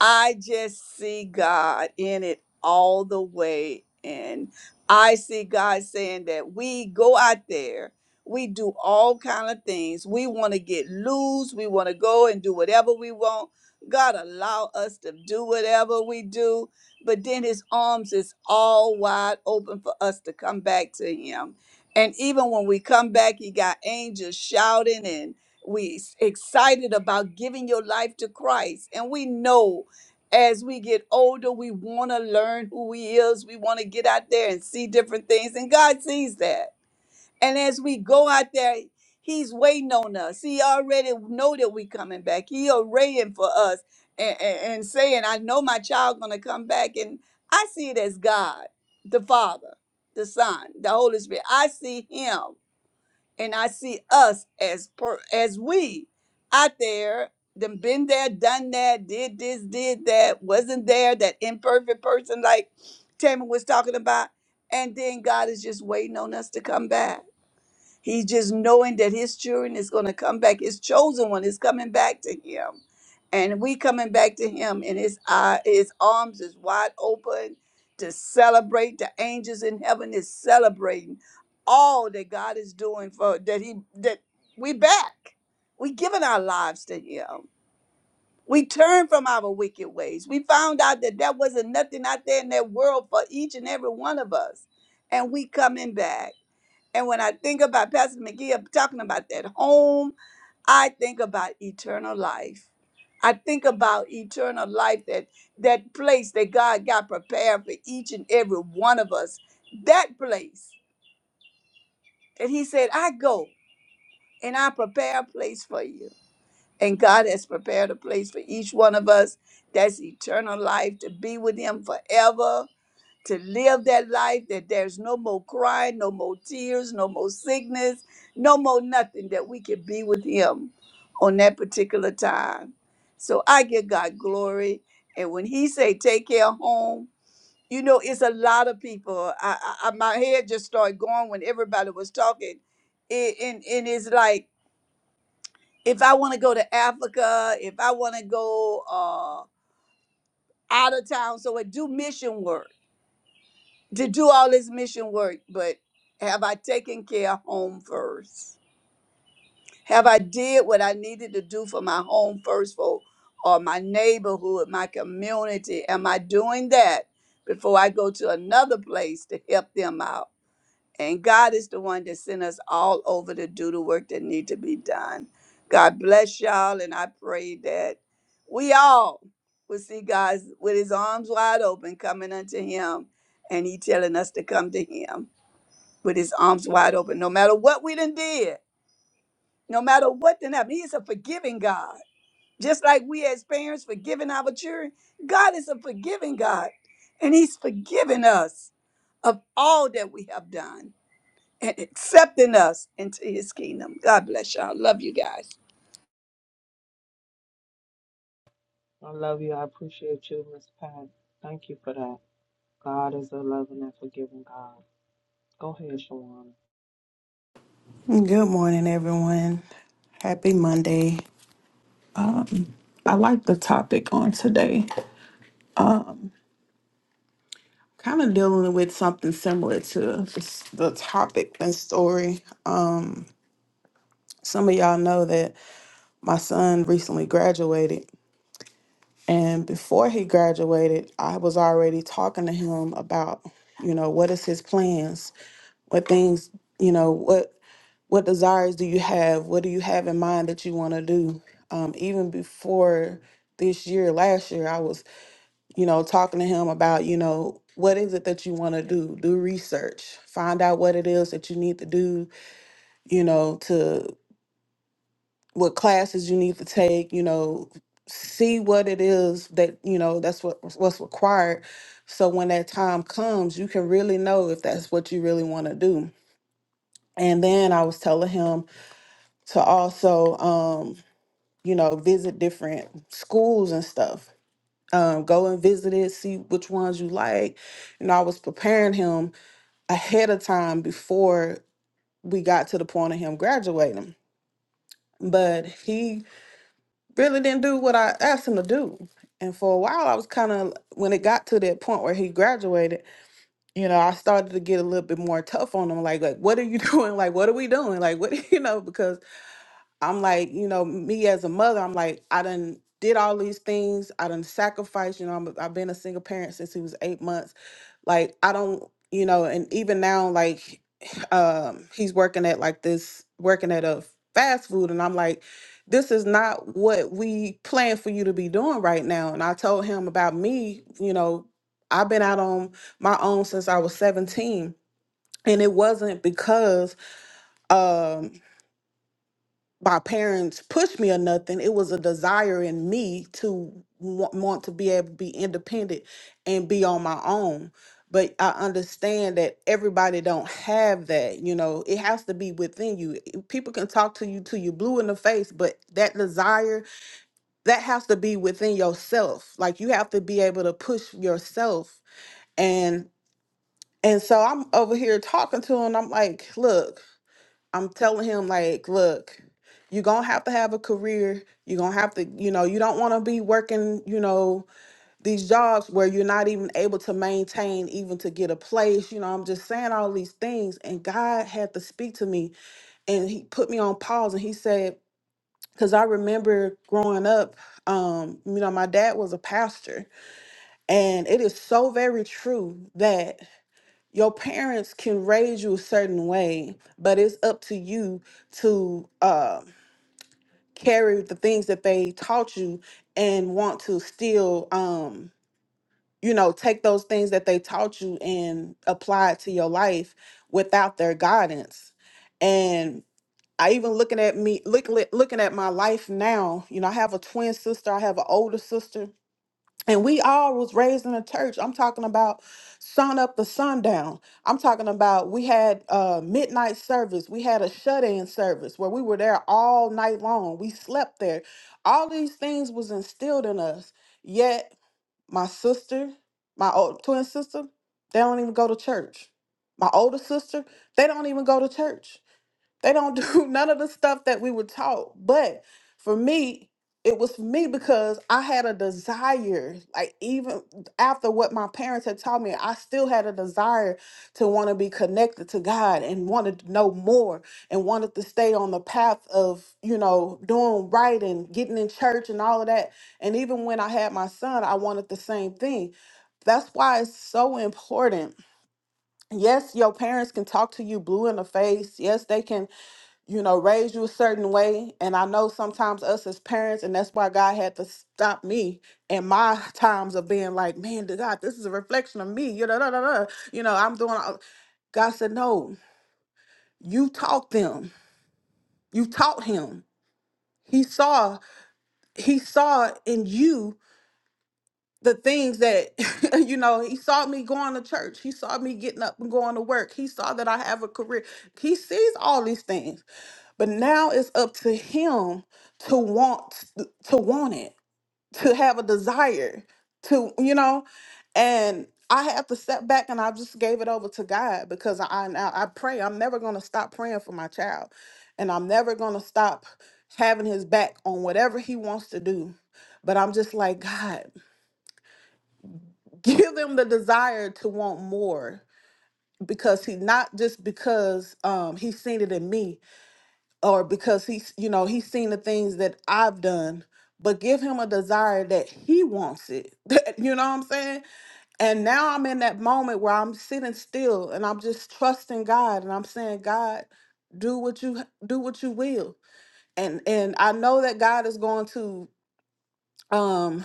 Speaker 8: I just see God in it all the way. And I see God saying that we go out there, we do all kind of things. We want to get loose. We want to go and do whatever we want. God allow us to do whatever we do, but then his arms is all wide open for us to come back to him. And even when we come back, he got angels shouting and we s- excited about giving your life to Christ. And we know as we get older, we want to learn who He is. We want to get out there and see different things. And God sees that. And as we go out there, He's waiting on us. He already know that we coming back. He arraying for us and, and, and saying, I know my child gonna come back. And I see it as God, the Father, the Son, the Holy Spirit. I see him and I see us as per, as we out there, them been there, done that, did this, did that, wasn't there, that imperfect person like Tammy was talking about, and then God is just waiting on us to come back. He's just knowing that his children is going to come back. His chosen one is coming back to him. And we coming back to him and his eye, his arms is wide open to celebrate. The angels in heaven is celebrating all that God is doing for that he that we back. We giving our lives to him. We turn from our wicked ways. We found out that there wasn't nothing out there in that world for each and every one of us. And we coming back. And when I think about Pastor McGee talking about that home, I think about eternal life. I think about eternal life, that that place that God got prepared for each and every one of us. That place that He said, I go and I prepare a place for you. And God has prepared a place for each one of us. That's eternal life to be with Him forever to live that life that there's no more crying, no more tears, no more sickness, no more nothing that we can be with him on that particular time. So I give God glory. And when he say take care home, you know, it's a lot of people. I, I, I my head just started going when everybody was talking. It, and, and it's like, if I want to go to Africa, if I want to go uh, out of town, so I do mission work to do all this mission work, but have I taken care of home first? Have I did what I needed to do for my home first for or my neighborhood, my community? Am I doing that before I go to another place to help them out? And God is the one that sent us all over to do the work that need to be done. God bless y'all, and I pray that we all will see God with his arms wide open coming unto him, and he telling us to come to him with his arms wide open, no matter what we done did, no matter what done happened. He is a forgiving God. Just like we as parents forgiving our children, God is a forgiving God, and he's forgiven us of all that we have done and accepting us into his kingdom. God bless y'all. Love you guys.
Speaker 4: I love you. I appreciate you, Miss Pat. Thank you for that. God is a loving and forgiving God. Go ahead, Shawana.
Speaker 9: Good morning, everyone. Happy Monday. I like the topic on today. Kind of dealing with something similar to this- the topic and story. Some of y'all know that my son recently graduated, and before he graduated, I was already talking to him about, you know, what is his plans, what things, you know, what what desires do you have? What do you have in mind that you want to do? Um, even before this year, last year, I was you know, talking to him about, you know, what is it that you want to do? Do research, find out what it is that you need to do, you know, to what classes you need to take, you know, see what it is that, you know, that's what what's required. So when that time comes, you can really know if that's what you really want to do. And then I was telling him to also um, you know, visit different schools and stuff um, go and visit it, see which ones you like. And I was preparing him ahead of time before we got to the point of him graduating. But he really didn't do what I asked him to do. And for a while, I was kind of, when it got to that point where he graduated, you know, I started to get a little bit more tough on him. Like, like, what are you <laughs> doing? Like, what are we doing? Like, what, <laughs> you know, because I'm like, you know, me as a mother, I'm like, I done did all these things. I done sacrificed, you know, I'm, I've been a single parent since he was eight months. Like, I don't, you know, and even now, like, <sighs> um, he's working at like this, working at a fast food. And I'm like, this is not what we plan for you to be doing right now. And I told him about me, you know, I've been out on my own since I was 17. And it wasn't because, um my parents pushed me or nothing. It was a desire in me to wa- want to be able to be independent and be on my own. But I understand that everybody don't have that. You know, it has to be within you. It- People can talk to you till you blue in the face, but that desire that has to be within yourself. Like you have to be able to push yourself. And and so I'm over here talking to him. I'm like, look. I'm telling him like, look, you're gonna have to have a career. You're gonna have to, you know, you don't wanna be working, you know, these jobs where you're not even able to maintain even to get a place. You know, I'm just saying all these things. And God had to speak to me and he put me on pause and he said, because I remember growing up, um, you know, my dad was a pastor, and it is so very true that your parents can raise you a certain way, but it's up to you to uh, carry the things that they taught you and want to still, um, you know, take those things that they taught you and apply it to your life without their guidance. And I even looking at me, look, look- looking at my life now, you know, I have a twin sister, I have an older sister and we all was raised in a church. I'm talking about sun up to sundown. I'm talking about we had uh midnight service. We had a shut-in service where we were there all night long. We slept there. All these things was instilled in us. Yet my sister, my old twin sister, they don't even go to church. My older sister, they don't even go to church. They don't do <laughs> none of the stuff that we were taught. But for me, it was for me because I had a desire, like even after what my parents had taught me, I still had a desire to want to be connected to God and wanted to know more and wanted to stay on the path of, you know, doing right and getting in church and all of that. And even when I had my son, I wanted the same thing. That's why it's so important yes, your parents can talk to you blue in the face. Yes, they can you know, raised you a certain way. And I know sometimes us as parents, and that's why God had to stop me in my times of being like, man, to God, this is a reflection of me. You know, da, da, da. you know, I'm doing. All... God said, no, you taught them. You taught him. He saw. He saw in you the things that <laughs> you know he saw me going to church he saw me getting up and going to work he saw that i have a career he sees all these things But now it's up to him to want to want it, to have a desire, to you know, and I have to step back and I just gave it over to God because I I, now I pray I'm never gonna stop praying for my child, and I'm never gonna stop having his back on whatever he wants to do. But I'm just like God, <laughs> give him the desire to want more because he not just because um he's seen it in me or because he's you know he's seen the things that I've done but give him a desire that he wants it <laughs> That- you know what I'm saying and now I'm in that moment where I'm sitting still and I'm just trusting God and I'm saying God do what you do what you will and and I know that God is going to um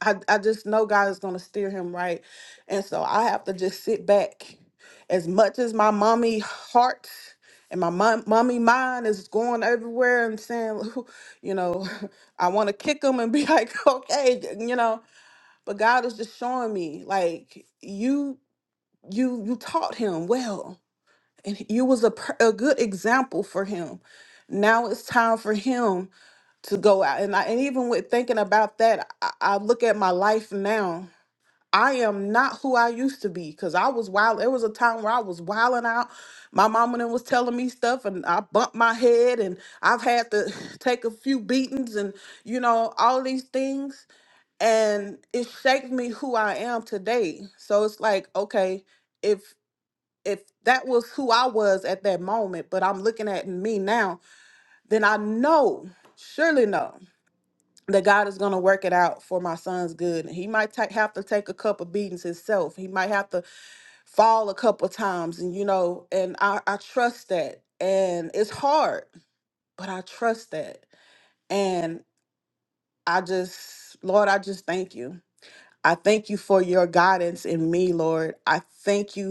Speaker 9: I, I just know God is going to steer him right. And so I have to just sit back. As much as my mommy heart and my mom, mommy mind is going everywhere and saying, <laughs> you know, <laughs> I want to kick him and be like, <laughs> okay, you know, but God is just showing me like you, you, you taught him well and he- you was a, per- a good example for him. Now it's time for him to go out. And I, and even with thinking about that, I, I look at my life now I am not who I used to be because I was wild. There was a time where I was wilding out. My mama then was telling me stuff, and I bumped my head, and I've had to <sighs> take a few beatings, and you know all these things, and it shaped me who I am today. So it's like, okay, if if that was who I was at that moment, but I'm looking at me now, then I know, surely know that God is going to work it out for my son's good. He might ta- have to take a couple beatings himself. He might have to fall a couple times, and you know, and I, I trust that. And it's hard, but I trust that. And I just, Lord, I just thank you. I thank you for your guidance in me, Lord. I thank you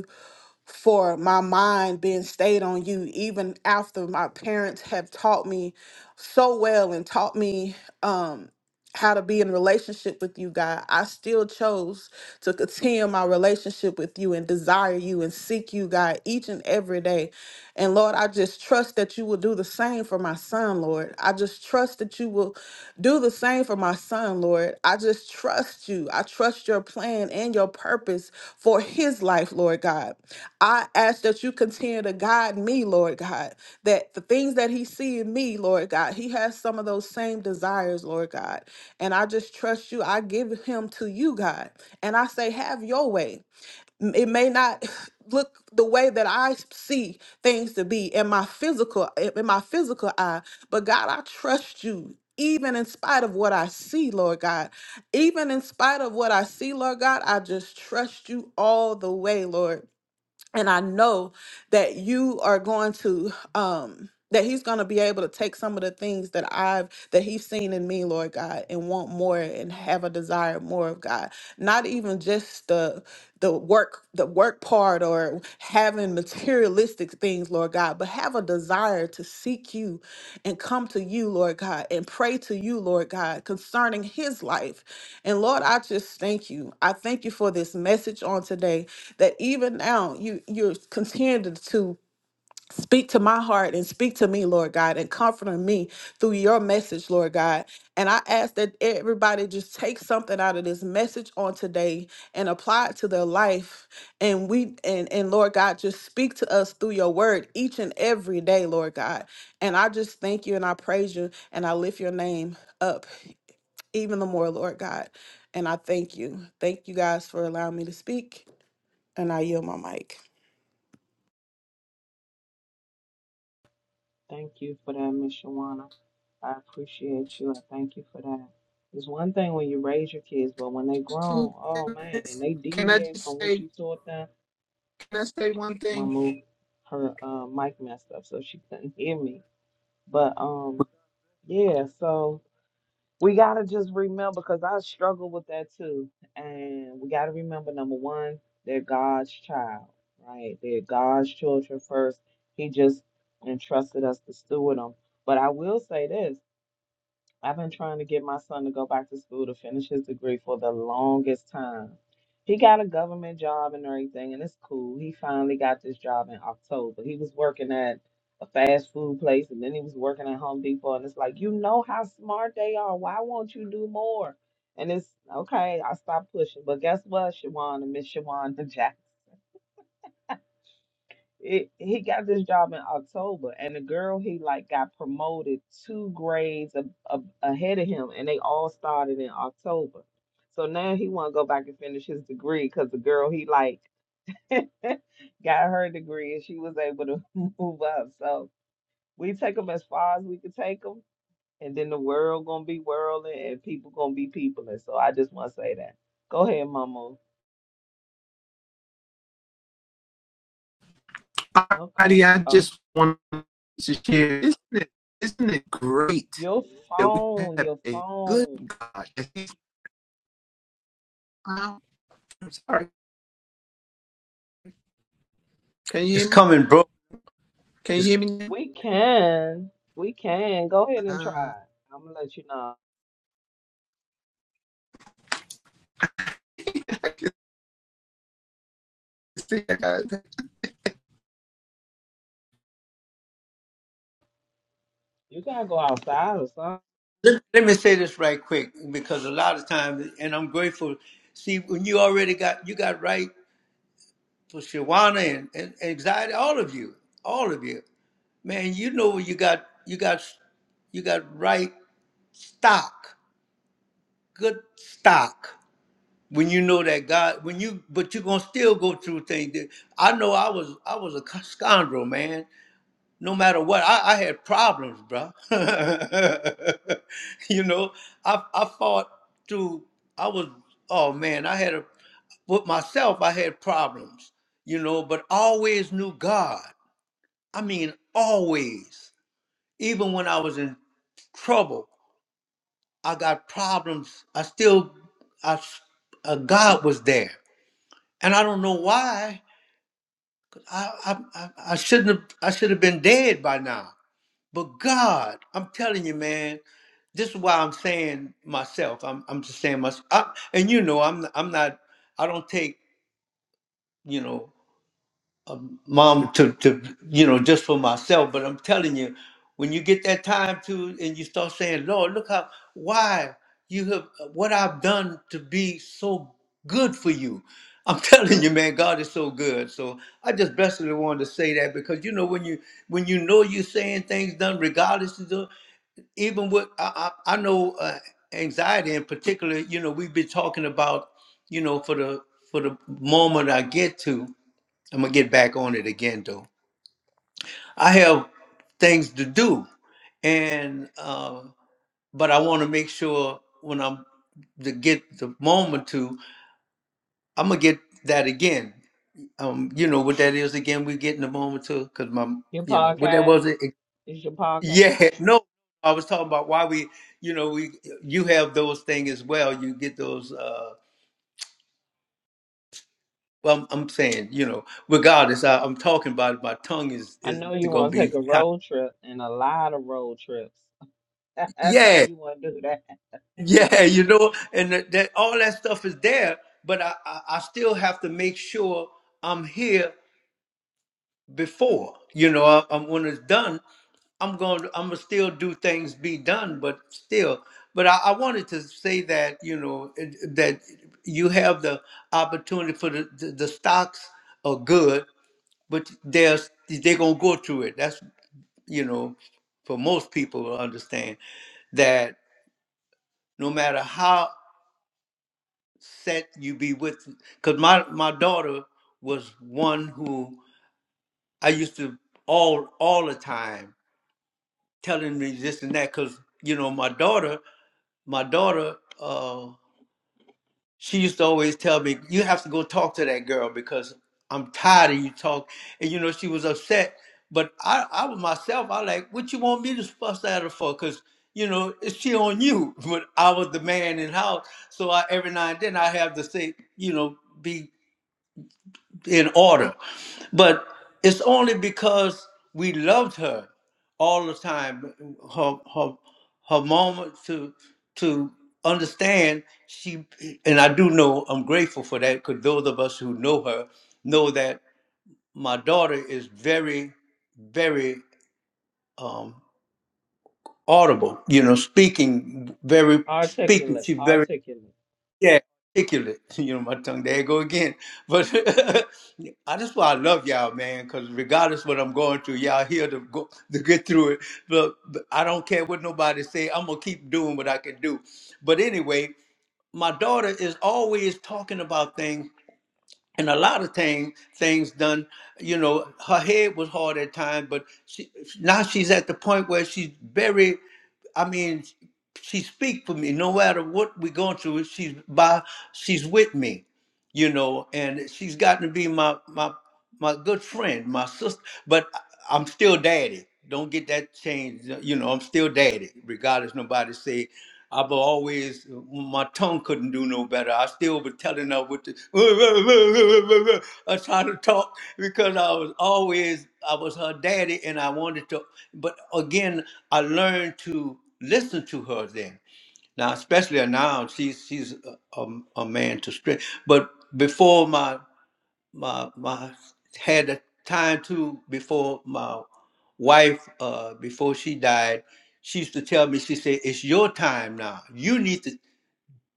Speaker 9: for my mind being stayed on you, even after my parents have taught me so well and taught me um, how to be in relationship with you, God. I still chose to continue my relationship with you and desire you and seek you, God, each and every day. And Lord, I just trust that you will do the same for my son, Lord. I just trust that you will do the same for my son, Lord. I just trust you. I trust your plan and your purpose purpose for his life, Lord God. I ask that you continue to guide me, Lord God, that the things that he see in me, Lord God, he has some of those same desires, Lord God. And I just trust you. I give him to you, God. And I say, have your way m- it may not <sighs> look the way that I see things to be in my physical in my physical eye, but God, I trust you. Even in spite of what I see, Lord God, even in spite of what I see, Lord God, I just trust you all the way, Lord. And I know that you are going to, um, that He's going to be able to take some of the things that I've that He's seen in me, Lord God, and want more and have a desire more of God. Not even just the the work, the work part or having materialistic things, Lord God, but have a desire to seek you and come to you, Lord God, and pray to you, Lord God, concerning his life. And Lord, I just thank you. I thank you for this message on today that even now you you're continuing to Speak to my heart and speak to me, Lord God, and comfort me through your message, Lord God. And I ask that everybody just take something out of this message on today and apply it to their life. And we and and Lord God, just speak to us through your word each and every day, Lord God. And I just thank you and I praise you and I lift your name up even the more, Lord God. And I thank you. Thank you guys for allowing me to speak. And I yield my mic.
Speaker 4: Thank you for that, Miss Shawana. I appreciate you. I thank you for that. It's one thing when you raise your kids, but when they grown, oh man, and they
Speaker 7: Can I
Speaker 4: deviate
Speaker 7: just
Speaker 4: from what
Speaker 7: say?
Speaker 4: you taught them.
Speaker 7: Can I say one
Speaker 4: My
Speaker 7: thing?
Speaker 4: move, her uh, mic messed up, so she couldn't hear me. But um, yeah. So We gotta just remember because I struggle with that too. And we gotta remember number one, they're God's child, right? They're God's children first. He just entrusted us to steward them. But I will say this. I've been trying to get my son to go back to school to finish his degree for the longest time. He got a government job and everything, and it's cool. He finally got this job in October. He was working at a fast food place, and then he was working at Home Depot. And it's like, you know how smart they are. Why won't you do more? And it's okay. I stopped pushing, but guess what, Shawana, Miss Shawana <laughs> Jackson it, he got this job in October, and the girl he like got promoted two grades a, a, ahead of him, and they all started in October. So now he want to go back and finish his degree because the girl he like <laughs> got her degree, and she was able to <laughs> move up. So we take them as far as we could take them, and then the world gonna be whirling, and people gonna be people. And so I just want to say that. Go ahead, Mama. Okay.
Speaker 7: Alrighty, I
Speaker 4: Oh,
Speaker 7: just want to share. Isn't it? Isn't it great
Speaker 4: your
Speaker 7: that we
Speaker 4: phone,
Speaker 7: have
Speaker 4: your
Speaker 7: a good
Speaker 4: phone.
Speaker 7: God? that He's- I'm sorry. Can you
Speaker 1: It's
Speaker 7: hear me?
Speaker 1: coming, bro.
Speaker 7: Can you hear me? Now?
Speaker 4: We can. We can. Go ahead and try
Speaker 7: Uh,
Speaker 4: it. I'm gonna let you know.
Speaker 7: see, I, got, it.
Speaker 4: You gotta go outside or something.
Speaker 1: let, let me say this right quick because a lot of times and i'm grateful see when you already got you got right for shawana and, and anxiety all of you all of you man you know you got you got you got right stock good stock when you know that god when you but you're gonna still go through things that- i know i was i was a scoundrel man no matter what. I, I had problems, bro. <laughs> you know, I I fought through. I was oh man, I had a with myself. I had problems, you know, but always knew God. I mean, always. Even when I was in trouble, I got problems. I still, I, s- uh, God was there, and I don't know why. I I, I I shouldn't have. I should have been dead by now. But God, I'm telling you, man, this is why I'm saying myself. I'm I'm just saying myself. I, and you know, I'm I'm not. I don't take you know mom to to you know just for myself but i'm telling you when you get that time to and you start saying lord look how why you have what i've done to be so good for you <laughs> i'm telling you man god is so good so i just blessedly wanted to say that because you know when you when you know you're saying things done regardless of the, even with I, I, I know uh, anxiety in particular. You know, we've been talking about you know for the for the moment I get to. I'm gonna get back on it again though. I have things to do, and uh, but I want to make sure when I'm to get the moment to, I'm gonna get that again. Um, you know what that is again? We get in the moment to because my,
Speaker 4: Your
Speaker 1: you know what that
Speaker 4: podcast
Speaker 1: was it.
Speaker 4: is your podcast.
Speaker 1: Yeah, <laughs> no, I was talking about why we, you know, we you have those things as well. You get those. uh Well, I'm, I'm saying, you know, regardless, I, I'm talking about it. My tongue is
Speaker 4: I
Speaker 1: is
Speaker 4: know you
Speaker 1: gonna
Speaker 4: wanna
Speaker 1: be
Speaker 4: take a
Speaker 1: kind. Of,
Speaker 4: road trip and a lot of road trips. <laughs> I know
Speaker 1: yeah,
Speaker 4: you wanna do that.
Speaker 1: Yeah, you know, and that, that all that stuff is there, but I, I I still have to make sure I'm here before. You know, I, I'm when it's done, I'm going. to I'm gonna still do things be done, but still. But I, I wanted to say that you know it- that you have the opportunity for the the, the stocks are good, but there's they're gonna go through it. That's you know, for most people to understand that no matter how set you be with because my my daughter was one who I used to all all the time telling me this and that because you know my daughter my daughter uh she used to always tell me you have to go talk to that girl because I'm tired of you talk and you know she was upset but I I was myself I like what you want me to fuss at her for because you know she on you <laughs> but I was the man in house so I every now and then I have to say you know be in order. But it's only because we loved her all the time. Her her her moment to to understand she and I do know I'm grateful for that because those of us who know her know that my daughter is very, very um audible, you know, speaking very speaking.
Speaker 4: Articulate,
Speaker 1: She's very
Speaker 4: articulate.
Speaker 1: yeah, articulate. <laughs> You know, my tongue, there you go again. But <laughs> I just why I love y'all, man, because regardless what I'm going through, y'all here to go <laughs> to get through it. But, but I don't care what nobody say. I'm gonna keep doing what I can do. But anyway, my daughter is always talking about things and a lot of thing, things done you know her head was hard at times but she, now she's at the point where she's very i mean she speak for me no matter what we're going through she's by she's with me you know, and she's gotten to be my my my good friend, my sister. But I- I'm still daddy. Don't get that changed. You know, I'm still daddy, regardless nobody say. I've always my tongue couldn't do no better. I still was telling her what to. <laughs> I tried to talk because I was always I was her daddy, and I wanted to. But again, I learned to listen to her then now, especially now, she's she's a, a, a man to strength. But before my my my had the time to before my wife uh before she died, she used to tell me. She said, "It's your time now. You need to."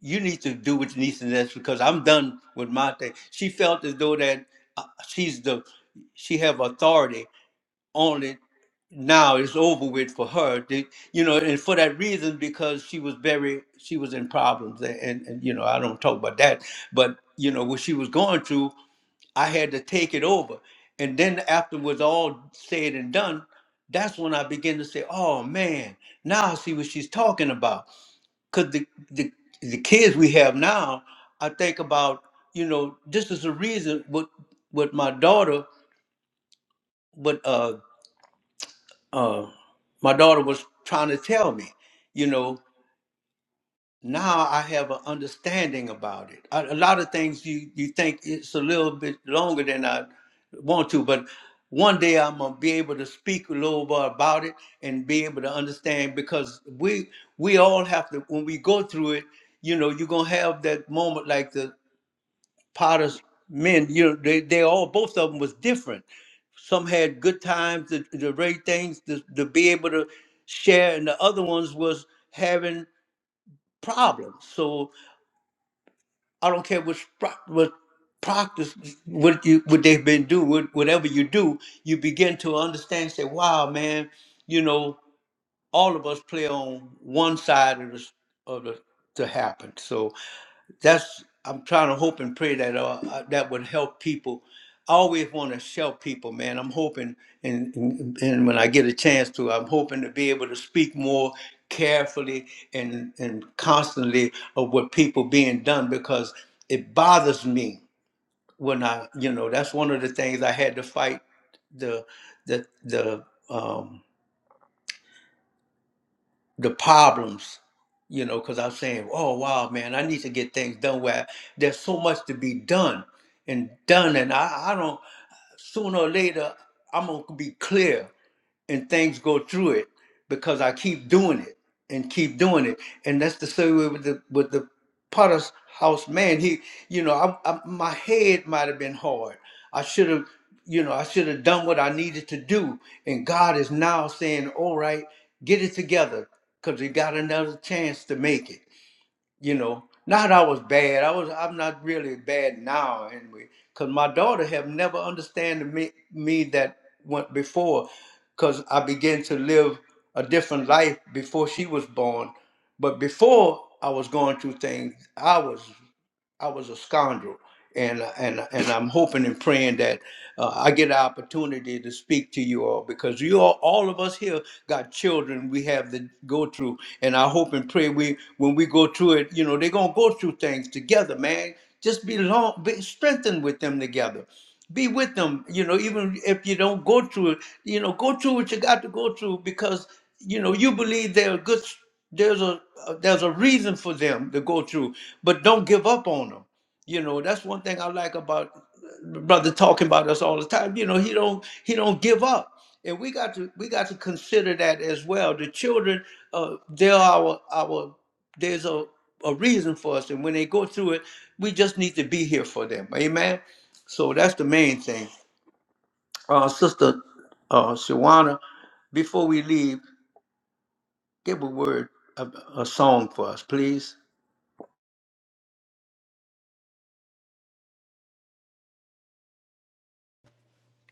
Speaker 1: You need to do what needs to do because I'm done with my thing. She felt as though that uh, she's the she have authority only now it's over with for her They- you know and for that reason because she was very she was in problems and, and and you know i don't talk about that but you know what she was going through i had to take it over and then after it was all said and done that's when i began to say oh man now i see what she's talking about because the, the the kids we have now i think about you know this is the reason what what my daughter what uh uh, my daughter was trying to tell me, you know, now I have an understanding about it. A, a lot of things you, you think it's a little bit longer than I want to, but one day I'm gonna be able to speak a little more about it and be able to understand because we we all have to when we go through it, you know, you're gonna have that moment like the Potter's men, you know, they, they all both of them was different. Some had good times, the, the great things to, to be able to share, and the other ones was having problems. So I don't care what spro- what practice what you what they've been doing, what, whatever you do, you begin to understand. Say, wow, man, you know, all of us play on one side of the of the to happen. So that's I'm trying to hope and pray that uh, uh, that would help people. I always want to help people, man. I'm hoping, and, and and when I get a chance to, I'm hoping to be able to speak more carefully and and constantly of what people being done because it bothers me when I, you know, that's one of the things I had to fight the the the um, the problems, you know, because I'm saying, oh wow, man, I need to get things done where there's so much to be done and done, and I, I don't. Sooner or later, I'm gonna be clear and things go through it because I keep doing it and keep doing it. And that's the same way with the with the Potter's house man. He, you know, I, I, my head might have been hard. I should have, you know, I should have done what I needed to do. And God is now saying, "All right, get it together, because you got another chance to make it." you know not i was bad i was i'm not really bad now anyway because my daughter have never understood me me that went before because i began to live a different life before she was born but before i was going through things i was I was a scoundrel, and and and I'm hoping and praying that uh, I get an opportunity to speak to you all because you all, all of us here got children we have to go through, and I hope and pray we when we go through it, you know, they're gonna go through things together, man. Just be long, be strengthened with them together. Be with them, you know, even if you don't go through it, you know, go through what you got to go through because you know you believe they're a good there's a uh, there's a reason for them to go through but don't give up on them you know that's one thing i like about uh, brother talking about us all the time you know he don't he don't give up and we got to we got to consider that as well the children uh they're our our there's a a reason for us and when they go through it we just need to be here for them amen so that's the main thing uh sister uh shawana before we leave Give a word, a, a song for us, please.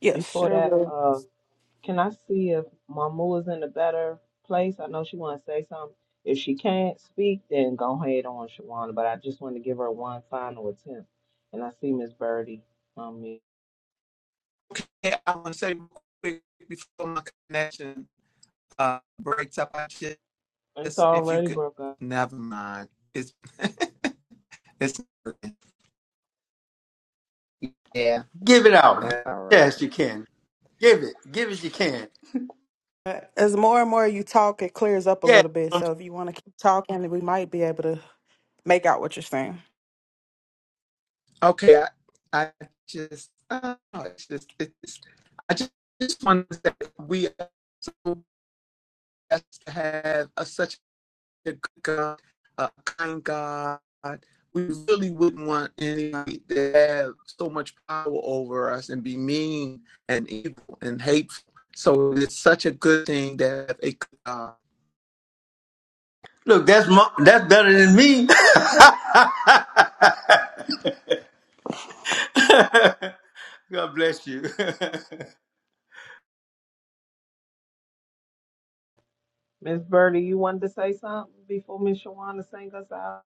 Speaker 9: Yes,
Speaker 4: Before
Speaker 9: sure.
Speaker 4: that,
Speaker 9: will.
Speaker 4: uh, can I see if Mamu is in a better place? I know she wanna say something. If she can't speak, then go ahead on, Shawana. But I just want to give her one final attempt. And I see Miss Birdie on mute.
Speaker 7: yeah, I want to say real quick before my connection uh, breaks up. I just
Speaker 4: It's
Speaker 7: It's, if you
Speaker 4: already
Speaker 7: could,
Speaker 4: broke up.
Speaker 7: never mind. It's <laughs> it's yeah.
Speaker 1: Give it out. Give
Speaker 7: All
Speaker 1: it
Speaker 7: right.
Speaker 1: as you can. Give it. Give it you can.
Speaker 9: Uh, As more and more you talk, it clears up a
Speaker 1: Yeah.
Speaker 9: little bit.
Speaker 1: um,
Speaker 9: So if you want to keep talking, we might be able to make out what you're saying.
Speaker 7: Okay. I, I just oh, it's just it's I just, just want to say we so have a, such a good a kind God. We really wouldn't want anybody to have so much power over us and be mean and evil and hateful. So it's such a good thing to have a good God.
Speaker 1: Look, that's mo- that's better than me. <laughs> God bless you.
Speaker 4: Miss Birdie, you wanted to say something before Miss Shawana sang us out?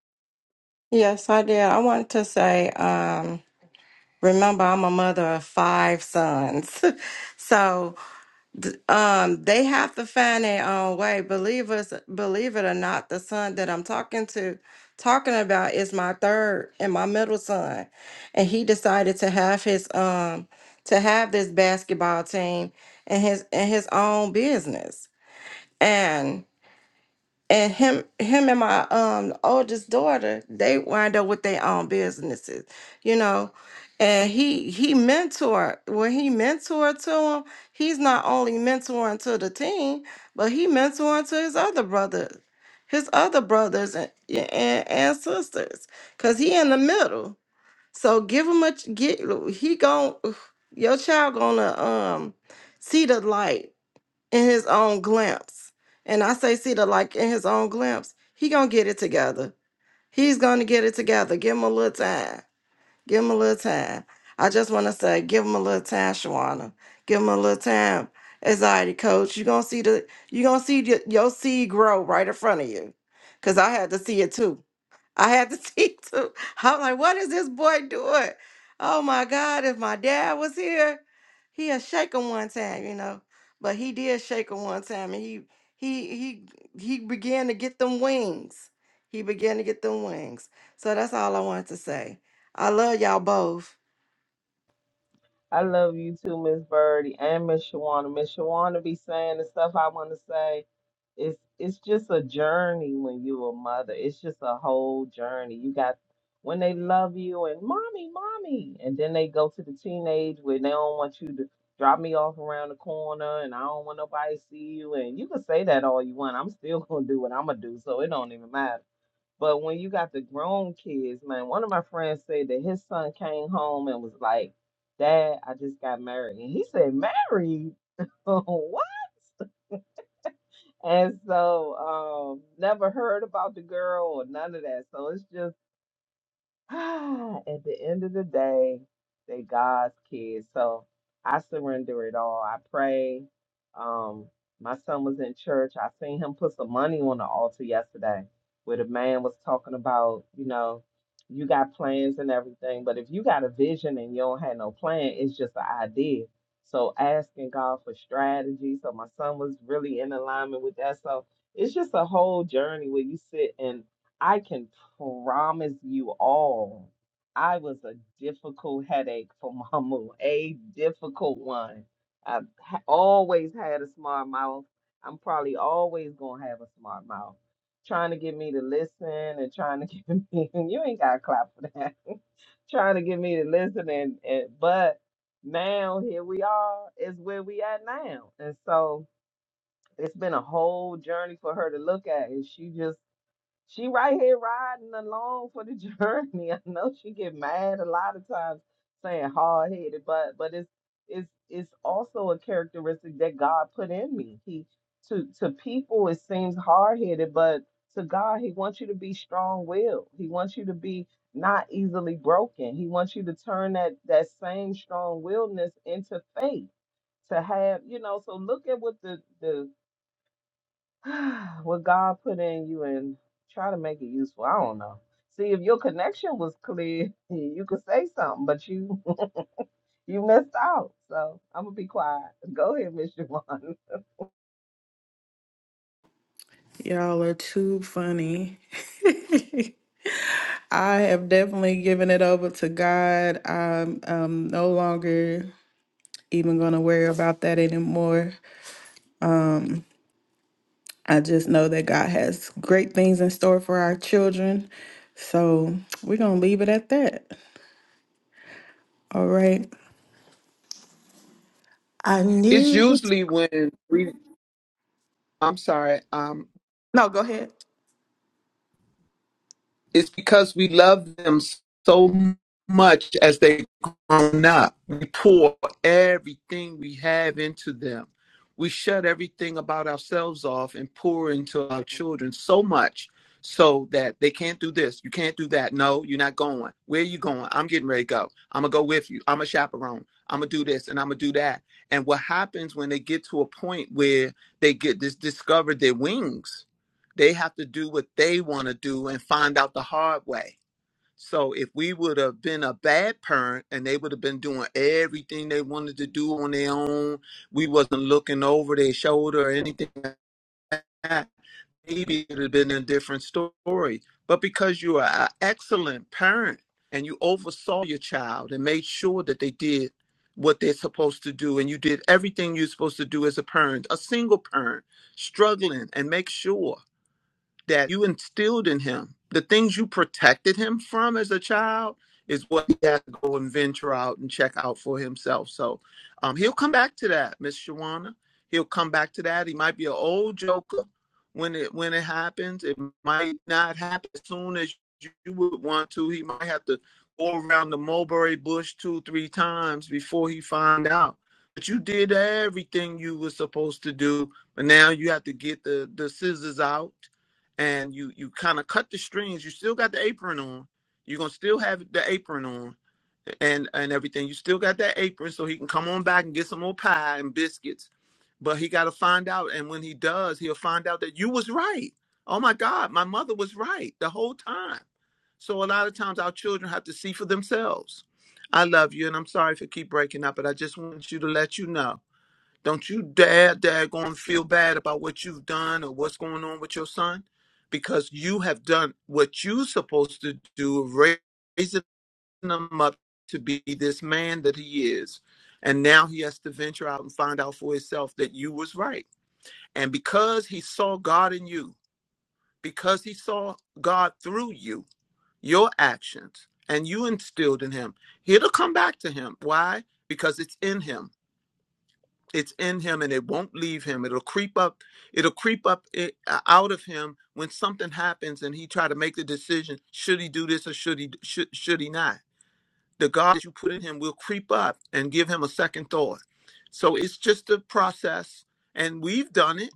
Speaker 6: Yes, I did. I wanted to say, um, remember I'm a mother of five sons. <laughs> so Um, they have to find their own way. Believe us, believe it or not, the son that I'm talking to, talking about is my third and my middle son. And he decided to have his um to have this basketball team and his and his own business and him him and my um oldest daughter they wind up with their own businesses you know and he he mentored when he mentored to him he's not only mentoring to the team but he mentoring to his other brothers his other brothers and and, and sisters because he in the middle so give him a ch- get he gon' your child gonna um see the light in his own glimpse. And I say see the like in his own glimpse, he gonna get it together. He's gonna get it together. Give him a little time. Give him a little time. I just wanna say, give him a little time, Shawana. Give him a little time. Anxiety coach, you gonna see the you gonna see the, your seed grow right in front of you. Cause I had to see it too. I had to <laughs> see too. I'm like, what is this boy doing? Oh my God, if my dad was here, he'll shake him one time, you know. But he did shake him one time and he he he he began to get them wings. He began to get them wings. So that's all I wanted to say. I love y'all both.
Speaker 4: I love you too, Miss Birdie and Miss Shawana. Miss Shawana be saying the stuff I want to say. It's it's just a journey when you a mother. It's just a whole journey. You got when they love you and mommy, mommy, and then they go to the teenage where they don't want you to drop me off around the corner and I don't want nobody to see you. And you can say that all you want. I'm still <laughs> gonna do what I'm gonna do, so it don't even matter But when you got the grown kids, man, one of my friends said that his son came home and was like, Dad, I just got married. And he said, Married? <laughs> what? And so um never heard about the girl or none of that. So it's just <sighs> At the end of the day, they God's kids. So I surrender it all. I pray. Um, my son was in church. I seen him put some money on the altar yesterday where the man was talking about, you know, you got plans and everything, but if you got a vision and you don't have no plan, it's just an idea. So asking God for strategy. So my son was really in alignment with that. So it's just a whole journey where you sit and I can promise you all, I was a difficult headache for <laughs> Mamu, a difficult one. I've ha- always had a smart mouth. I'm probably always gonna have a smart mouth. Trying to get me to listen and trying to <laughs> get me, you ain't gotta clap for that. Trying to get me to listen and, and but now here we are is where we at now. And so it's been a whole journey for her to look at. And she just she right here riding along for the <laughs> journey. I know she get mad a lot of times saying hard headed, but but it's it's it's also a characteristic that God put in me. He to to people it seems hard headed, but to God He wants you to be strong willed. He wants you to be not easily broken. He wants you to turn that that same strong willedness into faith. To have you know, so look at what the the <sighs> what God put in you and try to make it useful. I don't know. See, if your connection was clear, <laughs> you could say something, but you <laughs> you missed out. So I'm gonna be quiet. Go ahead, Miss Javon.
Speaker 9: Y'all are too funny. <laughs> I have definitely given it over to God. I'm um, no longer even going to worry about that anymore. I just know that God has great things in store for our children. So we're going to leave it at that. All right. I
Speaker 7: It's
Speaker 9: need.
Speaker 7: usually when we I'm sorry. Um,
Speaker 9: No, go ahead.
Speaker 7: it's because we love them so much as they grown up. We pour everything we have into them. We shut everything about ourselves off and pour into our children so much so that they can't do this. You can't do that. No, you're not going. Where are you going? I'm getting ready to go. I'm going to go with you. I'm a chaperone. I'm going to do this and I'm going to do that. And what happens when they get to a point where they get this discovered their wings? They have to do what they want to do and find out the hard way. So if we would have been a bad parent and they would have been doing everything they wanted to do on their own, we wasn't looking over their shoulder or anything like that, maybe it would have been a different story. But because you are an excellent parent and you oversaw your child and made sure that they did what they're supposed to do and you did everything you're supposed to do as a parent, a single parent, struggling and make sure that you instilled in him. The things you protected him from as a child is what he has to go and venture out and check out for himself. So um, he'll come back to that, Miss Shawana. He'll come back to that. He might be an old joker when it when it happens. It might not happen as soon as you would want to. He might have to go around the mulberry bush two, three times before he find out. But you did everything you were supposed to do. But now you have to get the, the scissors out and you you kind of cut the strings. You still got the apron on. You're gonna still have the apron on and and everything. You still got that apron, so he can come on back and get some more pie and biscuits. But he got to find out, and when he does, he'll find out that you was right. Oh my God, my mother was right the whole time. So a lot of times our children have to see for themselves. I love you, and I'm sorry if I keep breaking up, but I just want you to let you know. Don't you dare, daggone feel bad about what you've done or what's going on with your son, because you have done what you're supposed to do, ra- raising him up to be this man that he is. And now he has to venture out and find out for himself that you was right. And because he saw God in you, because he saw God through you, your actions, and you instilled in him, it'll come back to him. Why? Because it's in him it's in him and it won't leave him it'll creep up it'll creep up it, out of him when something happens and he try to make the decision should he do this or should he should, should he not the god that you put in him will creep up and give him a second thought so it's just a process and we've done it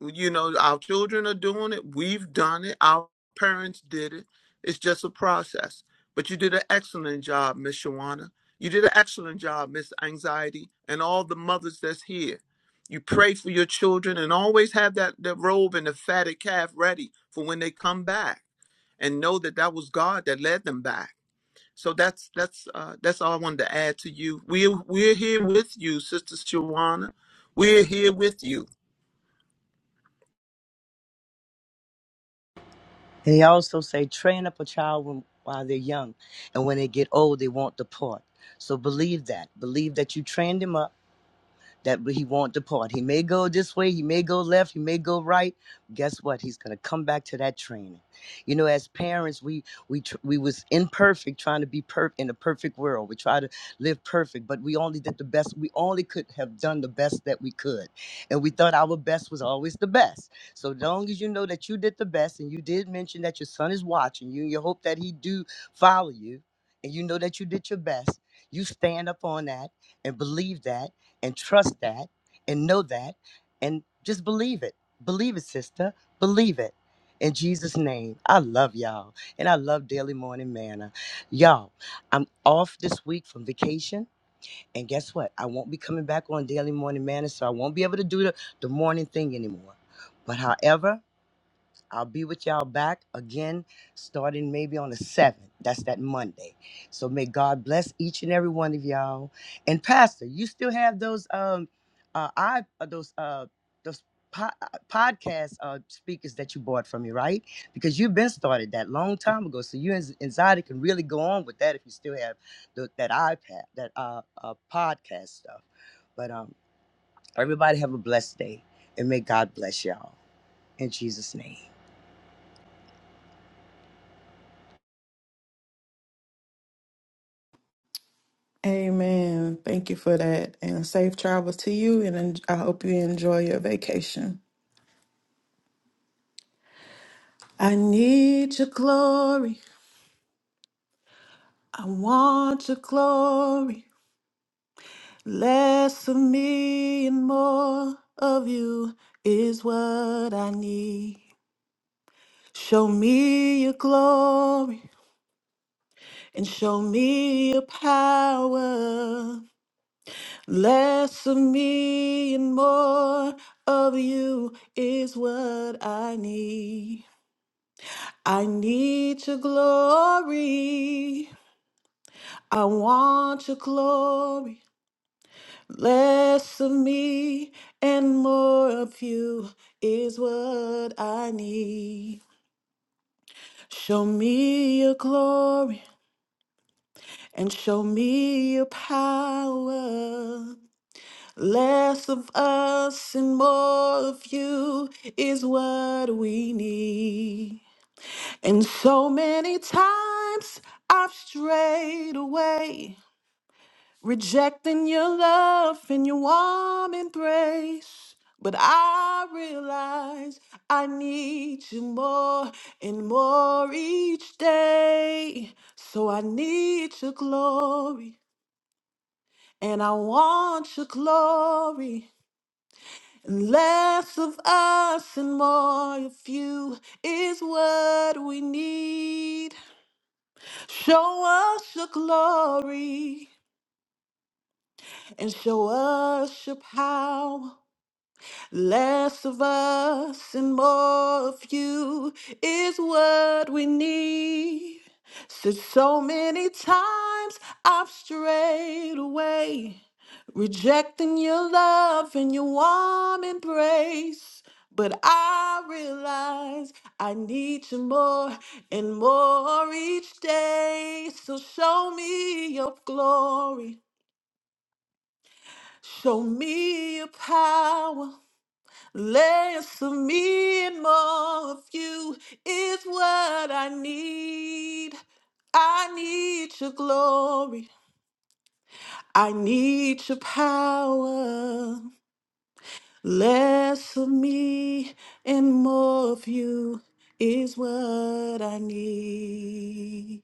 Speaker 7: you know our children are doing it we've done it our parents did it it's just a process but you did an excellent job miss shawana you did an excellent job miss anxiety and all the mothers that's here you pray for your children and always have that, that robe and the fatted calf ready for when they come back and know that that was god that led them back so that's that's uh, that's all i wanted to add to you we're we're here with you sister shawana we're here with you
Speaker 2: And he also say, train up a child when, while they're young, and when they get old, they won't depart. So believe that. Believe that you trained him up. that he won't depart. He may go this way, he may go left, he may go right. Guess what? He's going to come back to that training. You know, as parents, we we tr- we was imperfect, trying to be perfect in a perfect world. We try to live perfect, but we only did the best. We only could have done the best that we could, and we thought our best was always the best. So long as you know that you did the best, and you did mention that your son is watching you, and you hope that he do follow you, and you know that you did your best, you stand up on that and believe that and trust that and know that and just believe it. Believe it, sister. Believe it. In Jesus' name, I love y'all and I love Daily Morning Manna. Y'all, I'm off this week from vacation. And guess what? I won't be coming back on Daily Morning Manna, so I won't be able to do the, the morning thing anymore. But however, I'll be with y'all back again, starting maybe on the 7th. That's that Monday. So may God bless each and every one of y'all. And Pastor, you still have those um uh I uh, those uh those po- uh, podcast uh speakers that you bought from me, right? Because you've been started that long time ago. So you and, and Zadie can really go on with that if you still have the, that iPad, that uh, uh podcast stuff. But um everybody have a blessed day and may God bless y'all. In Jesus' name.
Speaker 9: Amen. Thank you for that. And safe travels to you. And en- I hope you enjoy your vacation. I need your glory. I want your glory. Less of me and more of you is what I need. Show me your glory and show me your power. Less of me and more of you is what I need. I need your glory. I want your glory. Less of me and more of you is what I need. Show me your glory and show me your power. Less of us and more of you is what we need. And so many times I've strayed away. Rejecting your love and your warm embrace. But I realize I need you more and more each day. So I need your glory and I want your glory. And less of us and more of you is what we need. Show us your glory and show us your power. Less of us and more of you is what we need. Said so many times I've strayed away, rejecting your love and your warm embrace. But I realize I need you more and more each day. So show me your glory, show me your power. Less of me and more of you is what I need. I need your glory. I need your power. Less of me and more of you is what I need.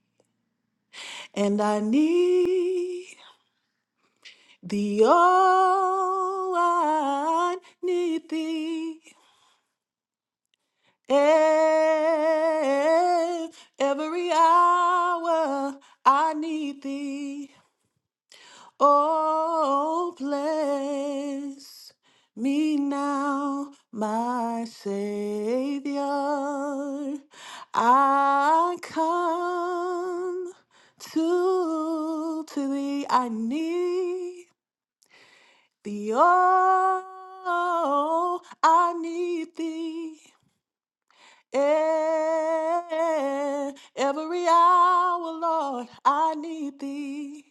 Speaker 9: And I need the all I need thee. Hey, every hour I need thee. Oh, bless me now, my Savior. I come to, to thee. I need thee. Oh, I need thee. Eh, Every hour, Lord, I need thee.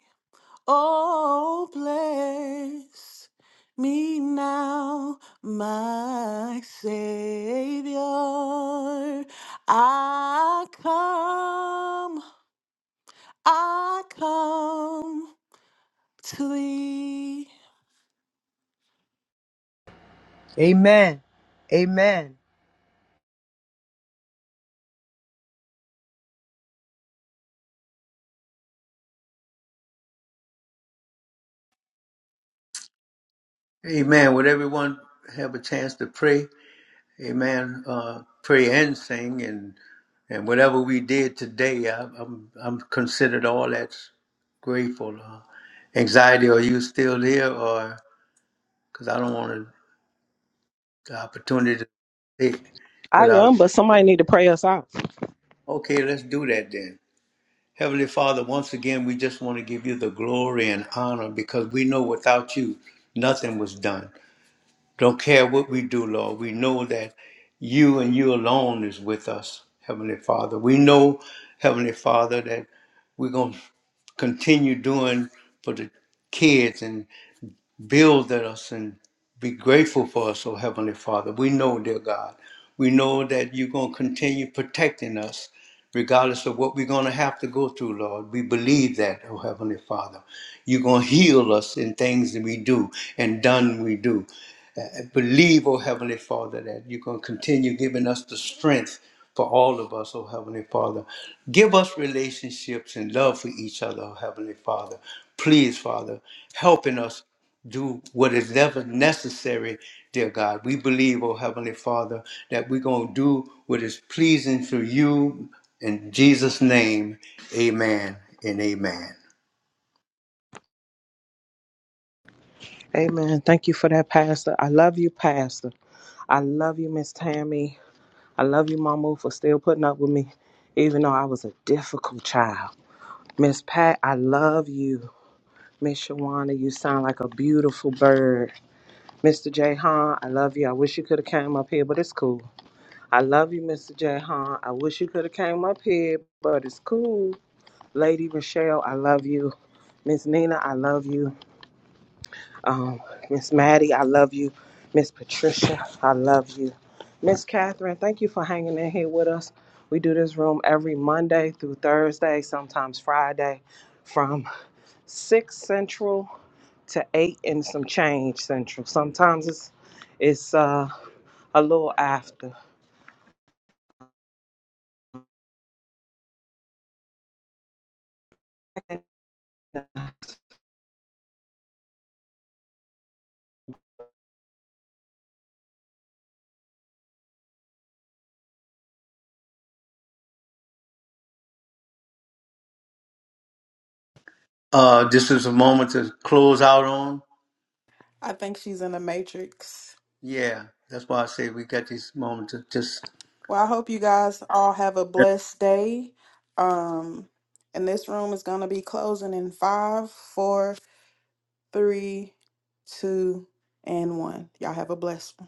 Speaker 9: Oh, bless me now, my Savior. I come, I come to thee.
Speaker 2: Amen. Amen.
Speaker 1: <laughs> Amen. Would everyone have a chance to pray? Amen. Uh, pray and sing, and and whatever we did today, I, I'm I'm considered all that's grateful. Uh, anxiety, are you still there? Or because I don't want to. the opportunity to say
Speaker 4: I
Speaker 1: without,
Speaker 4: am, but somebody need to pray us out.
Speaker 1: okay, let's do that then. Heavenly Father, once again, we just want to give you the glory and honor because we know without you, nothing was done. Don't care what we do, Lord. We know that you and you alone is with us, Heavenly Father. We know, Heavenly Father, that we're going to continue doing for the kids and. build at us and be grateful for us, oh Heavenly Father. We know, dear God, we know that you're going to continue protecting us regardless of what we're going to have to go through, Lord. We believe that, oh Heavenly Father. You're going to heal us in things that we do and done we do. I believe, oh Heavenly Father, that you're going to continue giving us the strength for all of us, oh Heavenly Father. Give us relationships and love for each other, oh Heavenly Father. Please, Father, helping us do what is never necessary, dear God. We believe, oh Heavenly Father, that we're going to do what is pleasing to you. In Jesus' name, amen and amen.
Speaker 4: Amen. Thank you for that, Pastor. I love you, Pastor. I love you, Miss Tammy. I love you, Mamu, for still putting up with me, even though I was a difficult child. Miss Pat, I love you. Miss Shawana, you sound like a beautiful bird. Mr. Jahan, I love you. I wish you could have came up here, but it's cool. I love you, Mr. Jahan. I wish you could have came up here, but it's cool. Lady Rochelle, I love you. Miss Nina, I love you. Um, Miss Maddie, I love you. Miss Patricia, I love you. Miss Catherine, thank you for hanging in here with us. We do this room every Monday through Thursday, sometimes Friday, from six central to eight and some change central. Sometimes it's it's uh, a little after.
Speaker 1: Uh, this is a moment to close out on.
Speaker 9: I think she's in the mix.
Speaker 1: Yeah, that's why I say we got these moments to just
Speaker 9: Well, I hope you guys all have a blessed day. Um, and this room is going to be closing in five, four, three, two, and one. Y'all have a blessed one.